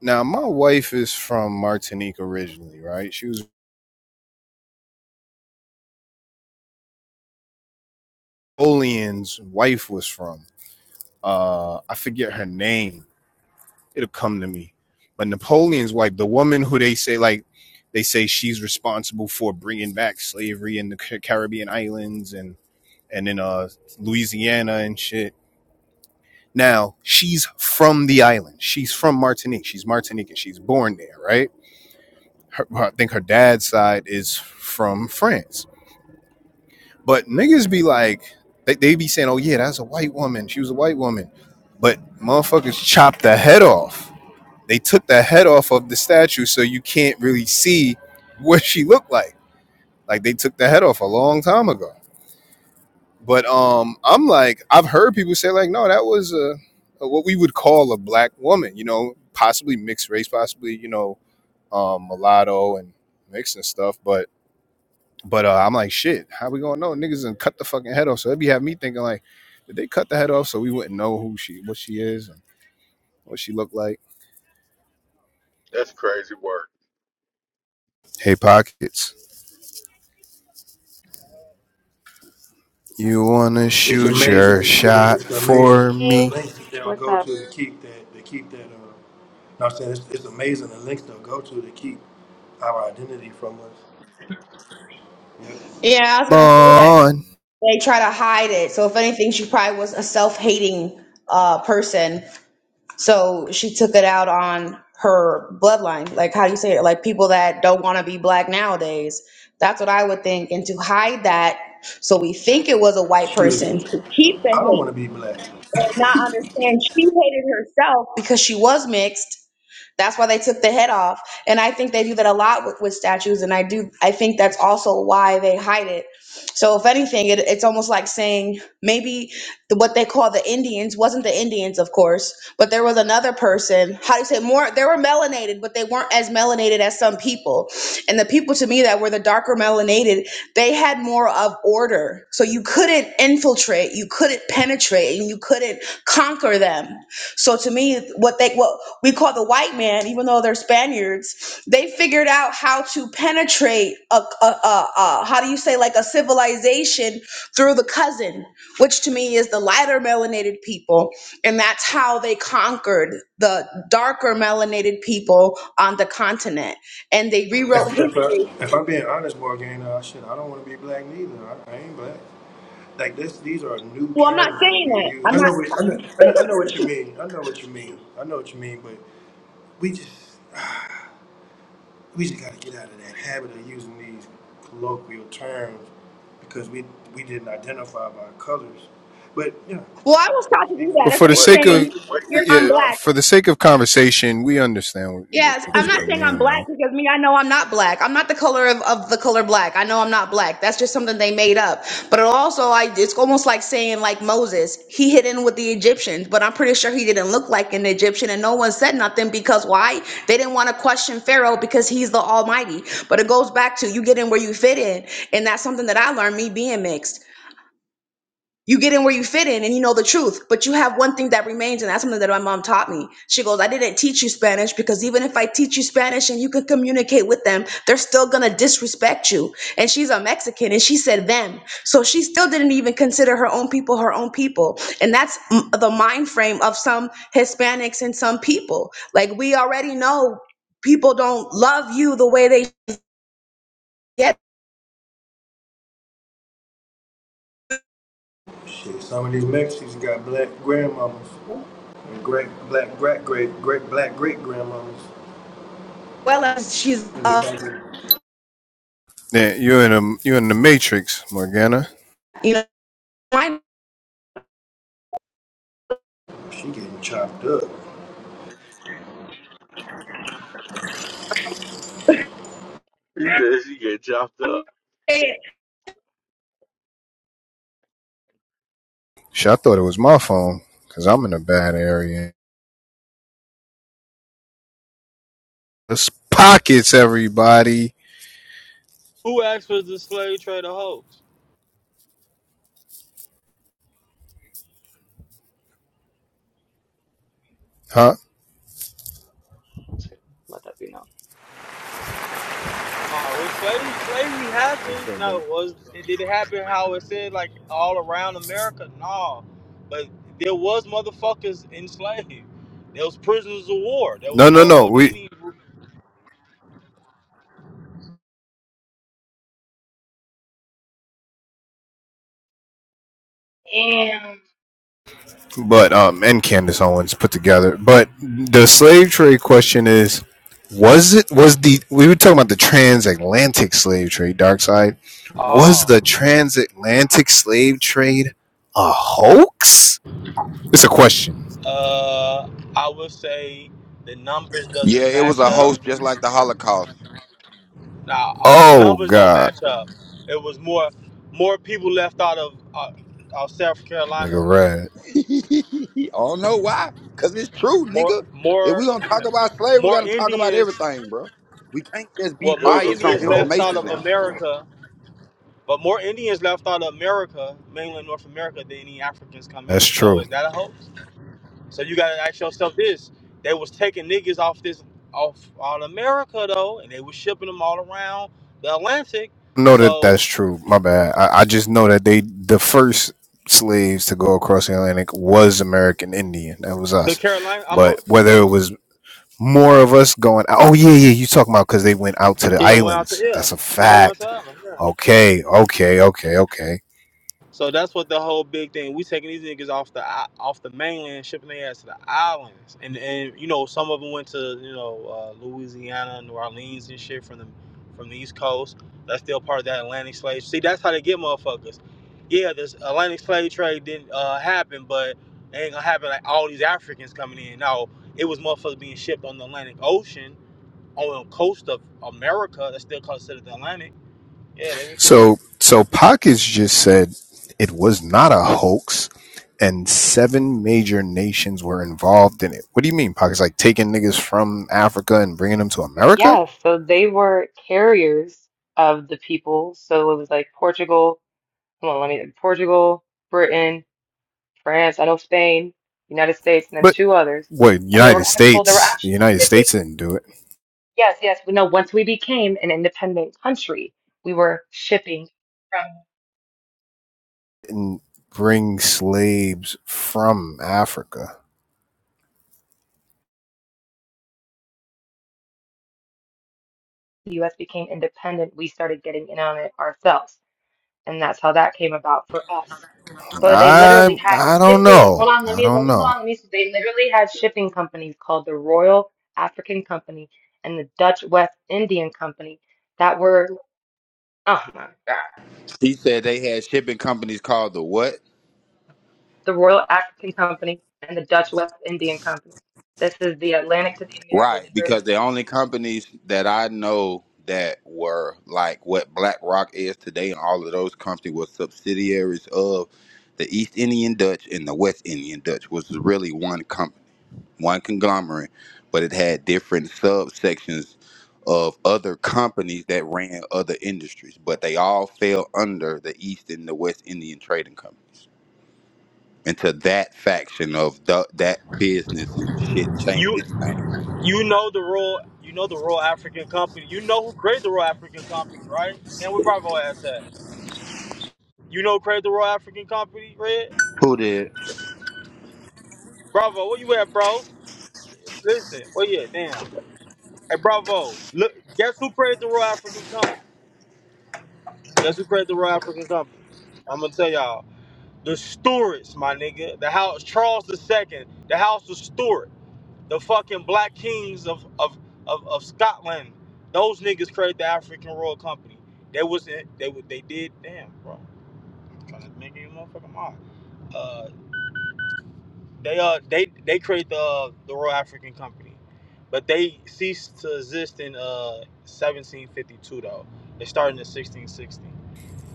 Now, my wife is from Martinique originally, right? She was Napoleon's wife was from. Uh, I forget her name it'll come to me. But Napoleon's wife, the woman who they say like they say she's responsible for bringing back slavery in the Caribbean islands and and in uh Louisiana and shit. Now she's from the island. She's from Martinique. She's Martinican. She's born there, right? Her, I think her dad's side is from France. But niggas be like, they, they be saying, "Oh yeah, that's a white woman. She was a white woman," but motherfuckers chopped the head off they took the head off of the statue so you can't really see what she looked like like they took the head off a long time ago but um i'm like i've heard people say like no that was a, a what we would call a black woman you know possibly mixed race possibly you know um mulatto and mixed and stuff but but uh, i'm like shit how we gonna know niggas and cut the fucking head off so that'd be have me thinking like did they cut the head off so we wouldn't know who she what she is and what she looked like
That's crazy work.
hey pockets You wanna shoot your shot
The,
for
the
me,
links that they'll
What's
go to
up?
to keep that, to keep that, uh, know what I'm saying it's, it's amazing the links they'll go to to keep our identity from us. Yep.
Yeah, I was gonna say that
Mon?
they try to hide it. So if anything, she probably was a self-hating uh person So she took it out on her bloodline. Like, how do you say it? Like, people that don't want to be black nowadays. That's what I would think. And to hide that, so we think it was a white person
Shit,
to keep the
I don't want
hate
to be black.
and not understand she hated herself because she was mixed that's why they took the head off. And I think they do that a lot with, with statues. And I do, I think that's also why they hide it. So if anything, it, it's almost like saying maybe the, what they call the Indians wasn't the Indians, of course, but there was another person. How do you say more? They were melanated, but they weren't as melanated as some people. And the people to me that were the darker melanated, they had more of order. So you couldn't infiltrate, you couldn't penetrate, and you couldn't conquer them so to me, what they what we call the white man, even though they're Spaniards, they figured out how to penetrate a, a, a, a how do you say like a civilization through the cousin, which to me is the lighter melanated people, and that's how they conquered the darker melanated people on the continent, and they rewrote
If, if,
history.
I, if I'm being honest, Morgan, uh, shit, I don't want to be black neither. I, I ain't black. like this. These are new
Well, I'm not
terms that
saying
we
that.
use.
I'm
I know,
not.
what, I, know, I know. I know what you mean. I know what you mean. I know what you mean. But we just we just gotta get out of that habit of using these colloquial terms because we we didn't identify by colors. But yeah,
well, I was taught to
speak
do
freely.
that.
But
It's
for the
like
What?
sake
Wait,
of
saying
wait
you're
this
yeah,
shit up.
unblack.
for the sake of conversation, we understand what, what,
Yes,
what
I'm not
people
saying I'm
mean,
black
though.
because me, I know I'm not black. I'm not the color of, of the color black. I know I'm not black. That's just something they made up. But it also, I it's almost like saying like Moses, he hid in with the Egyptians, but I'm pretty sure he didn't look like an Egyptian, and no one said nothing because why? They didn't want to question Pharaoh because he's the Almighty. But it goes back to you get in where you fit in, and that's something that I learned me being mixed you get in where you fit in and you know the truth but you have one thing that remains and that's something that my mom taught me she goes i didn't teach you spanish because even if i teach you spanish and you can communicate with them they're still gonna disrespect you and she's a mexican and she said them so she still didn't even consider her own people her own people and that's m- the mind frame of some hispanics and some people like we already know people don't love you the way they get
Shit, some of these Mexicans got black grandmamas and great black great great great black great grandmamas
well as she's
in the
uh
back.
Yeah, you're in a you're in the matrix, Morgana.
you know mine
She getting chopped up.
He said she get chopped up.
Shit, I thought it was my phone because I'm in a bad area. It's pockets, everybody.
Who asked for the slave trade a hoax?
Huh?
Let that be known.
No, was slave slavery happened? No, was it did it happen how it said like all around America? No, but there was motherfuckers enslaved. There was prisoners of war. There
No,
was
no, no.
motherfucking
we.
Indians.
And
but um, and Candace Owens put together. But the slave trade question is, was it was the we were talking about the transatlantic slave trade, dark side. Was
Oh,
the transatlantic slave trade a hoax? It's a question.
uh, I would say the numbers
Yeah,
doesn't
it was
match
a
up.
host just like the Holocaust.
Now uh, the
Oh
numbers don't
God,
match up. It was more more people left out of uh, of South
nigga,
Carolina.
red.
I don't know why. Cause it's true,
More
nigga. If we
more
gonna talk about slavery, we
more
gotta talk about
Indians.
everything, bro. We can't just
Well,
be
It
more
was a
biased
big
on
Indians left
hoax.
out
information
of
now.
America. But more Indians left out of America, mainland North America, than any Africans come
That's
in. So
true.
is that a hoax? So you gotta ask yourself this: They was taking niggas off this off all America though, and they was shipping them all around the Atlantic.
I know that
So
that's true. My bad. I, I just know that they the first slaves to go across the Atlantic was American Indian. That was
the
us.
Carolina, I'm a,
But whether it was more of us going. Oh yeah, yeah. You talking about because they went out to the
yeah, went out to
islands?
yeah,
That's a
yeah, they went out to
fact.
Ireland.
Okay, okay, okay, okay.
So that's what the whole big thing. We taking these niggas off the i- off the mainland, shipping their ass to the islands, and and you know some of them went to you know uh, Louisiana, New Orleans, and shit from the from the East Coast. That's still part of that Atlantic slave. See, that's how they get motherfuckers. Yeah, this Atlantic slave trade didn't uh, happen, but it ain't gonna happen like all these Africans coming in. No, it was motherfuckers being shipped on the Atlantic Ocean on the coast of America. That's still considered the Atlantic. Yeah, they were shipping.
So so Pockets just said it was not a hoax, and seven major nations were involved in it. What do you mean, Pockets? Like taking niggas from Africa and bringing them to America?
yeah, so they were carriers of the people. So it was like Portugal. Hold on, let me Portugal, Britain, France. I know Spain, United States, and then
But
two others.
what?
And there were
United
actual, there were
States? The
actual
United
shipping.
States didn't do it.
Yes, yes. We know once we became an independent country, we were shipping from
And bring slaves from Africa.
the U.S. became independent. We started getting in on it ourselves, and that's how that came about for us. But they
I
literally had
I don't
shipping.
know.
Hold on, let
I
me let
don't
me
know.
hold on, let me see. They literally had shipping companies called the Royal African Company and the Dutch West Indian Company that were oh my God.
She said they had shipping companies called the what?
The Royal African Company and the Dutch West Indian Company. This is the Atlantic to the Americas. The
Right,
Europe-
because the only companies that I know that were like what BlackRock is today, and all of those companies were subsidiaries of the East Indian Dutch and the West Indian Dutch was really one company, one conglomerate, but it had different subsections of other companies that ran other industries, but they all fell under the East and the West Indian trading companies. And to that faction of the, that business, shit changed
it.
its name.
You know the Royal, you know the Royal African Company. You know who created the Royal African Company, right? And where Bravo ass at? You know who created the Royal African Company, Red?
Who did?
Bravo, where you at, bro? Listen, well yeah, damn. Hey, Bravo, look, guess who created the Royal African Company? Guess who created the Royal African Company? I'm gonna tell y'all. The Stuarts, my nigga. The house, Charles II. The House of Stuart. The fucking black kings of of of, of Scotland. Those niggas created the African Royal Company. They was in, they wa- they did damn bro. I'm trying to make you a motherfucking mod. Uh, they uh they they created the uh, the Royal African Company, but they ceased to exist in uh 1752 though. They started in 1660.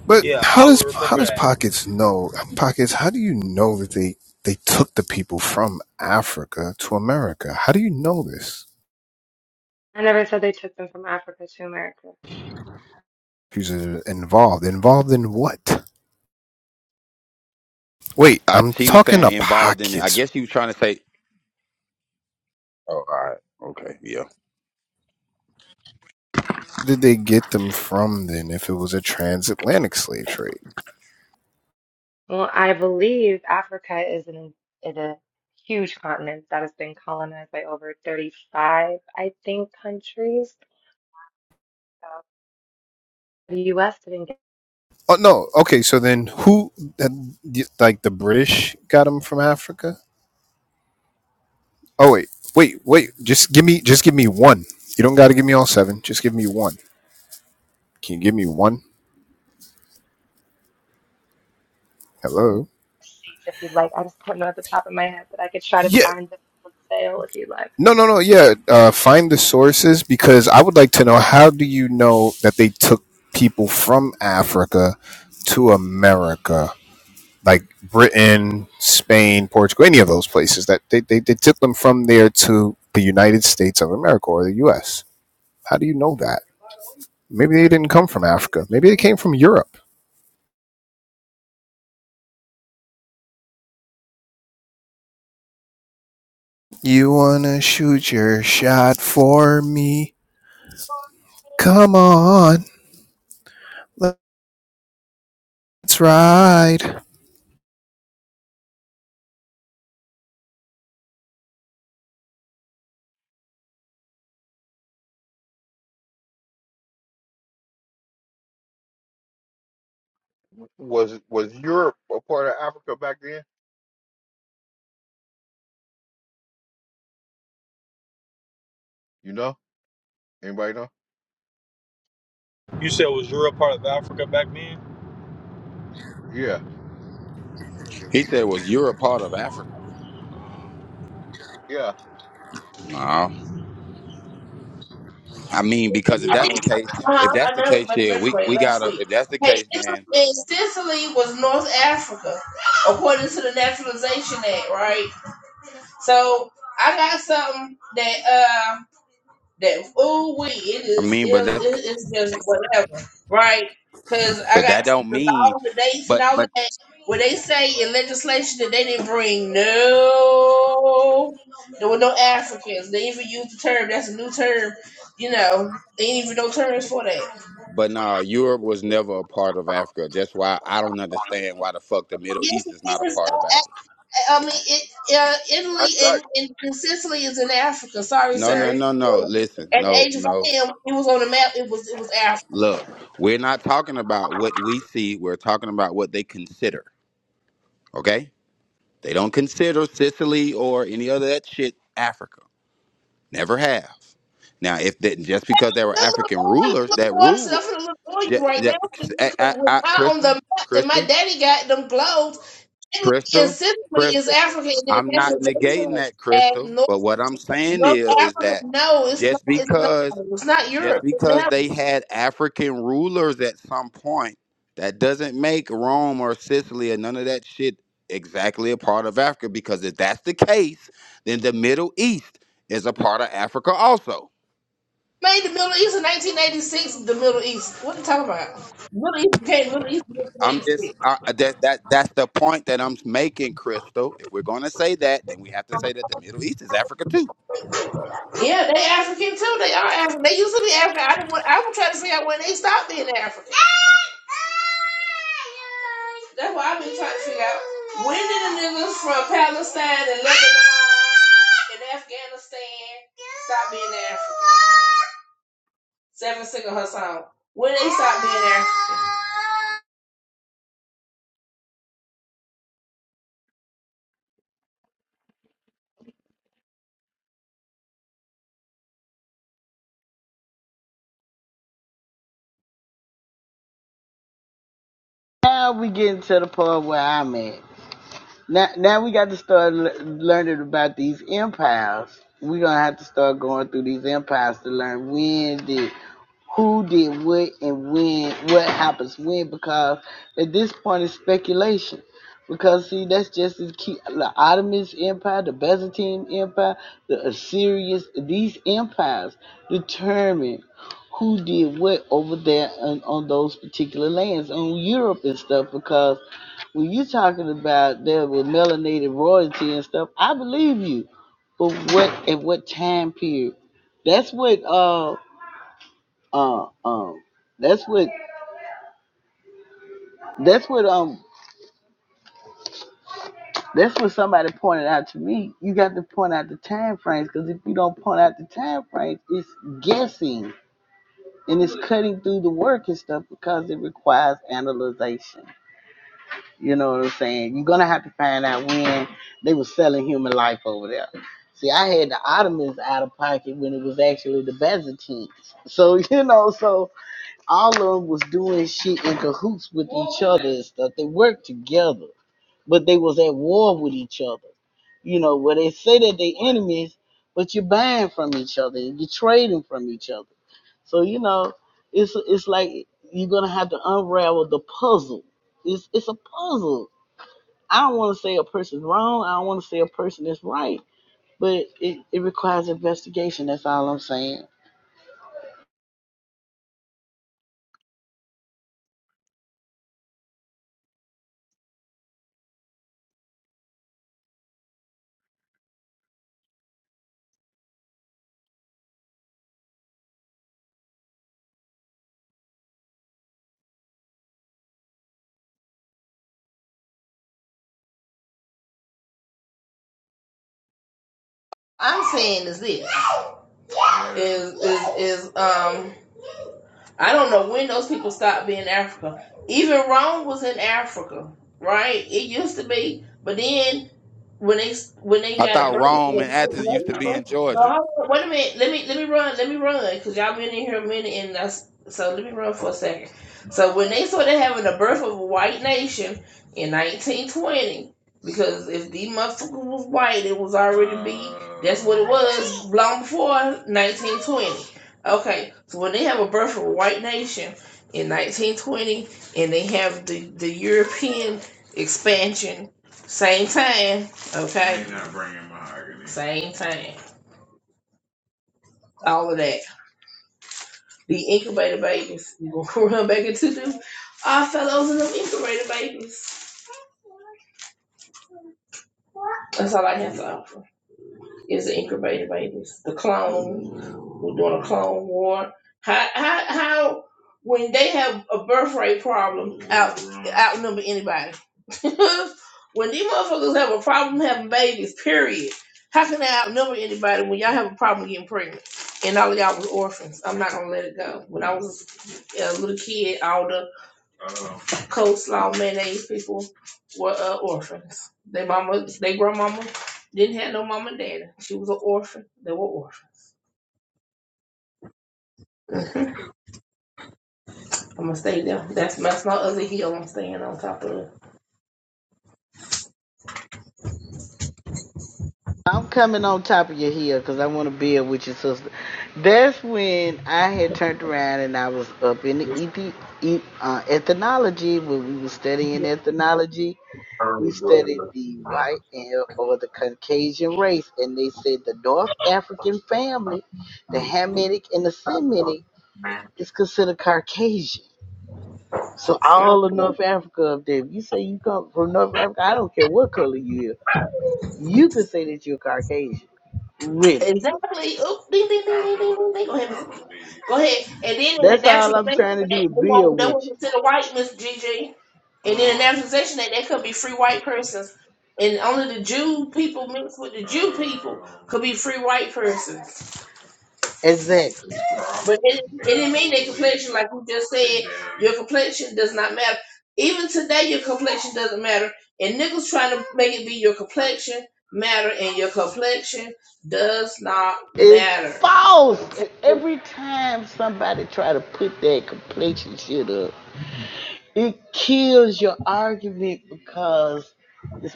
But
Yeah,
how
I
does
would
how
remember
does
that.
Pockets know? Pockets, how do you know that they they took the people from Africa to America? How do you know this?
I never said they took them from Africa to America.
Who's uh, involved? Involved in what? Wait,
I,
I'm
he was
talking to
saying involved in it. I
Pockets.
guess he was trying to say. Oh, all right. Okay. Yeah.
Where did they get them from then? If it was a transatlantic slave trade?
Well, I believe Africa is an is a huge continent that has been colonized by over 35, I think, countries. So the U.S. didn't
Oh no. Okay, so then who? that- Like the British got them from Africa? Oh wait, wait, wait. Just give me just give me one. You don't got to give me all seven. Just give me one. Can you give me one? Hello.
sheets if you'd like. I just don't know at the top of my head, but I could try to
Yeah.
find them on sale if you'd like.
No, no, no. Yeah. Uh, find the sources because I would like to know how do you know that they took people from Africa to America, like Britain, Spain, Portugal, any of those places that they, they, they took them from there to the United States of America or the U.S. How do you know that? Maybe they didn't come from Africa. Maybe they came from Europe. You want to shoot your shot for me? Come on. Let's ride.
Was was Europe a part of Africa back then? You know? Anybody know?
You said it was Europe part of Africa back then?
Yeah,
He said, "Was Europe part of Africa?"
yeah.
No. I mean, because if that's the case, if
Uh-huh,
that's
I
the
know,
case,
but
yeah, we
graduated
we
last
gotta.
week.
If that's the
Hey,
case, then
Sicily Sicily was North Africa, according to the Naturalization Act, right? So I got something that uh that oh we it
I
is it,
mean, but that's
it- it's just whatever, right? Because I
but that
got
don't
the
mean,
laws, the dates, and
but
all of
but
that. What they say in legislation that they didn't bring no, there were no Africans. They even used the term that's a new term. You know, they ain't even no terms for that.
but nah, Europe was never a part of Africa. That's why I don't understand why the fuck the Middle
Yes,
East is not
it
a
is.
part of
Uh, I,
Africa.
I mean, it, uh,
I
Italy
thought
and, and, and Sicily is in Africa. Sorry,
No, no,
sir.
no, no. Listen,
At the
no,
age of
no.
I am, it was on the map. It was it was Africa.
Look, we're not talking about what we see. We're talking about what they consider. Okay They don't consider Sicily or any other that shit Africa. Never have. Now, if that just because there were
Look
African
on,
rulers that
look on, so I'm
rule,
finna look
just,
you right now. Because
I, I,
when
I,
I on the
Crystal,
map that my
Crystal,
daddy got them globes, Italy and
Crystal,
Sicily is
Crystal.
Africa, and
I'm
that's
not negating
Africa
that,
and
Crystal.
North,
But what I'm saying
North
is, is
Africa.
that
No, it's not.
just
It's not.
because,
It's not
just
Europe.
because
Now
they had African rulers at some point, that doesn't make Rome or Sicily or none of that shit exactly a part of Africa. Because if that's the case, then the Middle East is a part of Africa also.
made the Middle East in 1986. The Middle East. What are you talking about? Middle East came. Middle East.
I'm just
1986.
I, that that that's the point that I'm making, Crystal. If we're gonna say that, then we have to say that the Middle East is Africa too.
Yeah, they African too. They are African. They used to be African. I didn't want, I was trying to figure out when they stopped being African. That's what I've been trying to figure out. When did the niggas from Palestine and Lebanon and Afghanistan stop being African? Seven Singer her song. When they stop being African?
Now we getting to the point where I'm at. Now, now we got to start le- learning about these empires. We're gonna have to start going through these empires to learn when did, who did what, and when what happens when. Because at this point, it's speculation. Because see, that's just as key. The Ottoman Empire, the Byzantine Empire, the Assyrians. These empires determine who did what over there on, on those particular lands on Europe and stuff. Because when you talking about there with melanated royalty and stuff, I believe you. But what at what time period? That's what uh uh um that's what that's what um that's what somebody pointed out to me. You got to point out the time frames because if you don't point out the time frames, it's guessing and it's cutting through the work and stuff because it requires analyzation. You know what I'm saying? You're gonna have to find out when they were selling human life over there. See, I had the Ottomans out of pocket when it was actually the Byzantines. So you know, so all of them was doing shit in cahoots with each other and stuff. They worked together, but they was at war with each other. You know, where they say that they enemies, but you're buying from each other and you're trading from each other. So you know, it's it's like you're gonna have to unravel the puzzle. It's it's a puzzle I don't want to say a person's wrong. I don't want to say a person is right, but it, it requires That's all I'm saying.
I'm saying is this is is is um I don't know when those people stopped being Africa. Even Rome was in Africa, right? It used to be, but then when they when they
I
got a
thought
birth
Rome
control.
and
So
Athens used to
hold
be in Georgia.
on, wait a minute. Let me let me run. Let me run because y'all been in here a minute and that's so. Let me run for a second. So when they started having the birth of a white nation in 1920, because if the motherfucker was white, it was already be. That's what it was long before 1920. Okay, so when they have a birth of a white nation in 1920, and they have the the European expansion same time Okay. May not bring mahogany. Same thing. All of that. The incubator babies. We're going to run back into them. Our fellows and them incubator babies. That's all I have to offer is the incubator babies. The clones. We're doing a clone war. How how how when they have a birth rate problem out outnumber anybody. when these motherfuckers have a problem having babies, period. How can they outnumber anybody when y'all have a problem getting pregnant? And all of y'all was orphans. I'm not gonna let it go. When I was a little kid, all the uh, coleslaw mayonnaise people were uh, orphans. Their mama, their grandmama didn't have no mama and daddy. She was an orphan. They were orphans. I'm gonna stay there. That's that's my other heel. I'm staying on top of it.
I'm coming on top of your hill because I want to build with your sister. That's when I had turned around and I was up in the ethi- e- uh, ethnology when we were studying ethnology. We studied the white and or the Caucasian race, and they said the North African family, the Hamitic and the Semitic, is considered Caucasian. So
Yeah,
all of North Africa up there. If you say you come from North Africa, I don't care what color you are. You can say that you're Caucasian. Really.
Exactly. Oop, ding, ding, ding, ding, ding, ding. ding. Go ahead. Miss- Go ahead. And then in the
That's all I'm
naturalization
trying to
act, they
do is
won't
build
they
with
won't
you.
consider white Miss GG. And in the naturalization act, they could be free white persons. And only the Jew people mixed with the Jew people could be free white persons.
Exactly.
But it, it didn't mean their complexion, like you just said. Your complexion does not matter. Even today, your complexion doesn't matter. And niggas trying to make it be your complexion matter, and your complexion does not
It's
matter.
false.
Okay,
E, Every time somebody try to put that complexion shit up, it kills your argument because it's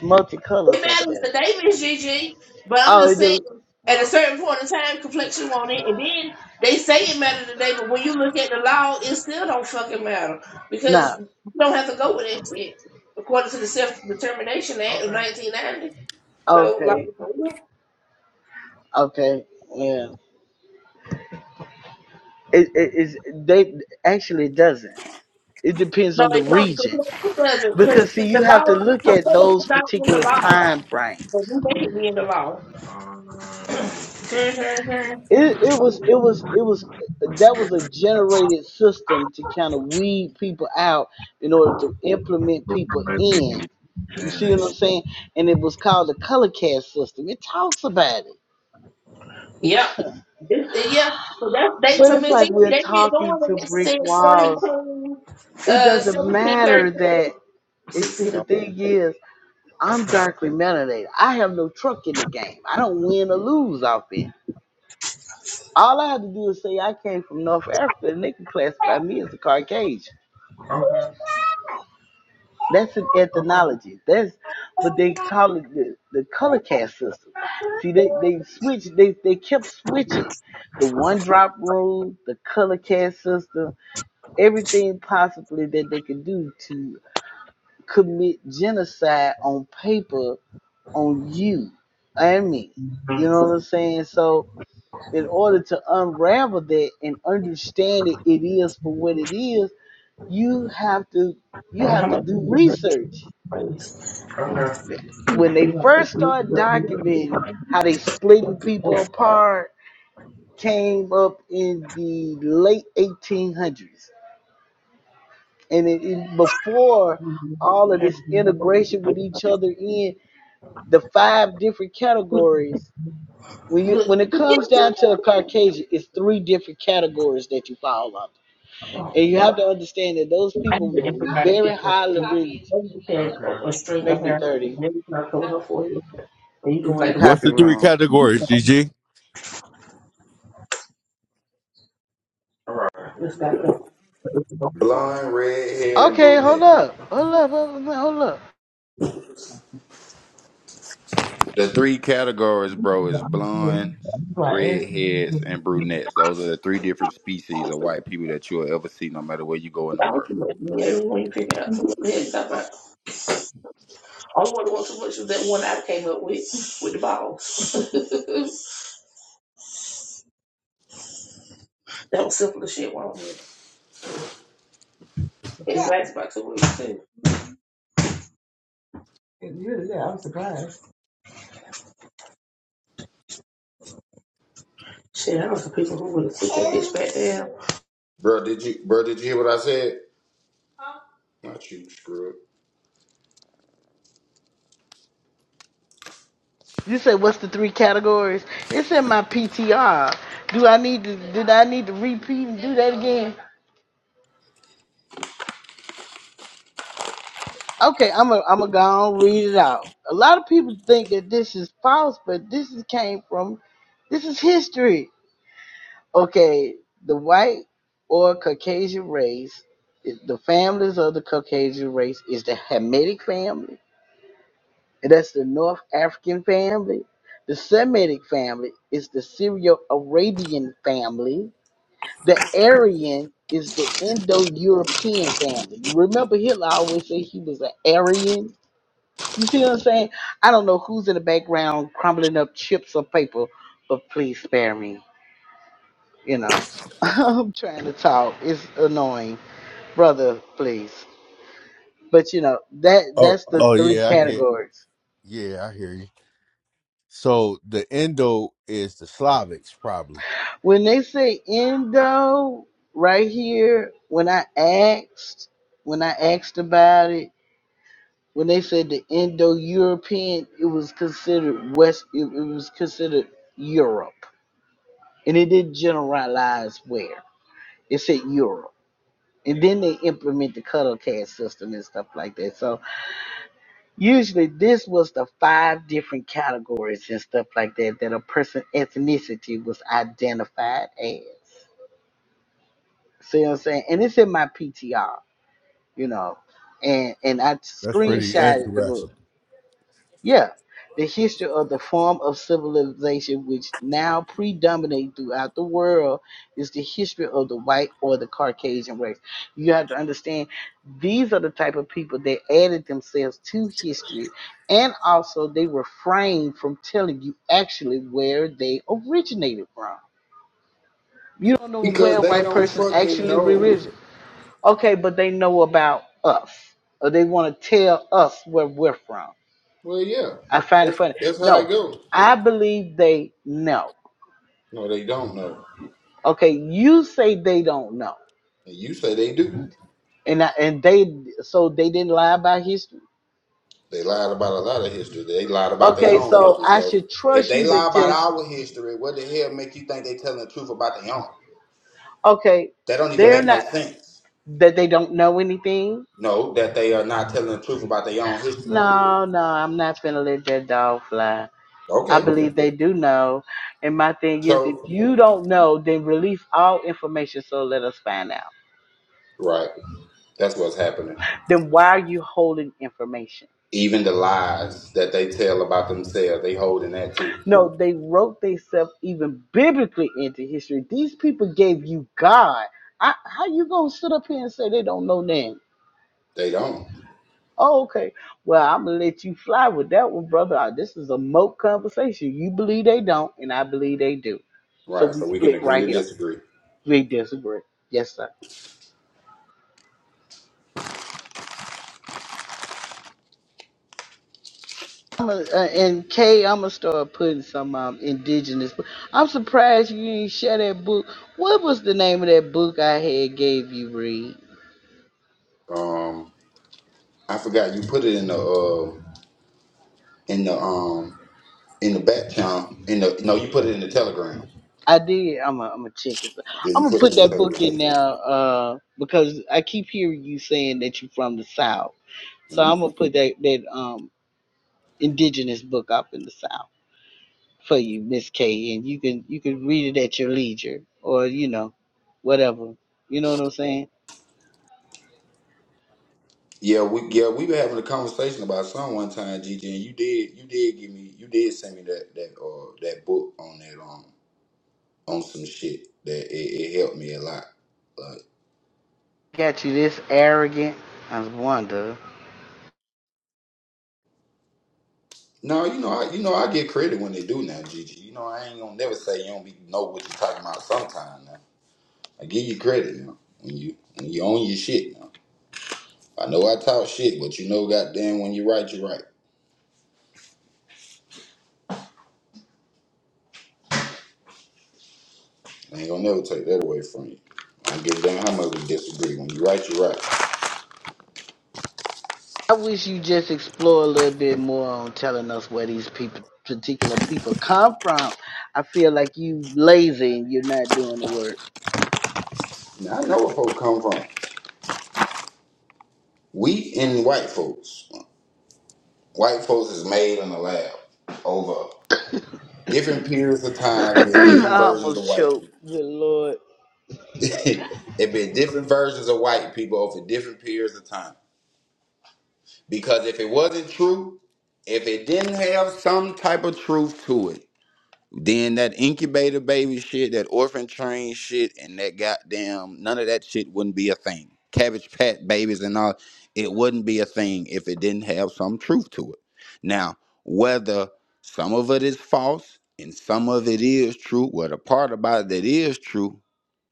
it
multicolors up
matters
there.
today, Miss Gigi. But I'm
Oh,
just
it
saying,
do?
at a certain point in time, complexion won't it, and then. They say it matters today, but when you look at the law, it still don't fucking matter
Nah.
because you don't have to go with that shit according to the Self Determination Act of Okay. 1990. So like
Okay. Okay. Yeah. It, it, it's, they actually it doesn't. It depends
no,
on
they
the
don't because who
region.
doesn't? Because
Because see you
the
have to
law,
look
because
at
faith is
those
not in the
particular
law,
time frames.
but we make it be in the law.
It it was it was it was that was a generated system to kind of weed people out in order to implement people in. You
hmm
see what I'm saying? And it was called the color cast system. It talks about it.
Yep. This, yeah. So that's they
But
to
it's
me. G-
like we're
They been
talking
doing
to
it
brick
since
walls.
17,
It
uh,
doesn't
seventeen
matter that
thirty-sixteen.
it see the thing is I'm darkly melanated. I have no truck in the game. I don't win or lose off it. All I have to do is say I came from North Africa, and they can classify me as a Caucasian.
1601. Okay.
That's an ethnology. That's but they call it the, the color cast system. See, they they switch. They they kept switching the one drop rule, the color cast system, everything possibly that they could do to commit genocide on paper on you and me. You know what I'm saying? So in order to unravel that and understand it, it is for what it is, you have to you have to do research. When they first started documenting how they splitting people apart, came up in the late 1800s, and it, it- before all of this integration with each other in the five different categories. When you when it comes down to a
Okay.
Caucasian, it's three different categories that you fall under And you have to understand that those
I
people
did
were
everybody was
very
like,
highly rated.
"Oh, you can," or
Make me
hair,
30.
and every time I told her for you, and you just
Go in
like
the
the way it
What's
copy
the
is."
three
room.
categories,
So,
G G?
it's got the it's the-
Blonde, redhead, and
Okay, hold
brunette.
up. Hold up. Hold up. Hold up.
The three categories, bro, is blondes,
my ass.
redheads, and brunettes. Those are the three different species of white people that you'll ever see, no matter where you go in the
I was
world.
like, yeah, you figure out some of the head stuff, I- only one that was too much is that one I came up with with the bottles. that was simple as shit. Wow, it yeah. lasts about two weeks too. It really, yeah, I'm surprised. Shit, I know some people who would have took that bitch back down.
Bro, did you bro, did you hear what I said? Not you, screw it.
You said what's the three categories? It's in my PTR. Do I need to did I need to repeat and do that again? Okay, I'm a I'm a go on read it out. A lot of people think that this is false, but this is came from this is history. okay, the white or Caucasian race, the families of the Caucasian race is the Hamitic family, and that's the North African family. The Semitic family is the Syro-Arabian family. The Aryan is the Indo-European family. Remember Hitler always said he was an Aryan. You see what I'm saying? I don't know who's in the background crumbling up chips or paper, but please spare me. you know, I'm trying to talk. It's annoying, brother. Please, but you know that
Oh,
that's the
oh
three
yeah, I get.
categories.
Yeah, I hear you. So the Indo is the Slavics, probably.
When they say Indo, right here, when I asked, when I asked about it, when they said the Indo-European, it was considered West. It, it was considered Europe, and it didn't generalize where. It said Europe, and then they implement the cuddle cast system and stuff like that. So Usually this was the five different categories and stuff like that that a person ethnicity was identified as. See what I'm saying? And it's in my PTR, you know. And and I
That's pretty
screenshotted the book.
interesting.
Yeah, the history of the form of civilization which now predominate throughout the world is the history of the white or the Caucasian race. You have to understand these are the type of people that added themselves to history, and also they refrain from telling you actually where they originated from. You don't know
Because
where a
they
white
don't
person
fucking
actually
know.
originated. Okay, but they know about us, or they want to tell us where we're from.
Well yeah.
I find it
That's
funny.
that's how it
No,
goes.
I believe they know.
No, they don't know.
Okay, you say they don't know,
And you say they do.
and I, and they so they didn't lie about history.
They lied about a lot of history. They lied about their
Okay,
own
so
history.
I
So
should
if
trust
they
you to
lie about
just
our history, what the hell make you think they telling the truth about their own?
okay.
That don't even
They're
make no
not
sense.
that they don't know anything.
No, that they are not telling the truth about their own history.
No, no, I'm not gonna let that dog fly. I
Okay.
believe they do know. And my thing is, if
So
you don't know, then release all information so let us find out.
right. That's what's happening.
Then why are you holding information?
Even the lies that they tell about themselves, they holding that too.
No, they wrote themselves even biblically into history. These people gave you God. I, how you gonna sit up here and say they don't know name?
They don't.
Oh, okay. Well, I'm gonna let you fly with that one, brother. Uh, This is a moat conversation. You believe they don't, and I believe they do. So
Right.
we
So we can
split
agree
right
to
here.
disagree.
We disagree. Yes, sir. I'm a, uh, and Kay, I'm gonna start putting some um, indigenous. book- I'm surprised you didn't share that book. What was the name of that book I had gave you, Reed?
Um I forgot you put it in the um in the um in the back channel in the no, you put it in the telegram.
I did. I'm a I'm a chick.
Yeah, you
I'm gonna
put it
put
in
that book
Telegram.
in now uh, because I keep hearing you saying that you're from the South. So I'm
Mhm.
gonna put that that um indigenous book up in the South for you, Miss K, and you can you can read it at your leisure or you know whatever. You know what I'm saying?
Yeah, we yeah we were having a conversation about some one time, Gigi, and you did you did give me you did send me that that uh that book on that um on some shit that it, it helped me a lot. Like
Got you this arrogant. I wonder.
no, you know I you know I get credit when they do now, Gigi. You know I ain't gonna never say you don't be know what you're talking about sometime now. I give you credit now when you when you own your shit now. I know I talk shit, but you know goddamn when you right, you right. I ain't gonna never take that away from you. I don't give a damn how much we disagree. When you right, you right.
I wish you just explore a little bit more on telling us where these people, particular people, come from. I feel like you lazy and you're not doing the work.
Now I know where folk come from. We and white folks. White folks is made in the lab over different periods of time. There been
I
different versions of
almost
white
choked. Good lord.
people. there been different versions of white people over different periods of time. Because if it wasn't true, if it didn't have some type of truth to it. Then that incubator baby shit, that orphan train shit, and that goddamn none of that shit wouldn't be a thing. Cabbage Patch babies and all, it wouldn't be a thing if it didn't have some truth to it. Now, whether some of it is false and some of it is true, well, the part about it that is true,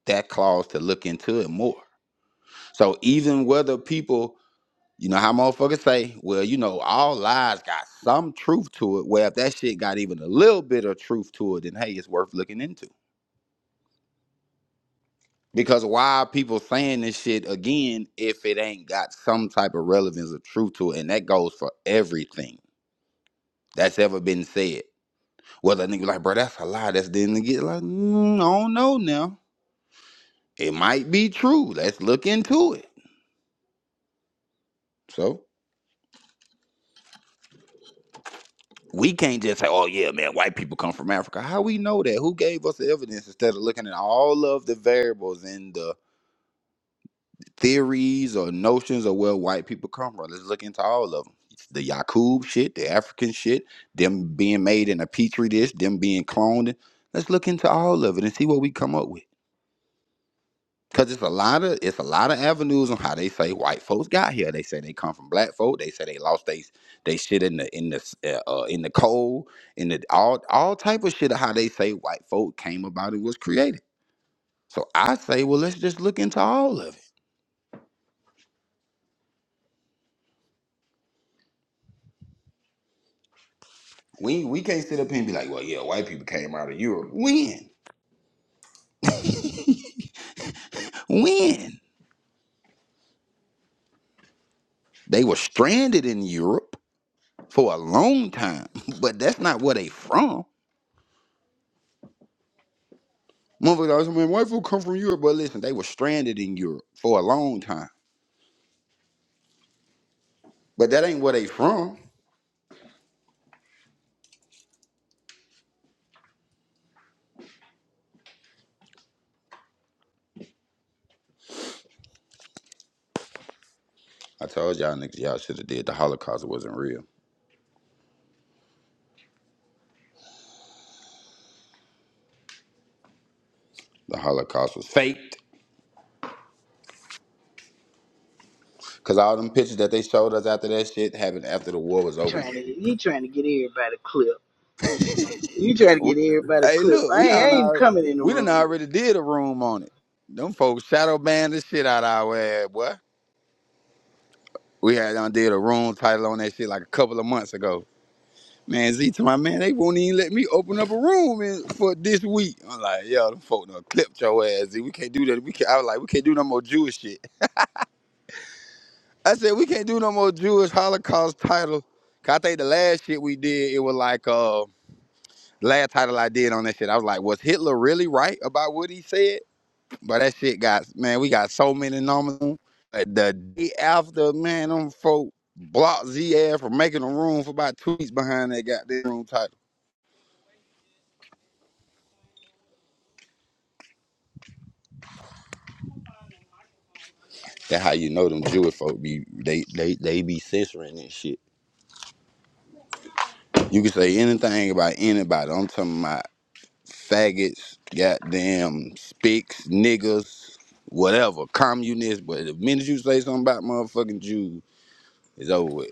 that calls to look into it more. So even whether people you know how motherfuckers say, well, you know, all lies got some truth to it. Well, if that shit got even a little bit of truth to it, then hey, it's worth looking into. Because why are people saying this shit again if it ain't got some type of relevance of truth to it? And that goes for everything that's ever been said. Whether a nigga like, bro, that's a lie. That's didn't get like, mm, I don't know now. It might be true. Let's look into it. So. we can't just say, "Oh yeah, man, white people come from Africa." How we know that? Who gave us the evidence instead of looking at all of the variables and the theories or notions of where white people come from? Let's look into all of them. The Yakub shit, the African shit, them being made in a petri dish, them being cloned. Let's look into all of it and see what we come up with. Cause it's a lot of it's a lot of avenues on how they say white folks got here. They say they come from black folk. They say they lost they they shit in the in the uh, uh, in the cold in the all all type of shit of how they say white folk came about and was created. So I say, well, let's just look into all of it. We we can't sit up here and be like, well, yeah, white people came out of Europe. When when they were stranded in Europe for a long time, but that's not where they from. Motherfuckers always mean white folk come from Europe, but listen, they were stranded in Europe for a long time. But that ain't where they from. I told y'all niggas, y'all should have did. The Holocaust wasn't real. The Holocaust was faked. Cause all them pictures that they showed us after that shit happened after the war was over with.
Trying to get you trying to get everybody clip. You trying to
We-
get everybody
Hey,
clip.
look,
I
we
ain't,
all
I ain't
know
coming in the
we done
room.
already did a room on it. Them folks shadow banned the shit out our ass, boy. We had done did a room title on that shit like a couple of months ago. Man, Z to my man, they won't even let me open up a room in, for this week. I'm like, yo, them folk done clipped your ass, Z. We can't do that. We can't, I was like, we can't do no more Jewish shit. I said, we can't do no more Jewish Holocaust title. 'Cause I think the last shit we did, it was like, uh, last title I did on that shit, I was like, was Hitler really right about what he said? But that shit got, man, we got so many numbers. Uh, The day after, man, them folk blocked Z ass from making a room for about two weeks behind that goddamn room title. That's how you know them Jewish folk be they they they be censoring and shit. You can say anything about anybody. I'm talking about faggots, goddamn spicks, niggas, whatever, communists. But the minute you say something about motherfucking Jews, it's over with.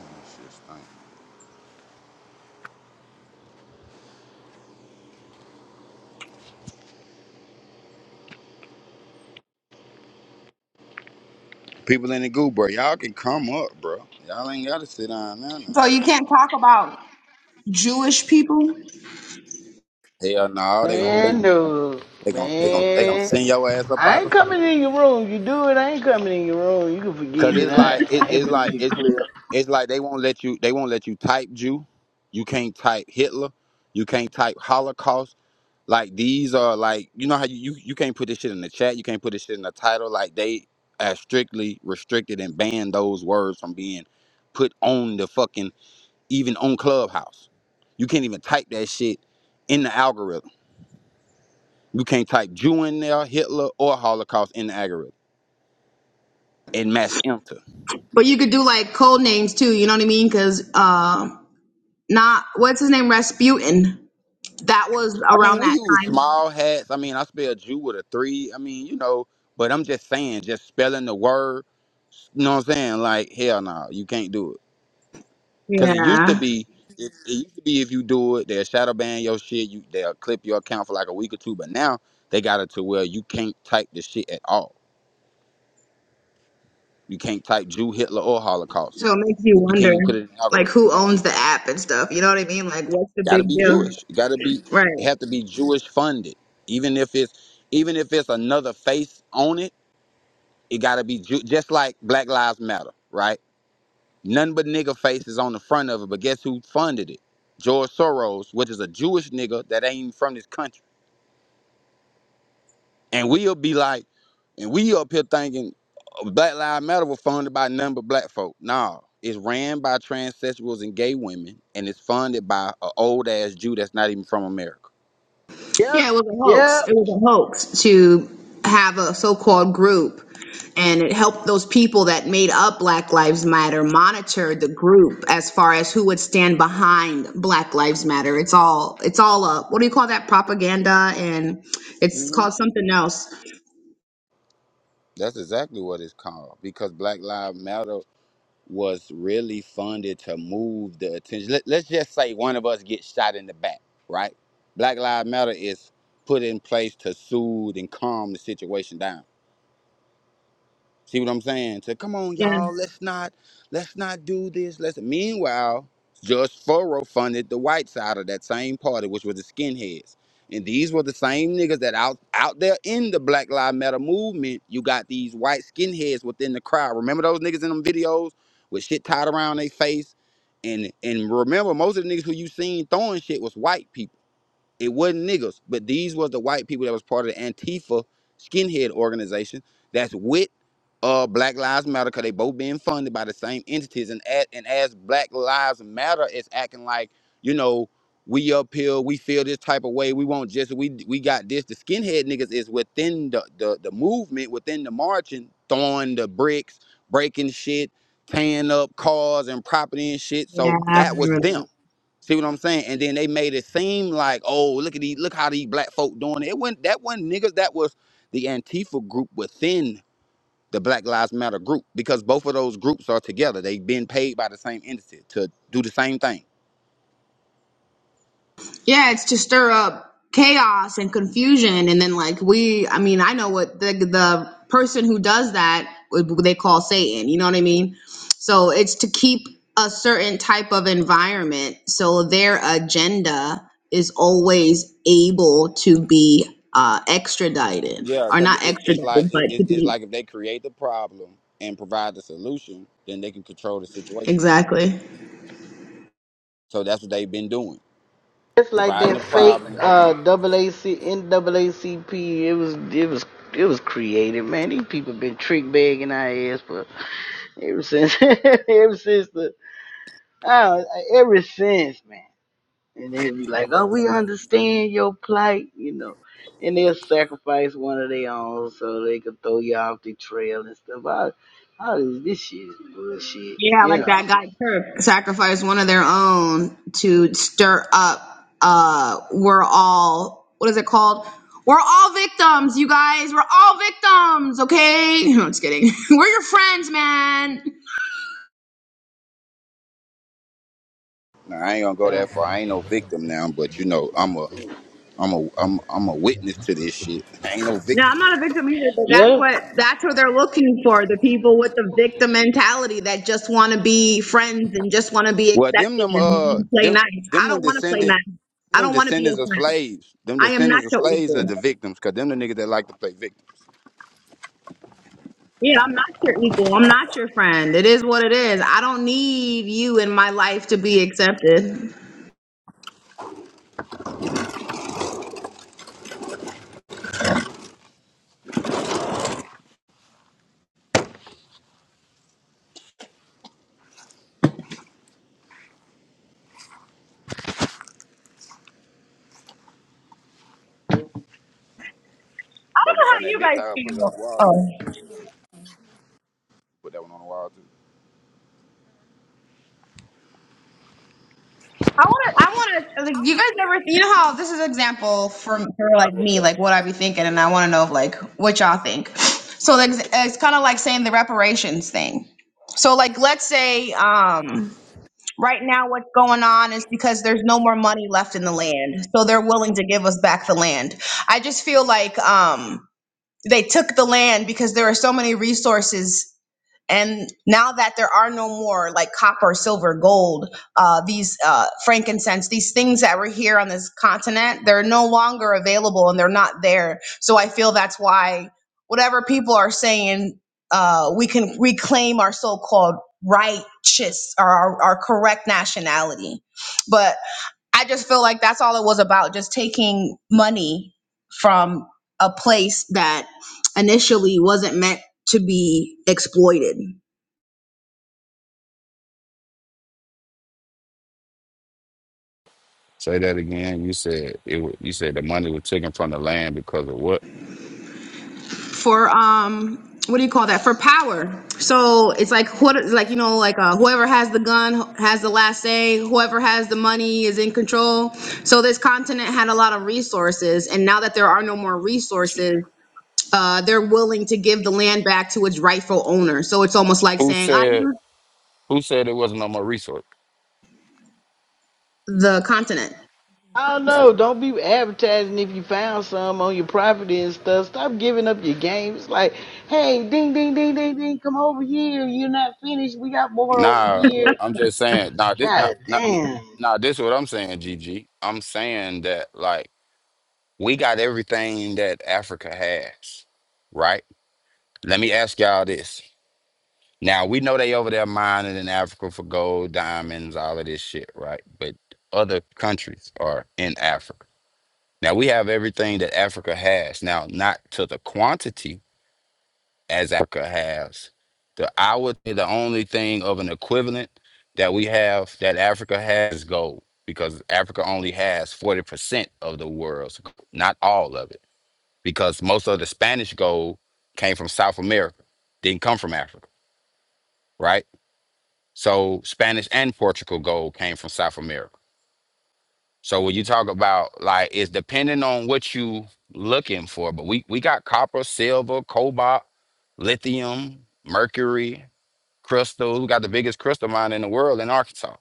Shit stink. People in the group, bro, y'all can come up, bro. Y'all ain't gotta sit down now, no.
So you can't talk about Jewish people?
Hell no, they gon'
Man no.
they gon' they gon' they gon'
Man.
send your ass up
I
out of
ain't
here.
coming in your room. You do it, I ain't coming in your room. You can
Cause
forget it.
it's
I,
like it,
I ain't
it's
gonna
like
get
it.
clipped.
It's like they won't let you. They won't let you type Jew. You can't type Hitler. You can't type Holocaust. Like these are like you know how you you, you can't put this shit in the chat. You can't put this shit in the title. Like they are strictly restricted and banned those words from being put on the fucking even on Clubhouse. You can't even type that shit in the algorithm. You can't type Jew in there, Hitler or Holocaust in the algorithm and mash enter.
But you could do like code names too. You know what I mean? Because uh, not what's his name, Rasputin. That was
I mean,
around
we
that
use small hats. I mean, I spell Jew with a three. I mean, you know, but I'm just saying, just spelling the word. You know what I'm saying? Like, hell no, you can't do it.
time.
Cause it used to
Yeah.
be, it, it used to be if you do it, they'll shadow ban your shit. You they'll clip your account for like a week or two. But now they got it to where you can't type the shit at all. You can't type Jew, Hitler, or Holocaust.
So it makes you
You can't
wonder,
even put it in the
like
algorithm.
who owns the app and stuff. You know what I mean? Like what's the
Gotta
big
be
deal?
Jewish. You gotta be.
Right.
It have to be Jewish funded. Even if it's even if it's another face on it It gotta be ju- just like Black Lives Matter, right? None but nigga faces on the front of it, but guess who funded it? George Soros, which is a Jewish nigga that ain't even from this country. And we'll be like, and we up here thinking uh, Black Lives Matter was funded by none but black folk. Nah, it's ran by transsexuals and gay women, and it's funded by an old ass Jew that's not even from America.
Yep,
Yeah, it was a hoax.
yep.
It was a hoax to have a so-called group, and it helped those people that made up Black Lives Matter monitor the group as far as who would stand behind Black Lives Matter. It's all it's all a what do you call that propaganda, and it's
hmm
called something else.
That's exactly what it's called because Black Lives Matter. was really funded to move the attention. Let, let's just say one of us gets shot in the back, right? Black Lives Matter is put in place to soothe and calm the situation down. See what I'm saying? To come on,
Yeah.
y'all, let's not let's not do this. Let's meanwhile, Judge Furrow funded the white side of that same party, which were the skinheads. And these were the same niggas that out out there in the Black Lives Matter movement, you got these white skinheads within the crowd. Remember those niggas in them videos with shit tied around their face? And and remember most of the niggas who you seen throwing shit was white people. It wasn't niggas, but these was the white people that was part of the Antifa skinhead organization that's with uh Black Lives Matter because they both being funded by the same entities and at, and as Black Lives Matter is acting like, you know, we uphill, we feel this type of way, we want justice, we we got this. The skinhead niggas is within the the, the movement, within the marching, throwing the bricks, breaking shit, tearing up cars and property and shit. So that was them See what I'm saying? And then they made it seem like, oh, look at these, look how these black folk doing it. It wasn't that one not niggas, that was the Antifa group within the Black Lives Matter group because both of those groups are together. They've been paid by the same entity to do the same thing.
Yeah, it's to stir up chaos and confusion, and then like we, I mean, I know what the the person who does that what they call Satan. You know what I mean? So it's to keep a certain type of environment, so their agenda is always able to be uh extradited
Yeah,
or
because
not
it, it's
extradited,
like
but
it,
to
it- it's
be
like if they create the problem and provide the solution, then they can control the situation. So that's what they've been doing,
It's like
providing the
that fake
problem.
uh AAC NAACP. It was it was it was created, man. These people been trick bagging our ass for ever since ever since the Uh, ever since, man. And they be like, oh, we understand your plight, you know. And they'll sacrifice one of their own so they could throw you off the trail and stuff. All, all this, this shit is bullshit,
yeah,
you
like
know.
that guy to stir up uh we're all what is it called we're all victims you guys we're all victims okay no, i'm just kidding we're your friends man
Now, I ain't gonna go that far. I ain't no victim now, but you know, I'm a I'm a I'm I'm a witness to this shit. I ain't no
no i'm
victim.
not a victim either but that's
Yeah.
what that's what they're looking for the people with the victim mentality that just want to be friends and just want to be
Well, them
accepted
them
and
uh
want to play
them
nice i
them them
don't want to play
descendant
nice i
them
don't want to be your
descendants of
friend
slaves. Them
i am not
descendants of
your
slaves are
equal
the victims, cause them the niggas that like to play victim.
yeah i'm not your equal i'm not your friend it is what it is i don't need you in my life to be accepted
But we sat that big tower, put it on the wall
Oh,
too. Put that one on the wall too.
I want to. I want to. Like, you guys never. You know how this is an example for for like
I wrote
me, like
it.
what I be thinking, and I want to know like what y'all think. So like, it's kind of like saying the reparations thing. So like, let's say um, right now what's going on is because there's no more money left in the land, so they're willing to give us back the land. I just feel like um, they took the land because there are so many resources And now that there are no more like copper, silver, gold, uh, these uh, frankincense, these things that were here on this continent, they're no longer available and they're not there. So I feel that's why whatever people are saying, uh, we can reclaim our so called righteous or our, our correct nationality. But I just feel like that's all it was about just taking money from a place that initially wasn't meant to be exploited
Say that again. You said it. wa- You said the money was taken from the land because of what?
for um what do you call that for power so it's like what like you know like uh, whoever has the gun has the last say whoever has the money is in control so this continent had a lot of resources and now that there are no more resources uh, they're willing to give the land back to its rightful owner so it's almost like
Who
saying i
said?
use
Who said it wasn't on my resource?
the continent
I don't know. Don't be advertising if you found some on your property and stuff. Stop giving up your game. It's like, hey, ding, ding, ding, ding, ding, come over here. You're not finished. We got more over
Nah,
here.
I'm just saying. Nah, this. Nah,
God
nah,
damn.
nah, this is what I'm saying, G am saying that like. We got everything that Africa has, right? Let me ask y'all this. Now we know they over there mining in Africa for gold, diamonds, all of this shit, right? But other countries are in Africa. Now we have everything that Africa has. Now, not to the quantity as Africa has. The I would say the only thing of an equivalent that we have that Africa has is gold because Africa only has 40% of the world's, gold, not all of it. because most of the Spanish gold came from South America, didn't come from Africa, right? So Spanish and Portugal gold came from South America. So when you talk about like it's depending on what you looking for, but we we got copper, silver, cobalt, lithium, mercury, crystals. We got the biggest crystal mine in the world in Arkansas.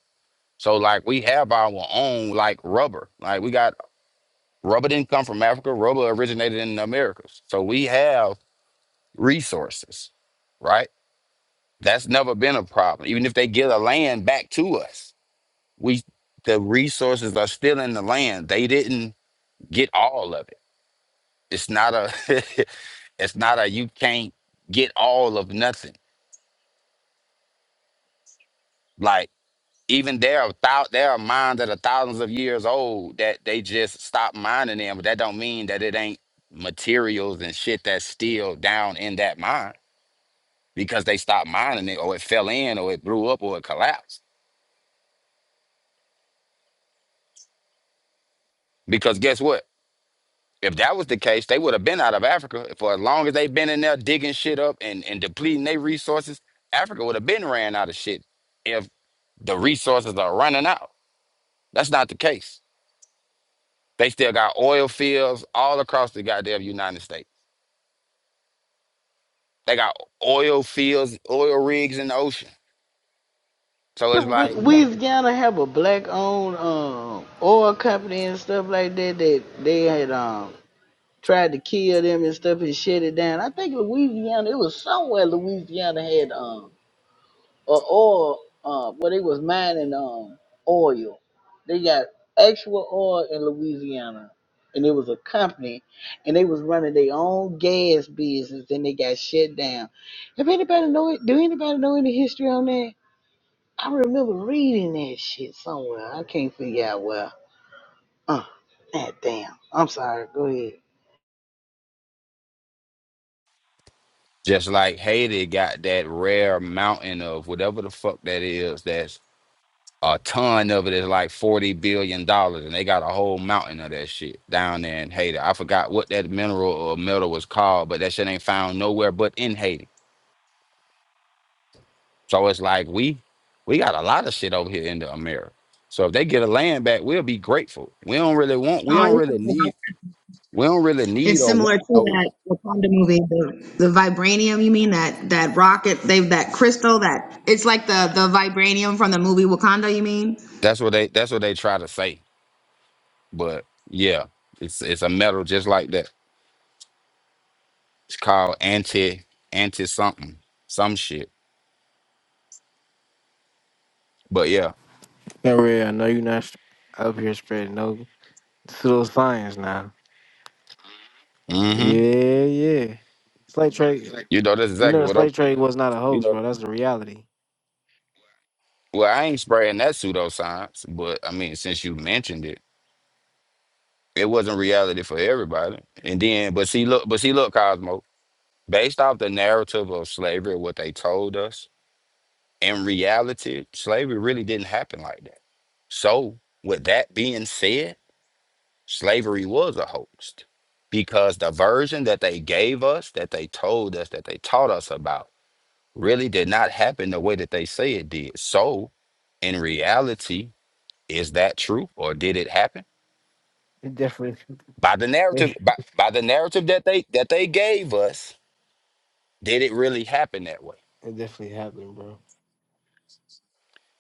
So like we have our own like rubber. Like we got rubber didn't come from Africa. Rubber originated in the Americas. So we have resources right? That's never been a problem. Even if they give the land back to us, we the resources are still in the land. They didn't get all of it. It's not a it's not a you can't get all of nothing. Like even there are thou there are mines that are thousands of years old that they just stopped mining them, but that don't mean that it ain't materials and shit that's still down in that mine because they stopped mining it or it fell in or it blew up or it collapsed. Because guess what? If that was the case, they would have been out of Africa for as long as they've been in there digging shit up and, and depleting their resources. Africa would have been ran out of shit if the resources are running out. That's not the case. They still got oil fields all across the goddamn United States. They got oil fields, oil rigs in the ocean. So it's like
Louisiana have a black owned um oil company and stuff like that that they had um tried to kill them and stuff and shut it down. I think Louisiana it was somewhere Louisiana had um a oil uh where they was mining um oil. They got actual oil in Louisiana and it was a company and they was running their own gas business and they got shut down. Have anybody know it do anybody know any history on that? I remember reading that shit somewhere. I can't figure out where. Uh, that damn. I'm sorry. Go ahead.
just like Haiti got that rare mountain of whatever the fuck that is thats a ton of it is like forty billion dollars, and they got a whole mountain of that shit down there in Haiti. I forgot what that mineral or metal was called, but that shit ain't found nowhere but in Haiti. So it's like we we got a lot of shit over here in the America. So if they get a land back, we'll be grateful. We don't really want. We don't really need. We don't really
It's
need or
similar
want
to
no.
that Wakanda movie, the, the vibranium. You mean that that rocket? They that crystal that it's like the the vibranium from the movie Wakanda. You mean?
That's what they. That's what they try to say. But yeah, it's it's a metal just like that. It's called anti anti something some shit. But yeah.
No, Ray, I know you're not sp- up here spreading no pseudo science now.
mm-hmm.
Yeah, yeah. Slate trade,
You know, that's
you know,
exactly
the
what I'm.
slate trade was not a
You
hoax,
know,
bro. That's the reality.
well, I ain't spraying that pseudoscience, but I mean, since you mentioned it, it wasn't reality for everybody. And then, but see, look, but see, look, Cosmo, based off the narrative of slavery, what they told us, in reality, slavery really didn't happen like that. So, with that being said, slavery was a hoax because the version that they gave us, that they told us, that they taught us about, really did not happen the way that they say it did. So, in reality, Is that true or did it happen?
It definitely,
By the narrative
it
by, by the narrative that they that they gave us, did it really happen that way?
definitely happened, bro.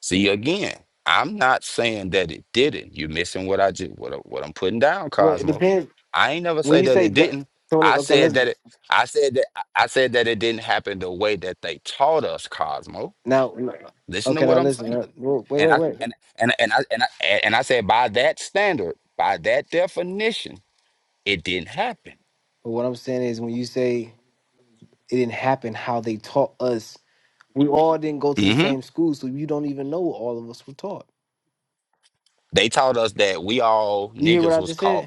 See again, I'm not saying that it didn't. You're missing what I just what, I- what I'm putting down,
Well, it
Cosmo.
depends.
I ain't never
When
say
you
that
say
it
that,
didn't.
so,
I
okay,
said
listen.
that it I said that I I said that it didn't happen the way that they taught us, Cosmo.
Now,
Listen to
okay,
what
now
I'm
listen.
saying.
uh, Wait,
And
wait,
I
wait.
and
But
and and I and I and I said by that standard, by that definition, it didn't happen.
what I'm saying is, when you say it didn't happen, how they taught us, we all didn't go to the
Mm-hmm.
same school, so you don't even know what all of us were taught.
They taught us that we all
You hear what
niggas
I
was
just said?
caught,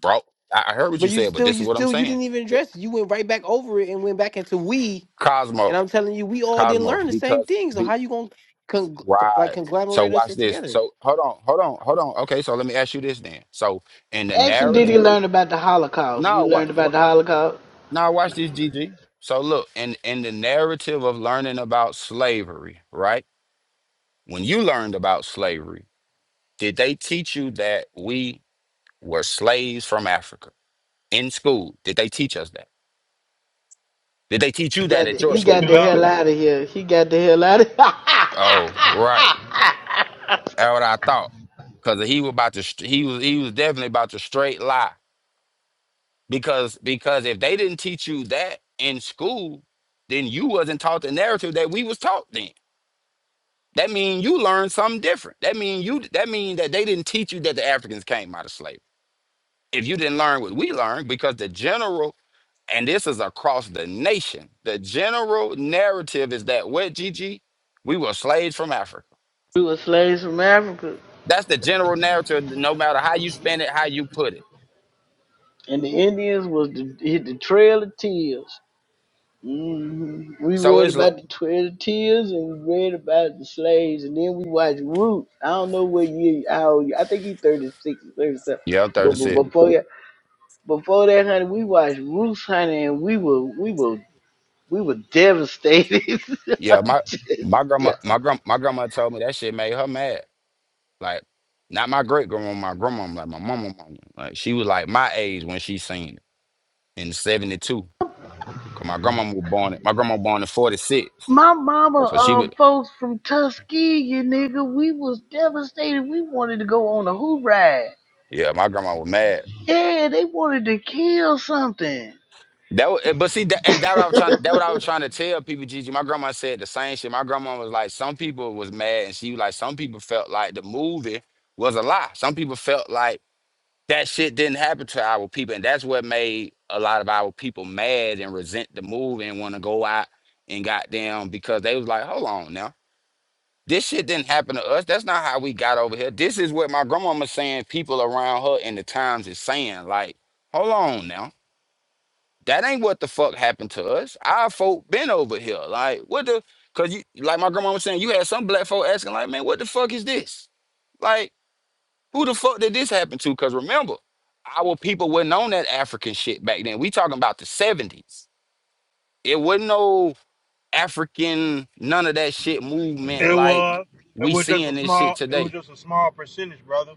brought. I I heard what
But
you
you
said, but
still,
this is
you
what I'm
still, you
saying.
didn't even
The-
address it. You went right back over it and went back into we. And
Cosmo,
I'm telling you, we all didn't
Cosmo,
learn the same
because
thing. So
be
how you gonna con- like
right. So
conglomerate us
watch this.
together?
So hold on, hold on, hold on. Okay, so let me ask you this then. So in the
Ask him, did
narrative,
he learn about the Holocaust? You
no, what?
learned about the Holocaust?
No, watch this, GG. So look, in in the narrative of learning about slavery, right? When you learned about slavery, did they teach you that we were slaves from Africa in school? Did they teach us that? Did they teach you that at your
He got
school?
that
No,
hell.
Oh, right. That's what I thought. Cause he was about to str- he was he was definitely about to straight lie. Because because if they didn't teach you that in school, then you wasn't taught the narrative that we was taught then. That mean you learned something different. That mean you that mean that they didn't teach you that the Africans came out of slavery. If you didn't learn what we learned, because the general and this is across the nation, the general narrative is that what Gigi, we were slaves from Africa.
We were slaves from Africa.
That's the general narrative, no matter how you spin it, how you put it.
And the Indians was the, hit the Trail of Tears. hmm We
So
read
it's l-
about the Trail of Tears and we read about the slaves. And then we watched Roots. I don't know what year, how old you, I think he 36 or 37.
yeah,
But,
thirty
but
six.
before, that- before that, honey, we watched Roots, honey, and we were, we were We were devastated. I
Yeah, my
just-
my grandma,
yeah.
my grand, my grandma told me that shit made her mad. Like, not my great grandma, my grandma, like my mama, mama. Like she was like my age when she seen it in seventy two. Cause my grandma was born, in- my grandma born in forty six.
My mama,
So she
uh,
was,
folks from Tuskegee, nigga, we was devastated. We wanted to go on a hoop ride.
yeah, my grandma was mad.
Yeah, they wanted to kill something.
That wa- eh, but see that and that what I was trying that what I was trying to tell people, Gigi. My grandma said the same shit. My grandma was like, some people was mad and she was like, some people felt like the movie was a lie. Some people felt like that shit didn't happen to our people. And that's what made a lot of our people mad and resent the movie and want to go out and goddamn because they was like, hold on now. This shit didn't happen to us. That's not how we got over here. This is what my grandmama saying people around her in the times is saying. Like, hold on now that ain't what the fuck happened to us. Our folk been over here. Like, what the cause you like my grandma was saying, you had some black folk asking, like, man, what the fuck is this? Like, who the fuck did this happen to? Cause remember, our people wasn't on that African shit back then. We talking about the 70s. It wasn't no African, none of that shit movement
it
like
was. It
we
was just a
seeing this shit
small. It was
today.
just a small percentage, brother.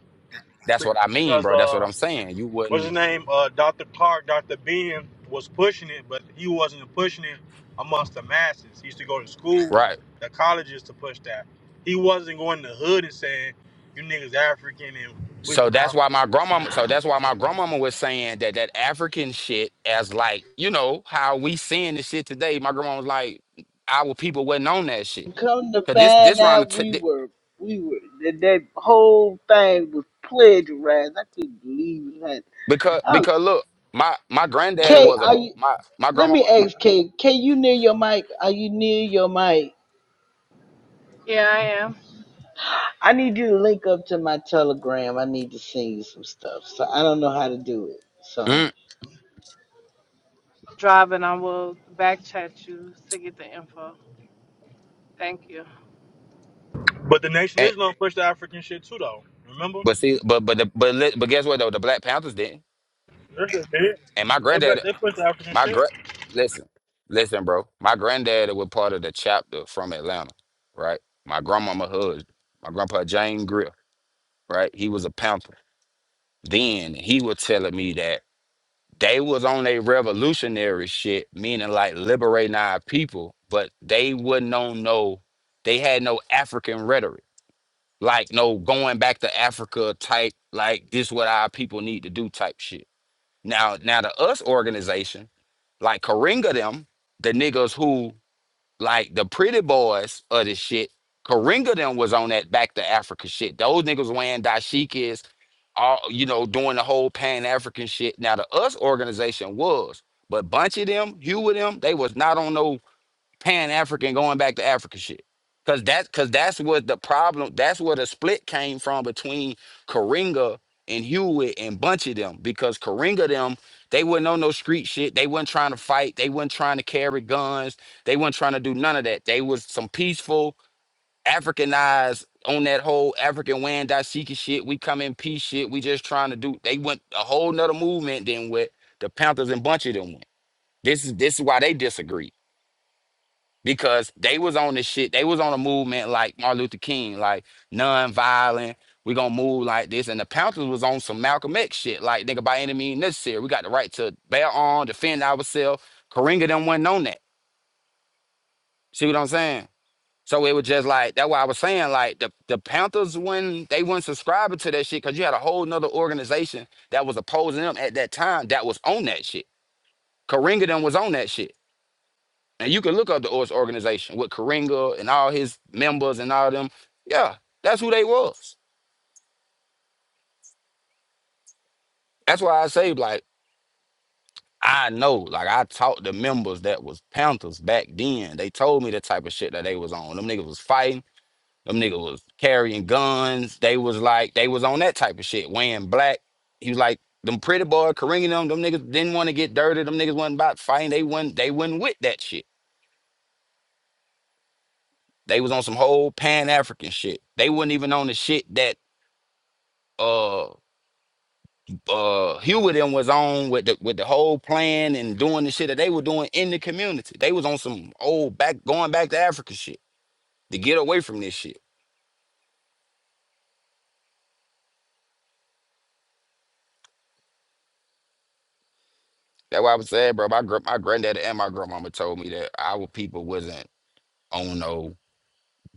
That's what I mean,
because
bro. That's what
uh,
I'm saying. You
what's his
wouldn't
name? Uh, Dr. Clark, Dr. Ben was pushing it, but he wasn't pushing it amongst the masses. He used to go to schools,
right.
the colleges to push that. He wasn't going to the hood and saying, "You niggas African and we
So
from
that's why
Africa."
my grandmama. So that's why my grandmama was saying that that African shit as like you know how we seeing this shit today. My grandma was like, our people wasn't on that shit
Come to
because this this
find
round of
out,
t-
we
thi-
were, we were, that, that whole thing was plagiarized. I couldn't believe that.
because
Oh,
because look, my my granddaddy
Kay,
was a
are you?
my my
Let me
grandmama.
ask Kay. Kay, you near your mic? Are you near your mic?
Yeah, I am
I need you to link up to my Telegram. I need to send you some stuff. So I don't know how to do it. So
Mm,
driving. I will back chat you to get the info. Thank you.
But the Nation of
and,
Islam pushed the African shit too, though. Remember?
but see, but but the, but li- but guess what though? The Black Panthers didn't.
They
And my
they
granddad,
they pushed the African
my
shit.
gra- listen, listen, bro. My granddaddy was part of the chapter from Atlanta, right? My grandmama husband, my grandpa Jane Greer. right? He was a panther. Then he was telling me that they was on a revolutionary shit, meaning like liberating our people, but they wouldn't on no, they had no African rhetoric, like no going back to Africa type, like this what our people need to do type shit. Now, now the us organization, like Karinga them, the niggas who like the pretty boys of this shit, Karinga them was on that back to Africa shit. Those niggas wearing dashikis all you know doing the whole pan African shit. Now the US organization was, but bunch of them, few of them, they was not on no pan African going back to Africa shit. Cause that's cause that's what the problem. That's where the split came from between Karinga and Hewitt and bunch of them. Because Karinga them, they wasn't on no street shit. They wasn't trying to fight. They wasn't trying to carry guns. They wasn't trying to do none of that. They was some peaceful. Africanized on that whole African Wan Dashiki shit. We come in peace shit. We just trying to do. They went a whole nother movement than what the Panthers and Bunch of them went. This is this is why they disagree because they was on this shit. They was on a movement like Martin Luther King, like non-violent. We gonna move like this, and the Panthers was on some Malcolm X shit. Like nigga, by any means necessary, we got the right to bear arms, defend ourselves. Karinga them wasn't on that. See what I'm saying? So it was just like that's why I was saying like the the Panthers when they weren't subscribing to that shit because you had a whole nother organization that was opposing them at that time that was on that shit. Karinga them was on that shit, and you can look up the Oz organization with Karinga and all his members and all them. Yeah, that's who they was. That's why I say like I know like I taught the members that was Panthers back then. They told me the type of shit that they was on. Them niggas was fighting. Them niggas was carrying guns. They was like, they was on that type of shit, wearing black. He was like, them pretty boy Kareem, them, them niggas didn't want to get dirty. Them niggas wasn't about fighting. They wasn't, they wasn't with that shit. They was on some whole Pan-African shit. They wasn't even on the shit that uh uh Hewitt and was on with the with the whole plan and doing the shit that they were doing in the community. They was on some old back going back to Africa shit to get away from this shit. That's why I was saying, bro. My gr- my granddaddy and my grandmama told me that our people wasn't Ono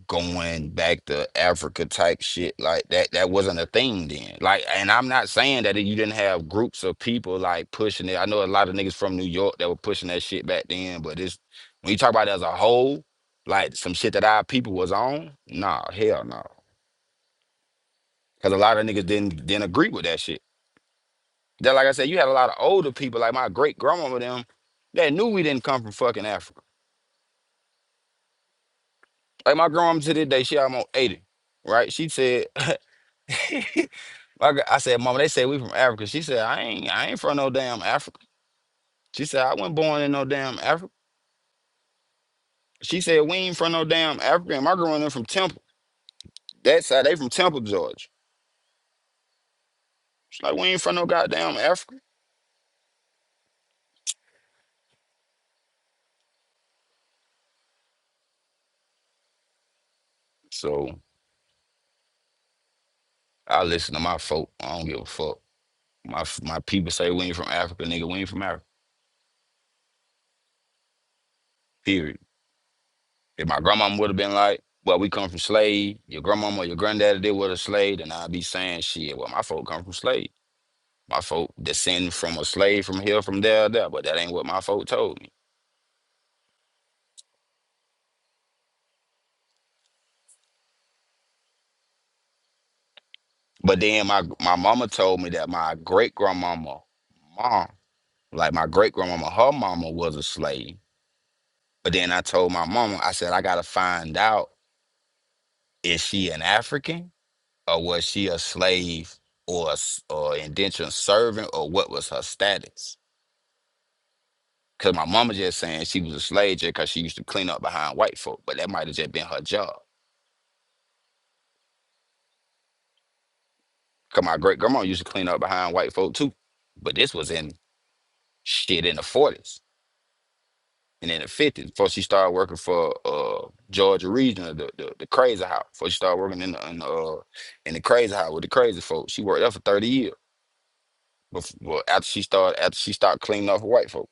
going back to Africa type shit like that. That wasn't a thing then. Like, and I'm not saying that you didn't have groups of people like pushing it. I know a lot of niggas from New York that were pushing that shit back then, but it's when you talk about it as a whole, like some shit that our people was on, nah, hell no. Cause a lot of niggas didn't didn't agree with that shit. That, like I said, you had a lot of older people, like my great grandmama them, that knew we didn't come from fucking Africa. Like my grandma to this day, she almost 80 right? She said, I, g- I said, Mama, they say we from Africa. She said, I ain't I ain't from no damn Africa. She said, I wasn't born in no damn Africa. She said, we ain't from no damn Africa. And my grandmother from Temple. That's how they from Temple, Georgia. She's like, we ain't from no goddamn Africa. So I listen to my folk. I don't give a fuck. My f- my people say we ain't from Africa, nigga. We ain't from Africa. Period. If my grandmama would have been like, well, we come from slave. Your grandmama or your granddaddy did with a slave, then I'd be saying shit. Well, my folk come from slave. My folk descend from a slave from here, from there, there, but that ain't what my folk told me. But then my my mama told me that my great grandmama, mom, like my great grandmama, her mama was a slave. But then I told my mama, I said I gotta find out is she an African or was she a slave or a s- or indentured servant or what was her status? Cause my mama just saying she was a slave just cause she used to clean up behind white folk, but that might have just been her job. Cause my great grandma used to clean up behind white folk too, but this was in shit in the forties and in the fifties before she started working for uh Georgia Regional, the the, the crazy house. Before she started working in the in the, uh, in the crazy house with the crazy folks, she worked there for thirty years. Before, well, after she started after she started cleaning up for white folk,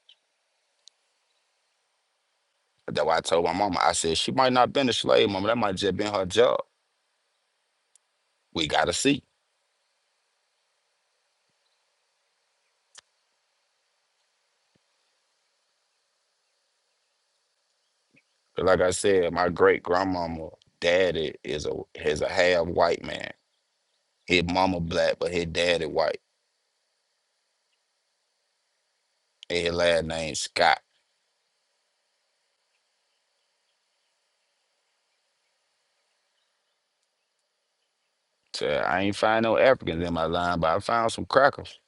that's why I told my mama. I said she might not been a slave, mama. That might just been her job. We gotta see. But like I said, my great grandmama, daddy is a is a half white man. His mama black, but his daddy white And his last name Scott. So I ain't find no Africans in my line, but I found some crackers.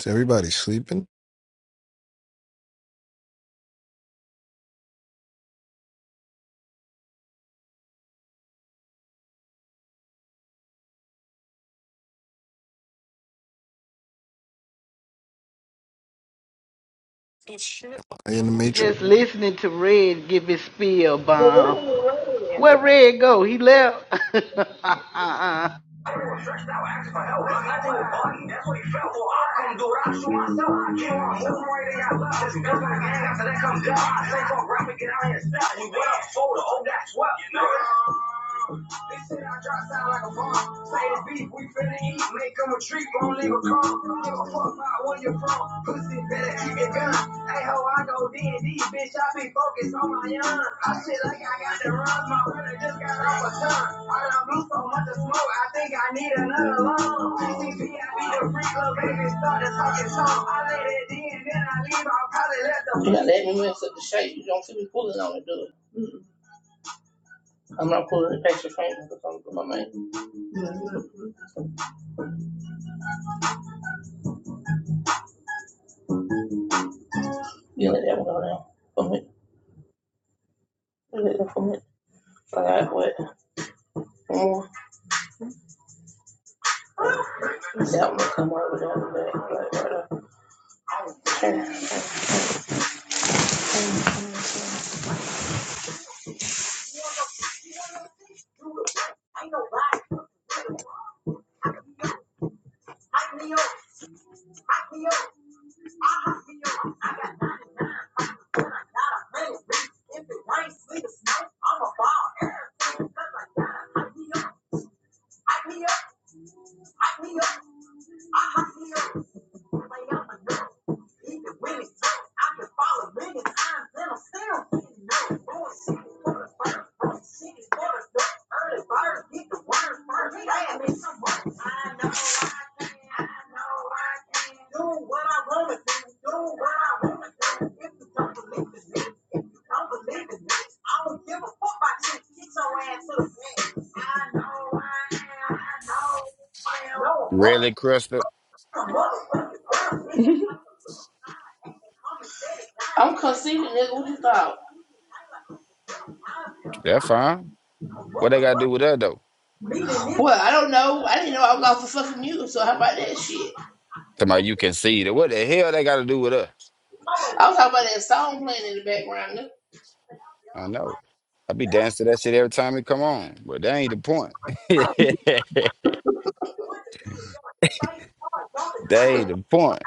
Is everybody sleeping? Are you in the matrix?
just listening to Red give his spiel bomb. Where Red go? He left. uh-uh.
I will stretch thou actify out. Nothing will button. That's what he fell for. I couldn't do it. I shoot myself. I came on home right they got love. Since my gang, after that comes down. I say fuck rap and get out here and stop. You went up soda. Oh, that's what. You know They said I try to sound like a bomb. Say it's beef, we finna eat. Make them a treat, won't leave a crumb. Give a fuck about where you're from. Pussy better keep it gun. Hey ho, I go D and D, bitch. I be focused on my young. I shit like I got the runs. My brother just got off a ton. I'm blue so much of smoke. I think I need another lung. CCP, be the free little baby. Started talking song. I let it in, then I leave. I probably let the. You know, let me mess up the shape. You don't see me pulling on it, do it. I'm not pulling the extra fingers because I'm with my man. Look at that for me. Mm. Even when it's nice, I can follow many times and I'm still nice. Doing shit, shit is Early birds get the worms first. Fast me some work. I know I can, I know I can. Do what I wanna do, do what I wanna do. If you don't believe in me, if you don't believe in me, I don't give a fuck about you. Get your ass to the bed. I know I am, I know I am.
Really
No,
crystal.
mother, motherfucker. I'm conceited, nigga. What you thought?
That's fine. What they gotta do with us though?
Well, I don't know. I didn't know I was off the fucking mute, so how about that shit?
Somebody you can see that. What the hell they gotta do with us?
I was talking about that song playing in the background.
I know. I be dancing to that shit every time it come on. But that ain't the point. that ain't the point.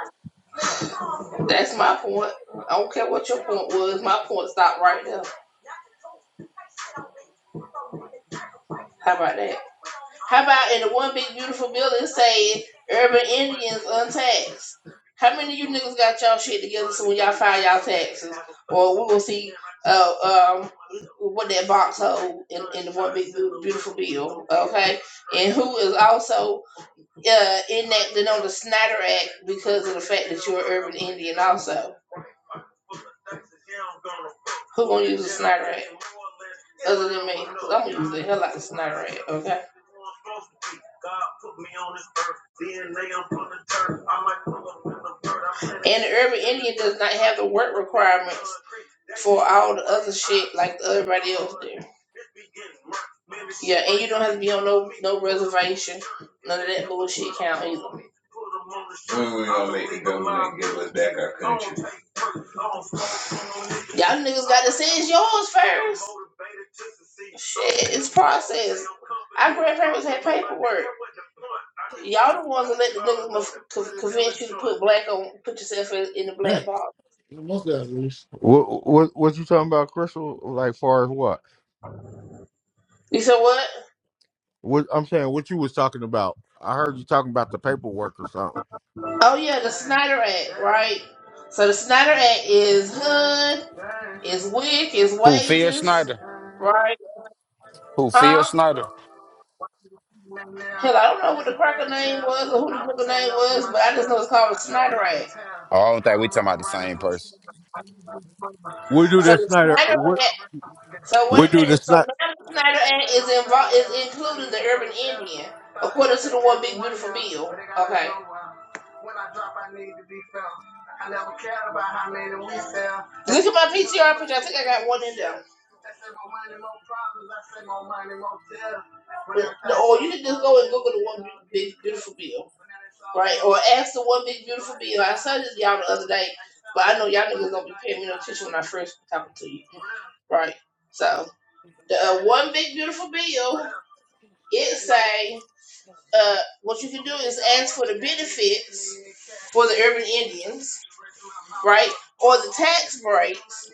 That's my point. I don't care what your point was. My point stopped right there. How about that? How about in the one big beautiful building saying urban Indians untaxed? How many of you niggas got y'all shit together so when y'all file y'all taxes? Or we will see uh, um, what that box hold in, in the one big beautiful bill, okay? And who is also uh, enacted on the Snyder Act because of the fact that you're an urban Indian also. Who gonna use the Snyder Act? Other than me, 'Cause I'm gonna use the hell out of the Snyder Act, okay? And the urban Indian does not have the work requirements for all the other shit like everybody else do. Yeah, and you don't have to be on no no reservation. None of that bullshit count either. When We gonna make, we gonna give us back our country. Y'all niggas gotta say it's yours first. Shit, it's process. Our grandparents had paperwork. Y'all the ones that let the niggas convince you to put black on, put yourself in, the
Hey,
black box.
most guys lose. What what what you talking about, Crystal? Like far as what?
You said what?
What I'm saying, what you was talking about? I heard you talking about the paperwork or something.
Oh yeah, the Snyder Act, right? So the Snyder Act is hood, is wick, is
Who Phil
wages,
Snyder?
right?
Who Phil
Huh?
Snyder?
Hell, I don't know what the cracker name was or who the nigga name was, but I just know it's called the Snyder Act.
Oh, I don't think we talking about the same person.
We do
So
that,
the
Snyder.
smatter so wait
We
a
do the
minute. So
Snyder.
now the Snyder Act is involved is including the urban Indian, according to the one big beautiful bill. Okay. When I drop, I need to be found. I never cared about how many we sell. Look at my PTR picture. I think I got one in there. I say more money, more problems. I say more money, more death. Or you can just go and Google the one big beautiful bill, right? Or ask the one big beautiful bill. I said this to y'all the other day, but I know y'all niggas don't be paying me no attention when I first talk to you. right? So the uh, one big beautiful bill, it say uh, what you can do is ask for the benefits for the urban Indians, right? Or the tax breaks,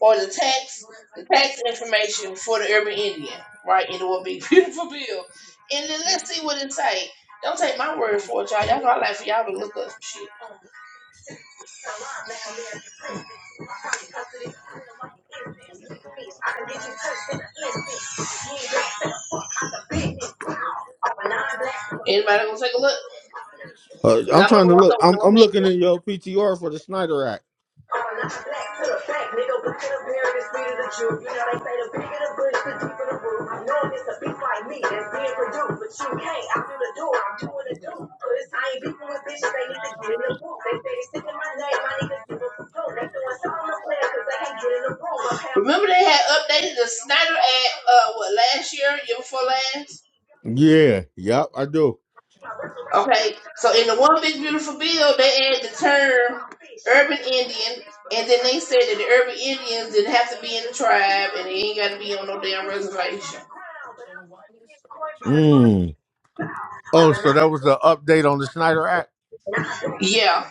or the tax the tax information for the urban Indian, right? And it will be beautiful bill. And then let's see what it say. Don't take my word for it, y'all. Y'all know I like for y'all to look up shit. Anybody gonna take a look?
Uh,
Cause
I'm
I was
trying to
going
look.
so
I'm
no
I'm looking
hand.
at your PTR for the Snyder Act.
I'm not black to the fact, nigga. Look at the beard, it's sweeter than you. You know, they say the bigger the bush, the deeper the root. I know it's a beef like me that's being produced, but you can't. I'm through the door, I'm doing the do. Cause I ain't beefing with bitches, they need to get in the booth. They say they sick in my name, my niggas giving some dope. They doing something on the player cause they can't get in the room. Remember they had updated the Snyder ad uh what last year, year before last?
Yeah. Yep, I do.
Okay, so in the one big beautiful bill, they added the term urban Indian, and then they said that the urban Indians didn't have to be in the tribe, and they ain't got to be on no damn reservation.
Hmm. Oh, so that was the update on the Snyder Act.
Yeah,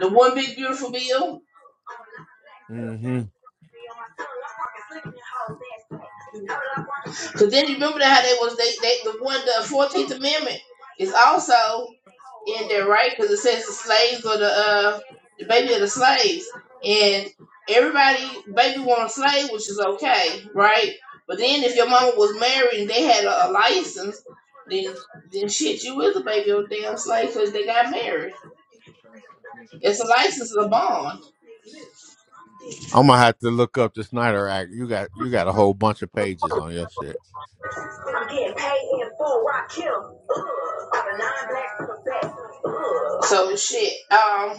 the one big beautiful bill.
hmm
Because then you remember how they was they they the one the Fourteenth Amendment is also in there, right? Because it says the slaves or the uh the baby of the slaves, and everybody baby want a slave, which is okay, right? But then if your mama was married and they had a, a license, then then shit, you is a baby of a damn slave because they got married. It's a license, it's a bond.
I'm gonna have to look up the Snyder Act. You got you got a whole bunch of pages on your shit.
I'm getting paid in full, rock kill. So shit. Um,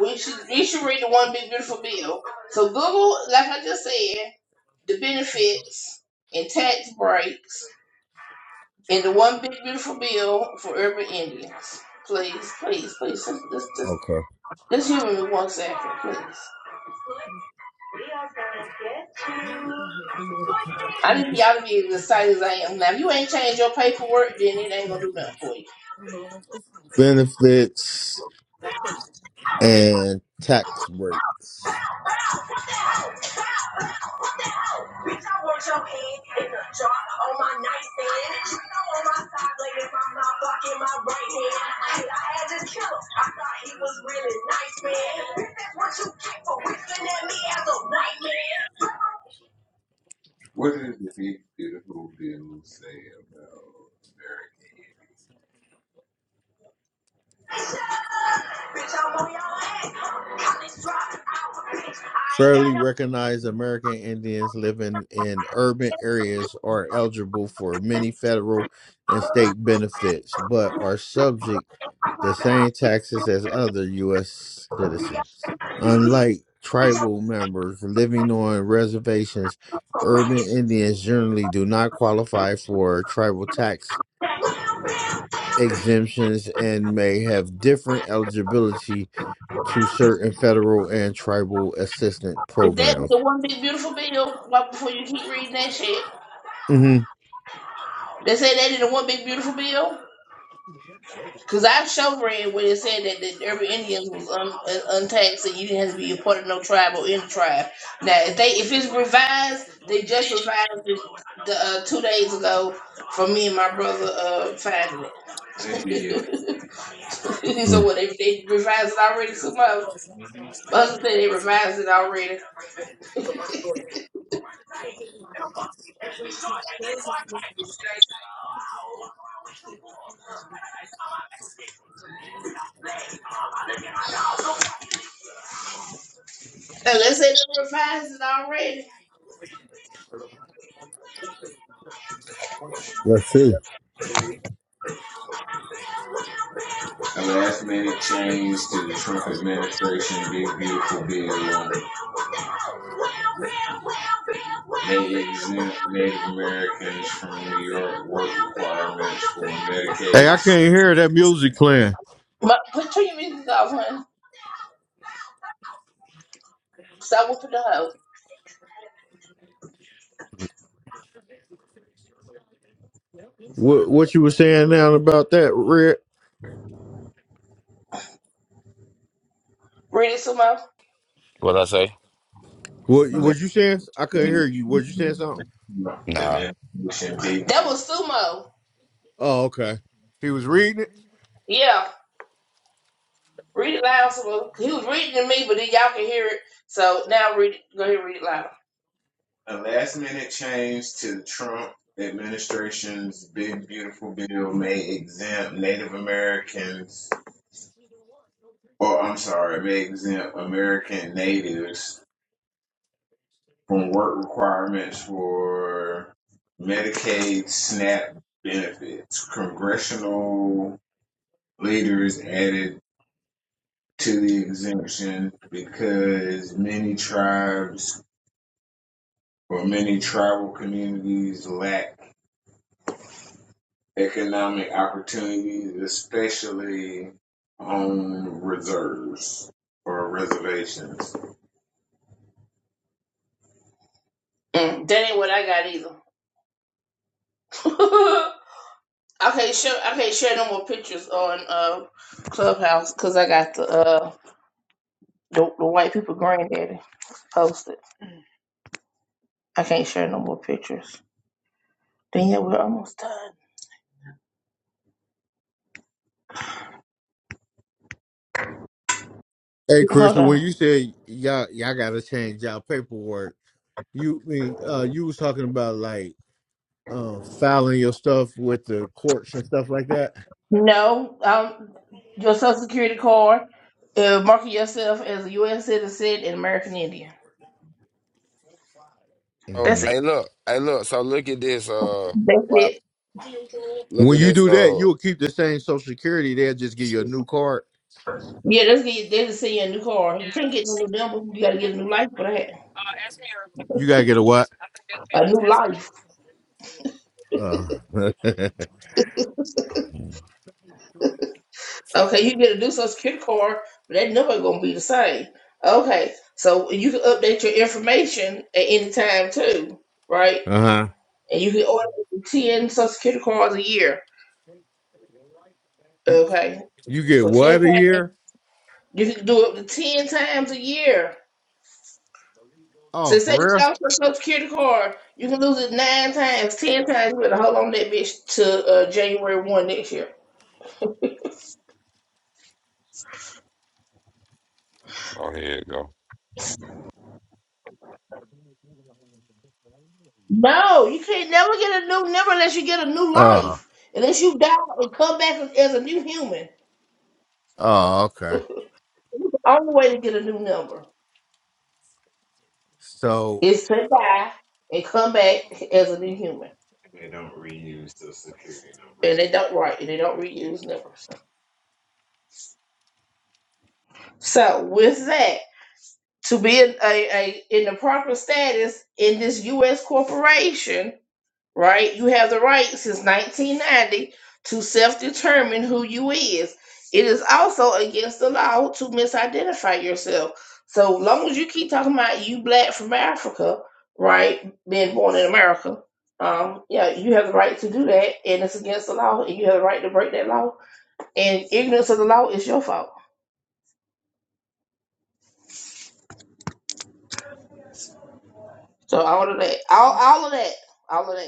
we should we should read the one big beautiful bill. So Google, like I just said, the benefits and tax breaks in the one big beautiful bill for urban Indians. Please, please, please, just just just, just humor me one second, please. I need y'all to be as excited as I am. Now, if you ain't changed your paperwork, then it ain't gonna do nothing for you.
Benefits and tax break.
Bitch, I want your head in the jar on my nightstand. Trick, I'm on my side, blaming my mouth, blocking my right hand. Hey, I had to kill him. I thought he was really nice, man. Bitch, that's what you get for whistling at me as a white man. What is the big, beautiful bill say about American idiots? Bitch, I'm on your ass. bitch. I ain't got
Fairly
no.
recognized American Indians living in urban areas are eligible for many federal and state benefits, but are subject the same taxes as other U.S. citizens. Unlike tribal members living on reservations, urban Indians generally do not qualify for tribal tax exemptions and may have different eligibility to certain federal and tribal assistance
Is that was
programs.
the one big beautiful bill? Right before you keep reading that shit,
hmm
they say that in the one big beautiful bill. Because I've shown read where it said that, that every Indians was un, un, untaxed and you didn't have to be a part of no tribe or in the tribe. Now, if they if it's revised, they just revised it the, uh, two days ago for me and my brother uh, finding it. so what, they, they revised it already somehow? My husband said they revised it already. Unless they done revised it already.
Let's see.
A last minute change to the Trump administration, big beautiful bill. They exempt Native Americans from New York work requirements for
Hey,
Medicaid.
I can't hear that music playing.
Ma- put your music off, honey. Stop whooping the house.
What what you were saying now about that, Red?
Read it some more.
What I say?
What
That
was you saying? I couldn't hear you. Was you saying something?
Nah.
was Sumo.
Oh, okay. He was reading it.
Yeah. Read it loud, Sumo. He was reading to me, but then y'all can hear it. So now read it. Go ahead and read it loud. A last minute change to the Trump administration's Big Beautiful Bill may exempt Native Americans or I'm sorry, may exempt American natives from work requirements for Medicaid SNAP benefits. Congressional leaders added to the exemption because many tribes or many tribal communities lack economic opportunities, especially on reserves or reservations. Mm, that ain't what I got either. Okay, sure. I can't share no more pictures on uh Clubhouse because I got the uh the, the white people granddaddy posted. I can't share no more pictures. Then yeah, we're almost done.
Hey,
Hold
Crystal, when
on.
you said y'all y'all gotta change y'all paperwork, you mean uh you was talking about like uh filing your stuff with the courts and stuff like that.
No, um, your social security card. Uh, market yourself as a U.S. citizen and American Indian.
Oh,
That's
hmm
it.
hey look, hey look, so look at this uh
That's
wow.
it.
Look
When
at
you
this
do that,
uh
you'll keep the same Social Security. They'll just give you a
shit.
new card.
Yeah, that's get. They just send you a new card. You can't get no new number. You gotta get a new life for that.
You gotta get a what?
A new life.
Uh,
Okay, you get a new social security card, but that number gonna be the same. Okay, so you can update your information at any time too, right?
Uh huh.
And you can order ten social security cards a year. Okay,
you get
for ten
what a
times,
year?
you can do it up to ten times a year.
Oh,
So say you
for real?
lost your social security card, you can lose it nine times, ten times. You better hold on to that bitch to uh, January one next year.
Oh here you go.
No, you can't never get a new number unless you get a new
Uh,
life, unless you die and come back as a new human.
oh, okay.
Only way to get a new number
So.
is to die and come back as a new human. They don't reuse the security numbers. And they don't write and they don't reuse numbers. So with that, to be in a, a in the proper status in this US corporation right? You have the right since 1990 to self-determine who you is. It is also against the law to misidentify yourself. So long as you keep talking about you black from Africa, right, being born in America, um, yeah, you have the right to do that, and it's against the law, and you have the right to break that law. And ignorance of the law is your fault. So all of that, all all of that, all of that.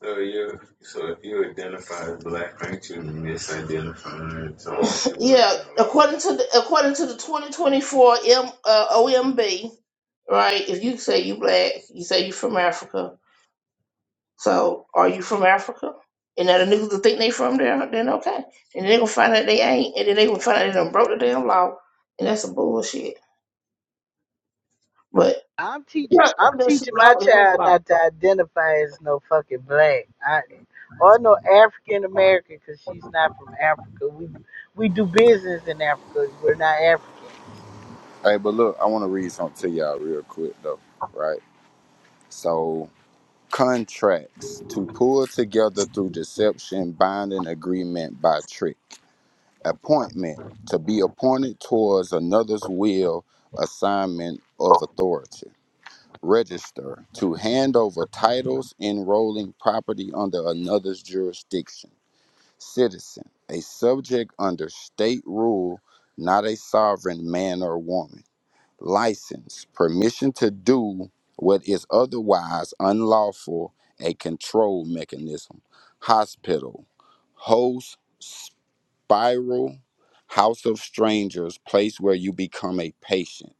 So you, so if you identify as black, aren't you misidentifying So Yeah, according to the according to the 2024 M, uh, OMB, right? If you say you black, you say you from Africa. So are you from Africa? And now the niggas that think they from there, then okay. And they gonna find out they ain't, and then they gonna find out they done broke the damn law, and that's some bullshit. But
I'm teaching.
that's
I'm
the
teaching my
law is no
child
law,
not to identify as no fucking black. I or no African American because she's not from Africa. We we do business in Africa. We're not Africans.
Hey, but look, I want to read something to y'all real quick though, right? So, contracts to pull together through deception, binding agreement by trick, appointment to be appointed towards another's will, assignment of authority, register to hand over titles, enrolling property under another's jurisdiction, citizen, a subject under state rule, not a sovereign man or woman license, permission to do what is otherwise unlawful, a control mechanism, hospital, host, spiral, house of strangers, place where you become a patient,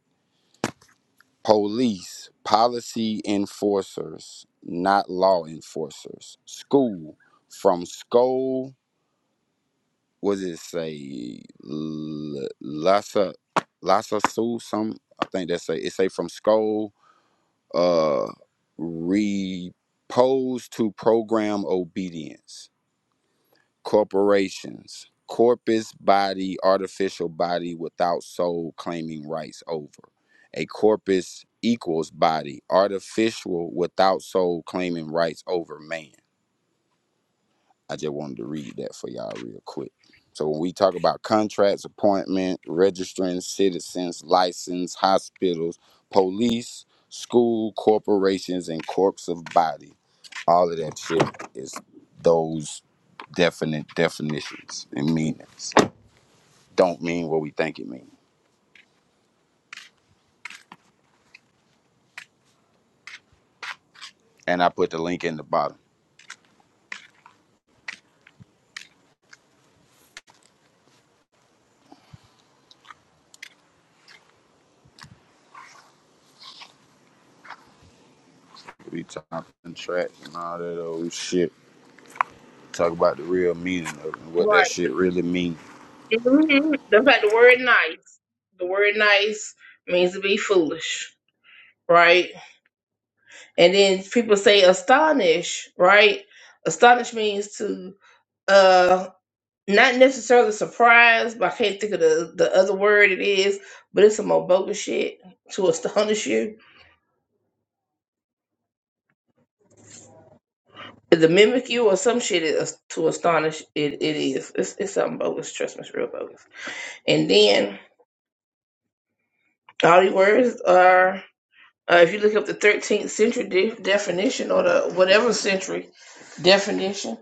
police, policy enforcers, not law enforcers, school, from school, what does it say? L- Lassa, Lassa Sue, some, I think that's say, it say from school uh, repose to program obedience, corporations, corpus body, artificial body without soul claiming rights over. A corpus equals body, artificial without soul claiming rights over man. I just wanted to read that for y'all real quick. So when we talk about contracts, appointment, registering citizens, license, hospitals, police, school, corporations, and corpse of body, all of that shit is those definite definitions and meanings. Don't mean what we think it means. And I put the link in the bottom. We talk contracts and all that old shit. Talk about the real meaning of it and what
right?
that shit really means.
hmm The fact the word nice, the word nice means to be foolish, right? And then people say astonish, right? Astonish means to uh not necessarily surprise, but I can't think of the, the other word it is, but it's some more bogus shit to astonish you. To mimic you or some shit is to astonish it, it is. It's, it's something bogus, trust me, it's real bogus. And then all these words are Uh, if you look up the 13th century de- definition or the whatever century definition,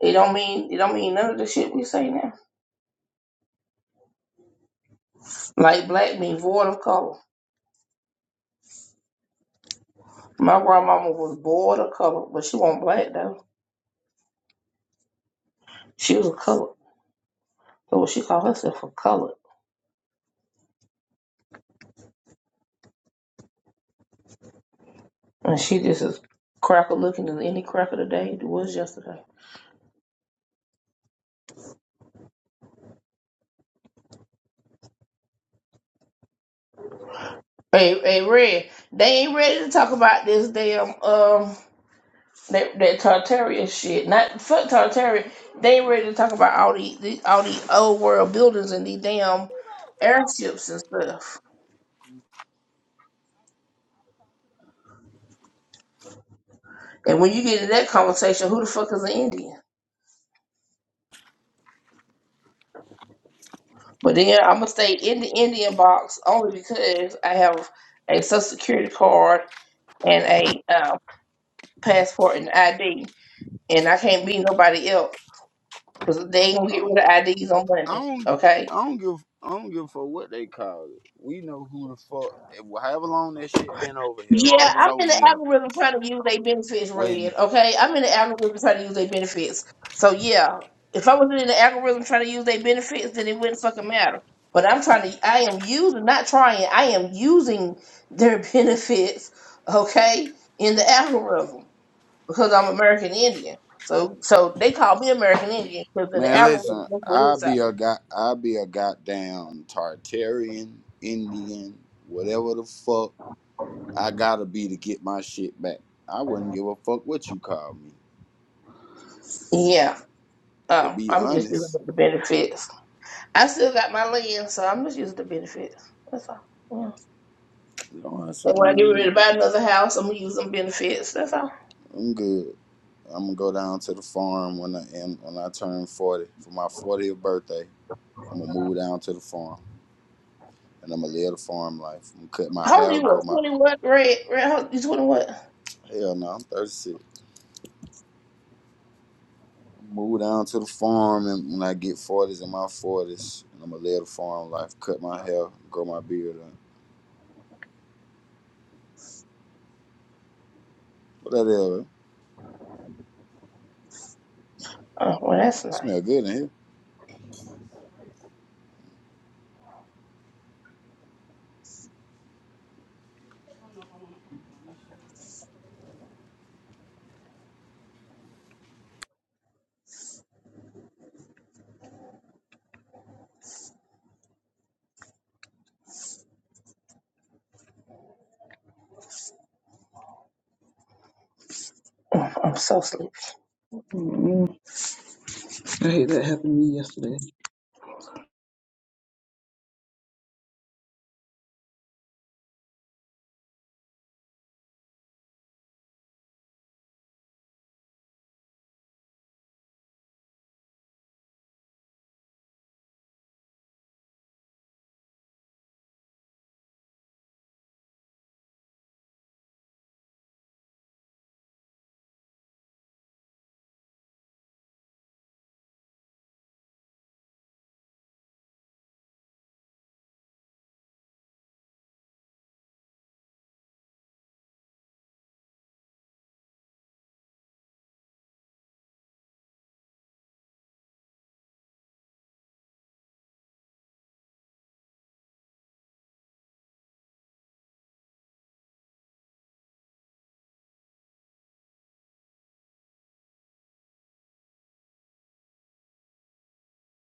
it don't mean it don't mean none of the shit we say now. Like black means void of color. My grandmama was void of color, but she wasn't black though. She was a color. So she called herself a color, and she just as cracker looking as any cracker today was yesterday. Hey, hey, Red, they ain't ready to talk about this damn um That, that Tartaria shit. Not fuck Tartaria. They ain't ready to talk about all the, the all the old world buildings and these damn airships and stuff. And when you get in that conversation, who the fuck is an Indian? But then I'm gonna stay in the Indian box only because I have a social security card and a uh, passport and ID, and I can't be nobody else because they ain't gonna
I
get
don't
rid of IDs on
I
Monday.
don't
Okay.
I don't give I don't give a fuck what they call it. We know who the fuck it however long that shit been over here.
Yeah,
It was
I'm in
over
the
here
algorithm trying to use their benefits, Red.
when
Okay, I'm in the algorithm trying to use their benefits. So yeah, if I was in the algorithm trying to use their benefits, then it wouldn't fucking matter. But I'm trying to, I am using, not trying, I am using their benefits. Okay, in the algorithm because I'm American Indian. So so they call me American Indian because in the
man
algorithm
listen,
that's what it
I
says.
be a god I be a goddamn Tartarian, Indian, whatever the fuck I gotta be to get my shit back. I wouldn't give a fuck what you call me.
Yeah,
To
um,
be
I'm just using
honest.
the benefits. I still got my lens, so I'm just using the benefits. That's all. Yeah.
You know what I'm
And
saying? I
when I get ready to
mean,
buy another house, I'm gonna use them benefits. That's all.
I'm good. I'm gonna go down to the farm when I am when I turn forty for my fortieth birthday. I'm gonna move down to the farm and I'm gonna live the farm life. I'm gonna cut my
How old
hair,
you?
grow
What?
my
Twenty what? Red? Red? How, you twenty what?
hell no, I'm 36. Move down to the farm and when I get 40s in my 40s, and I'm gonna live the farm life, cut my hair, grow my beard, up. whatever.
Oh, well, that's nice.
Smell good in here.
I hate that happened to me yesterday.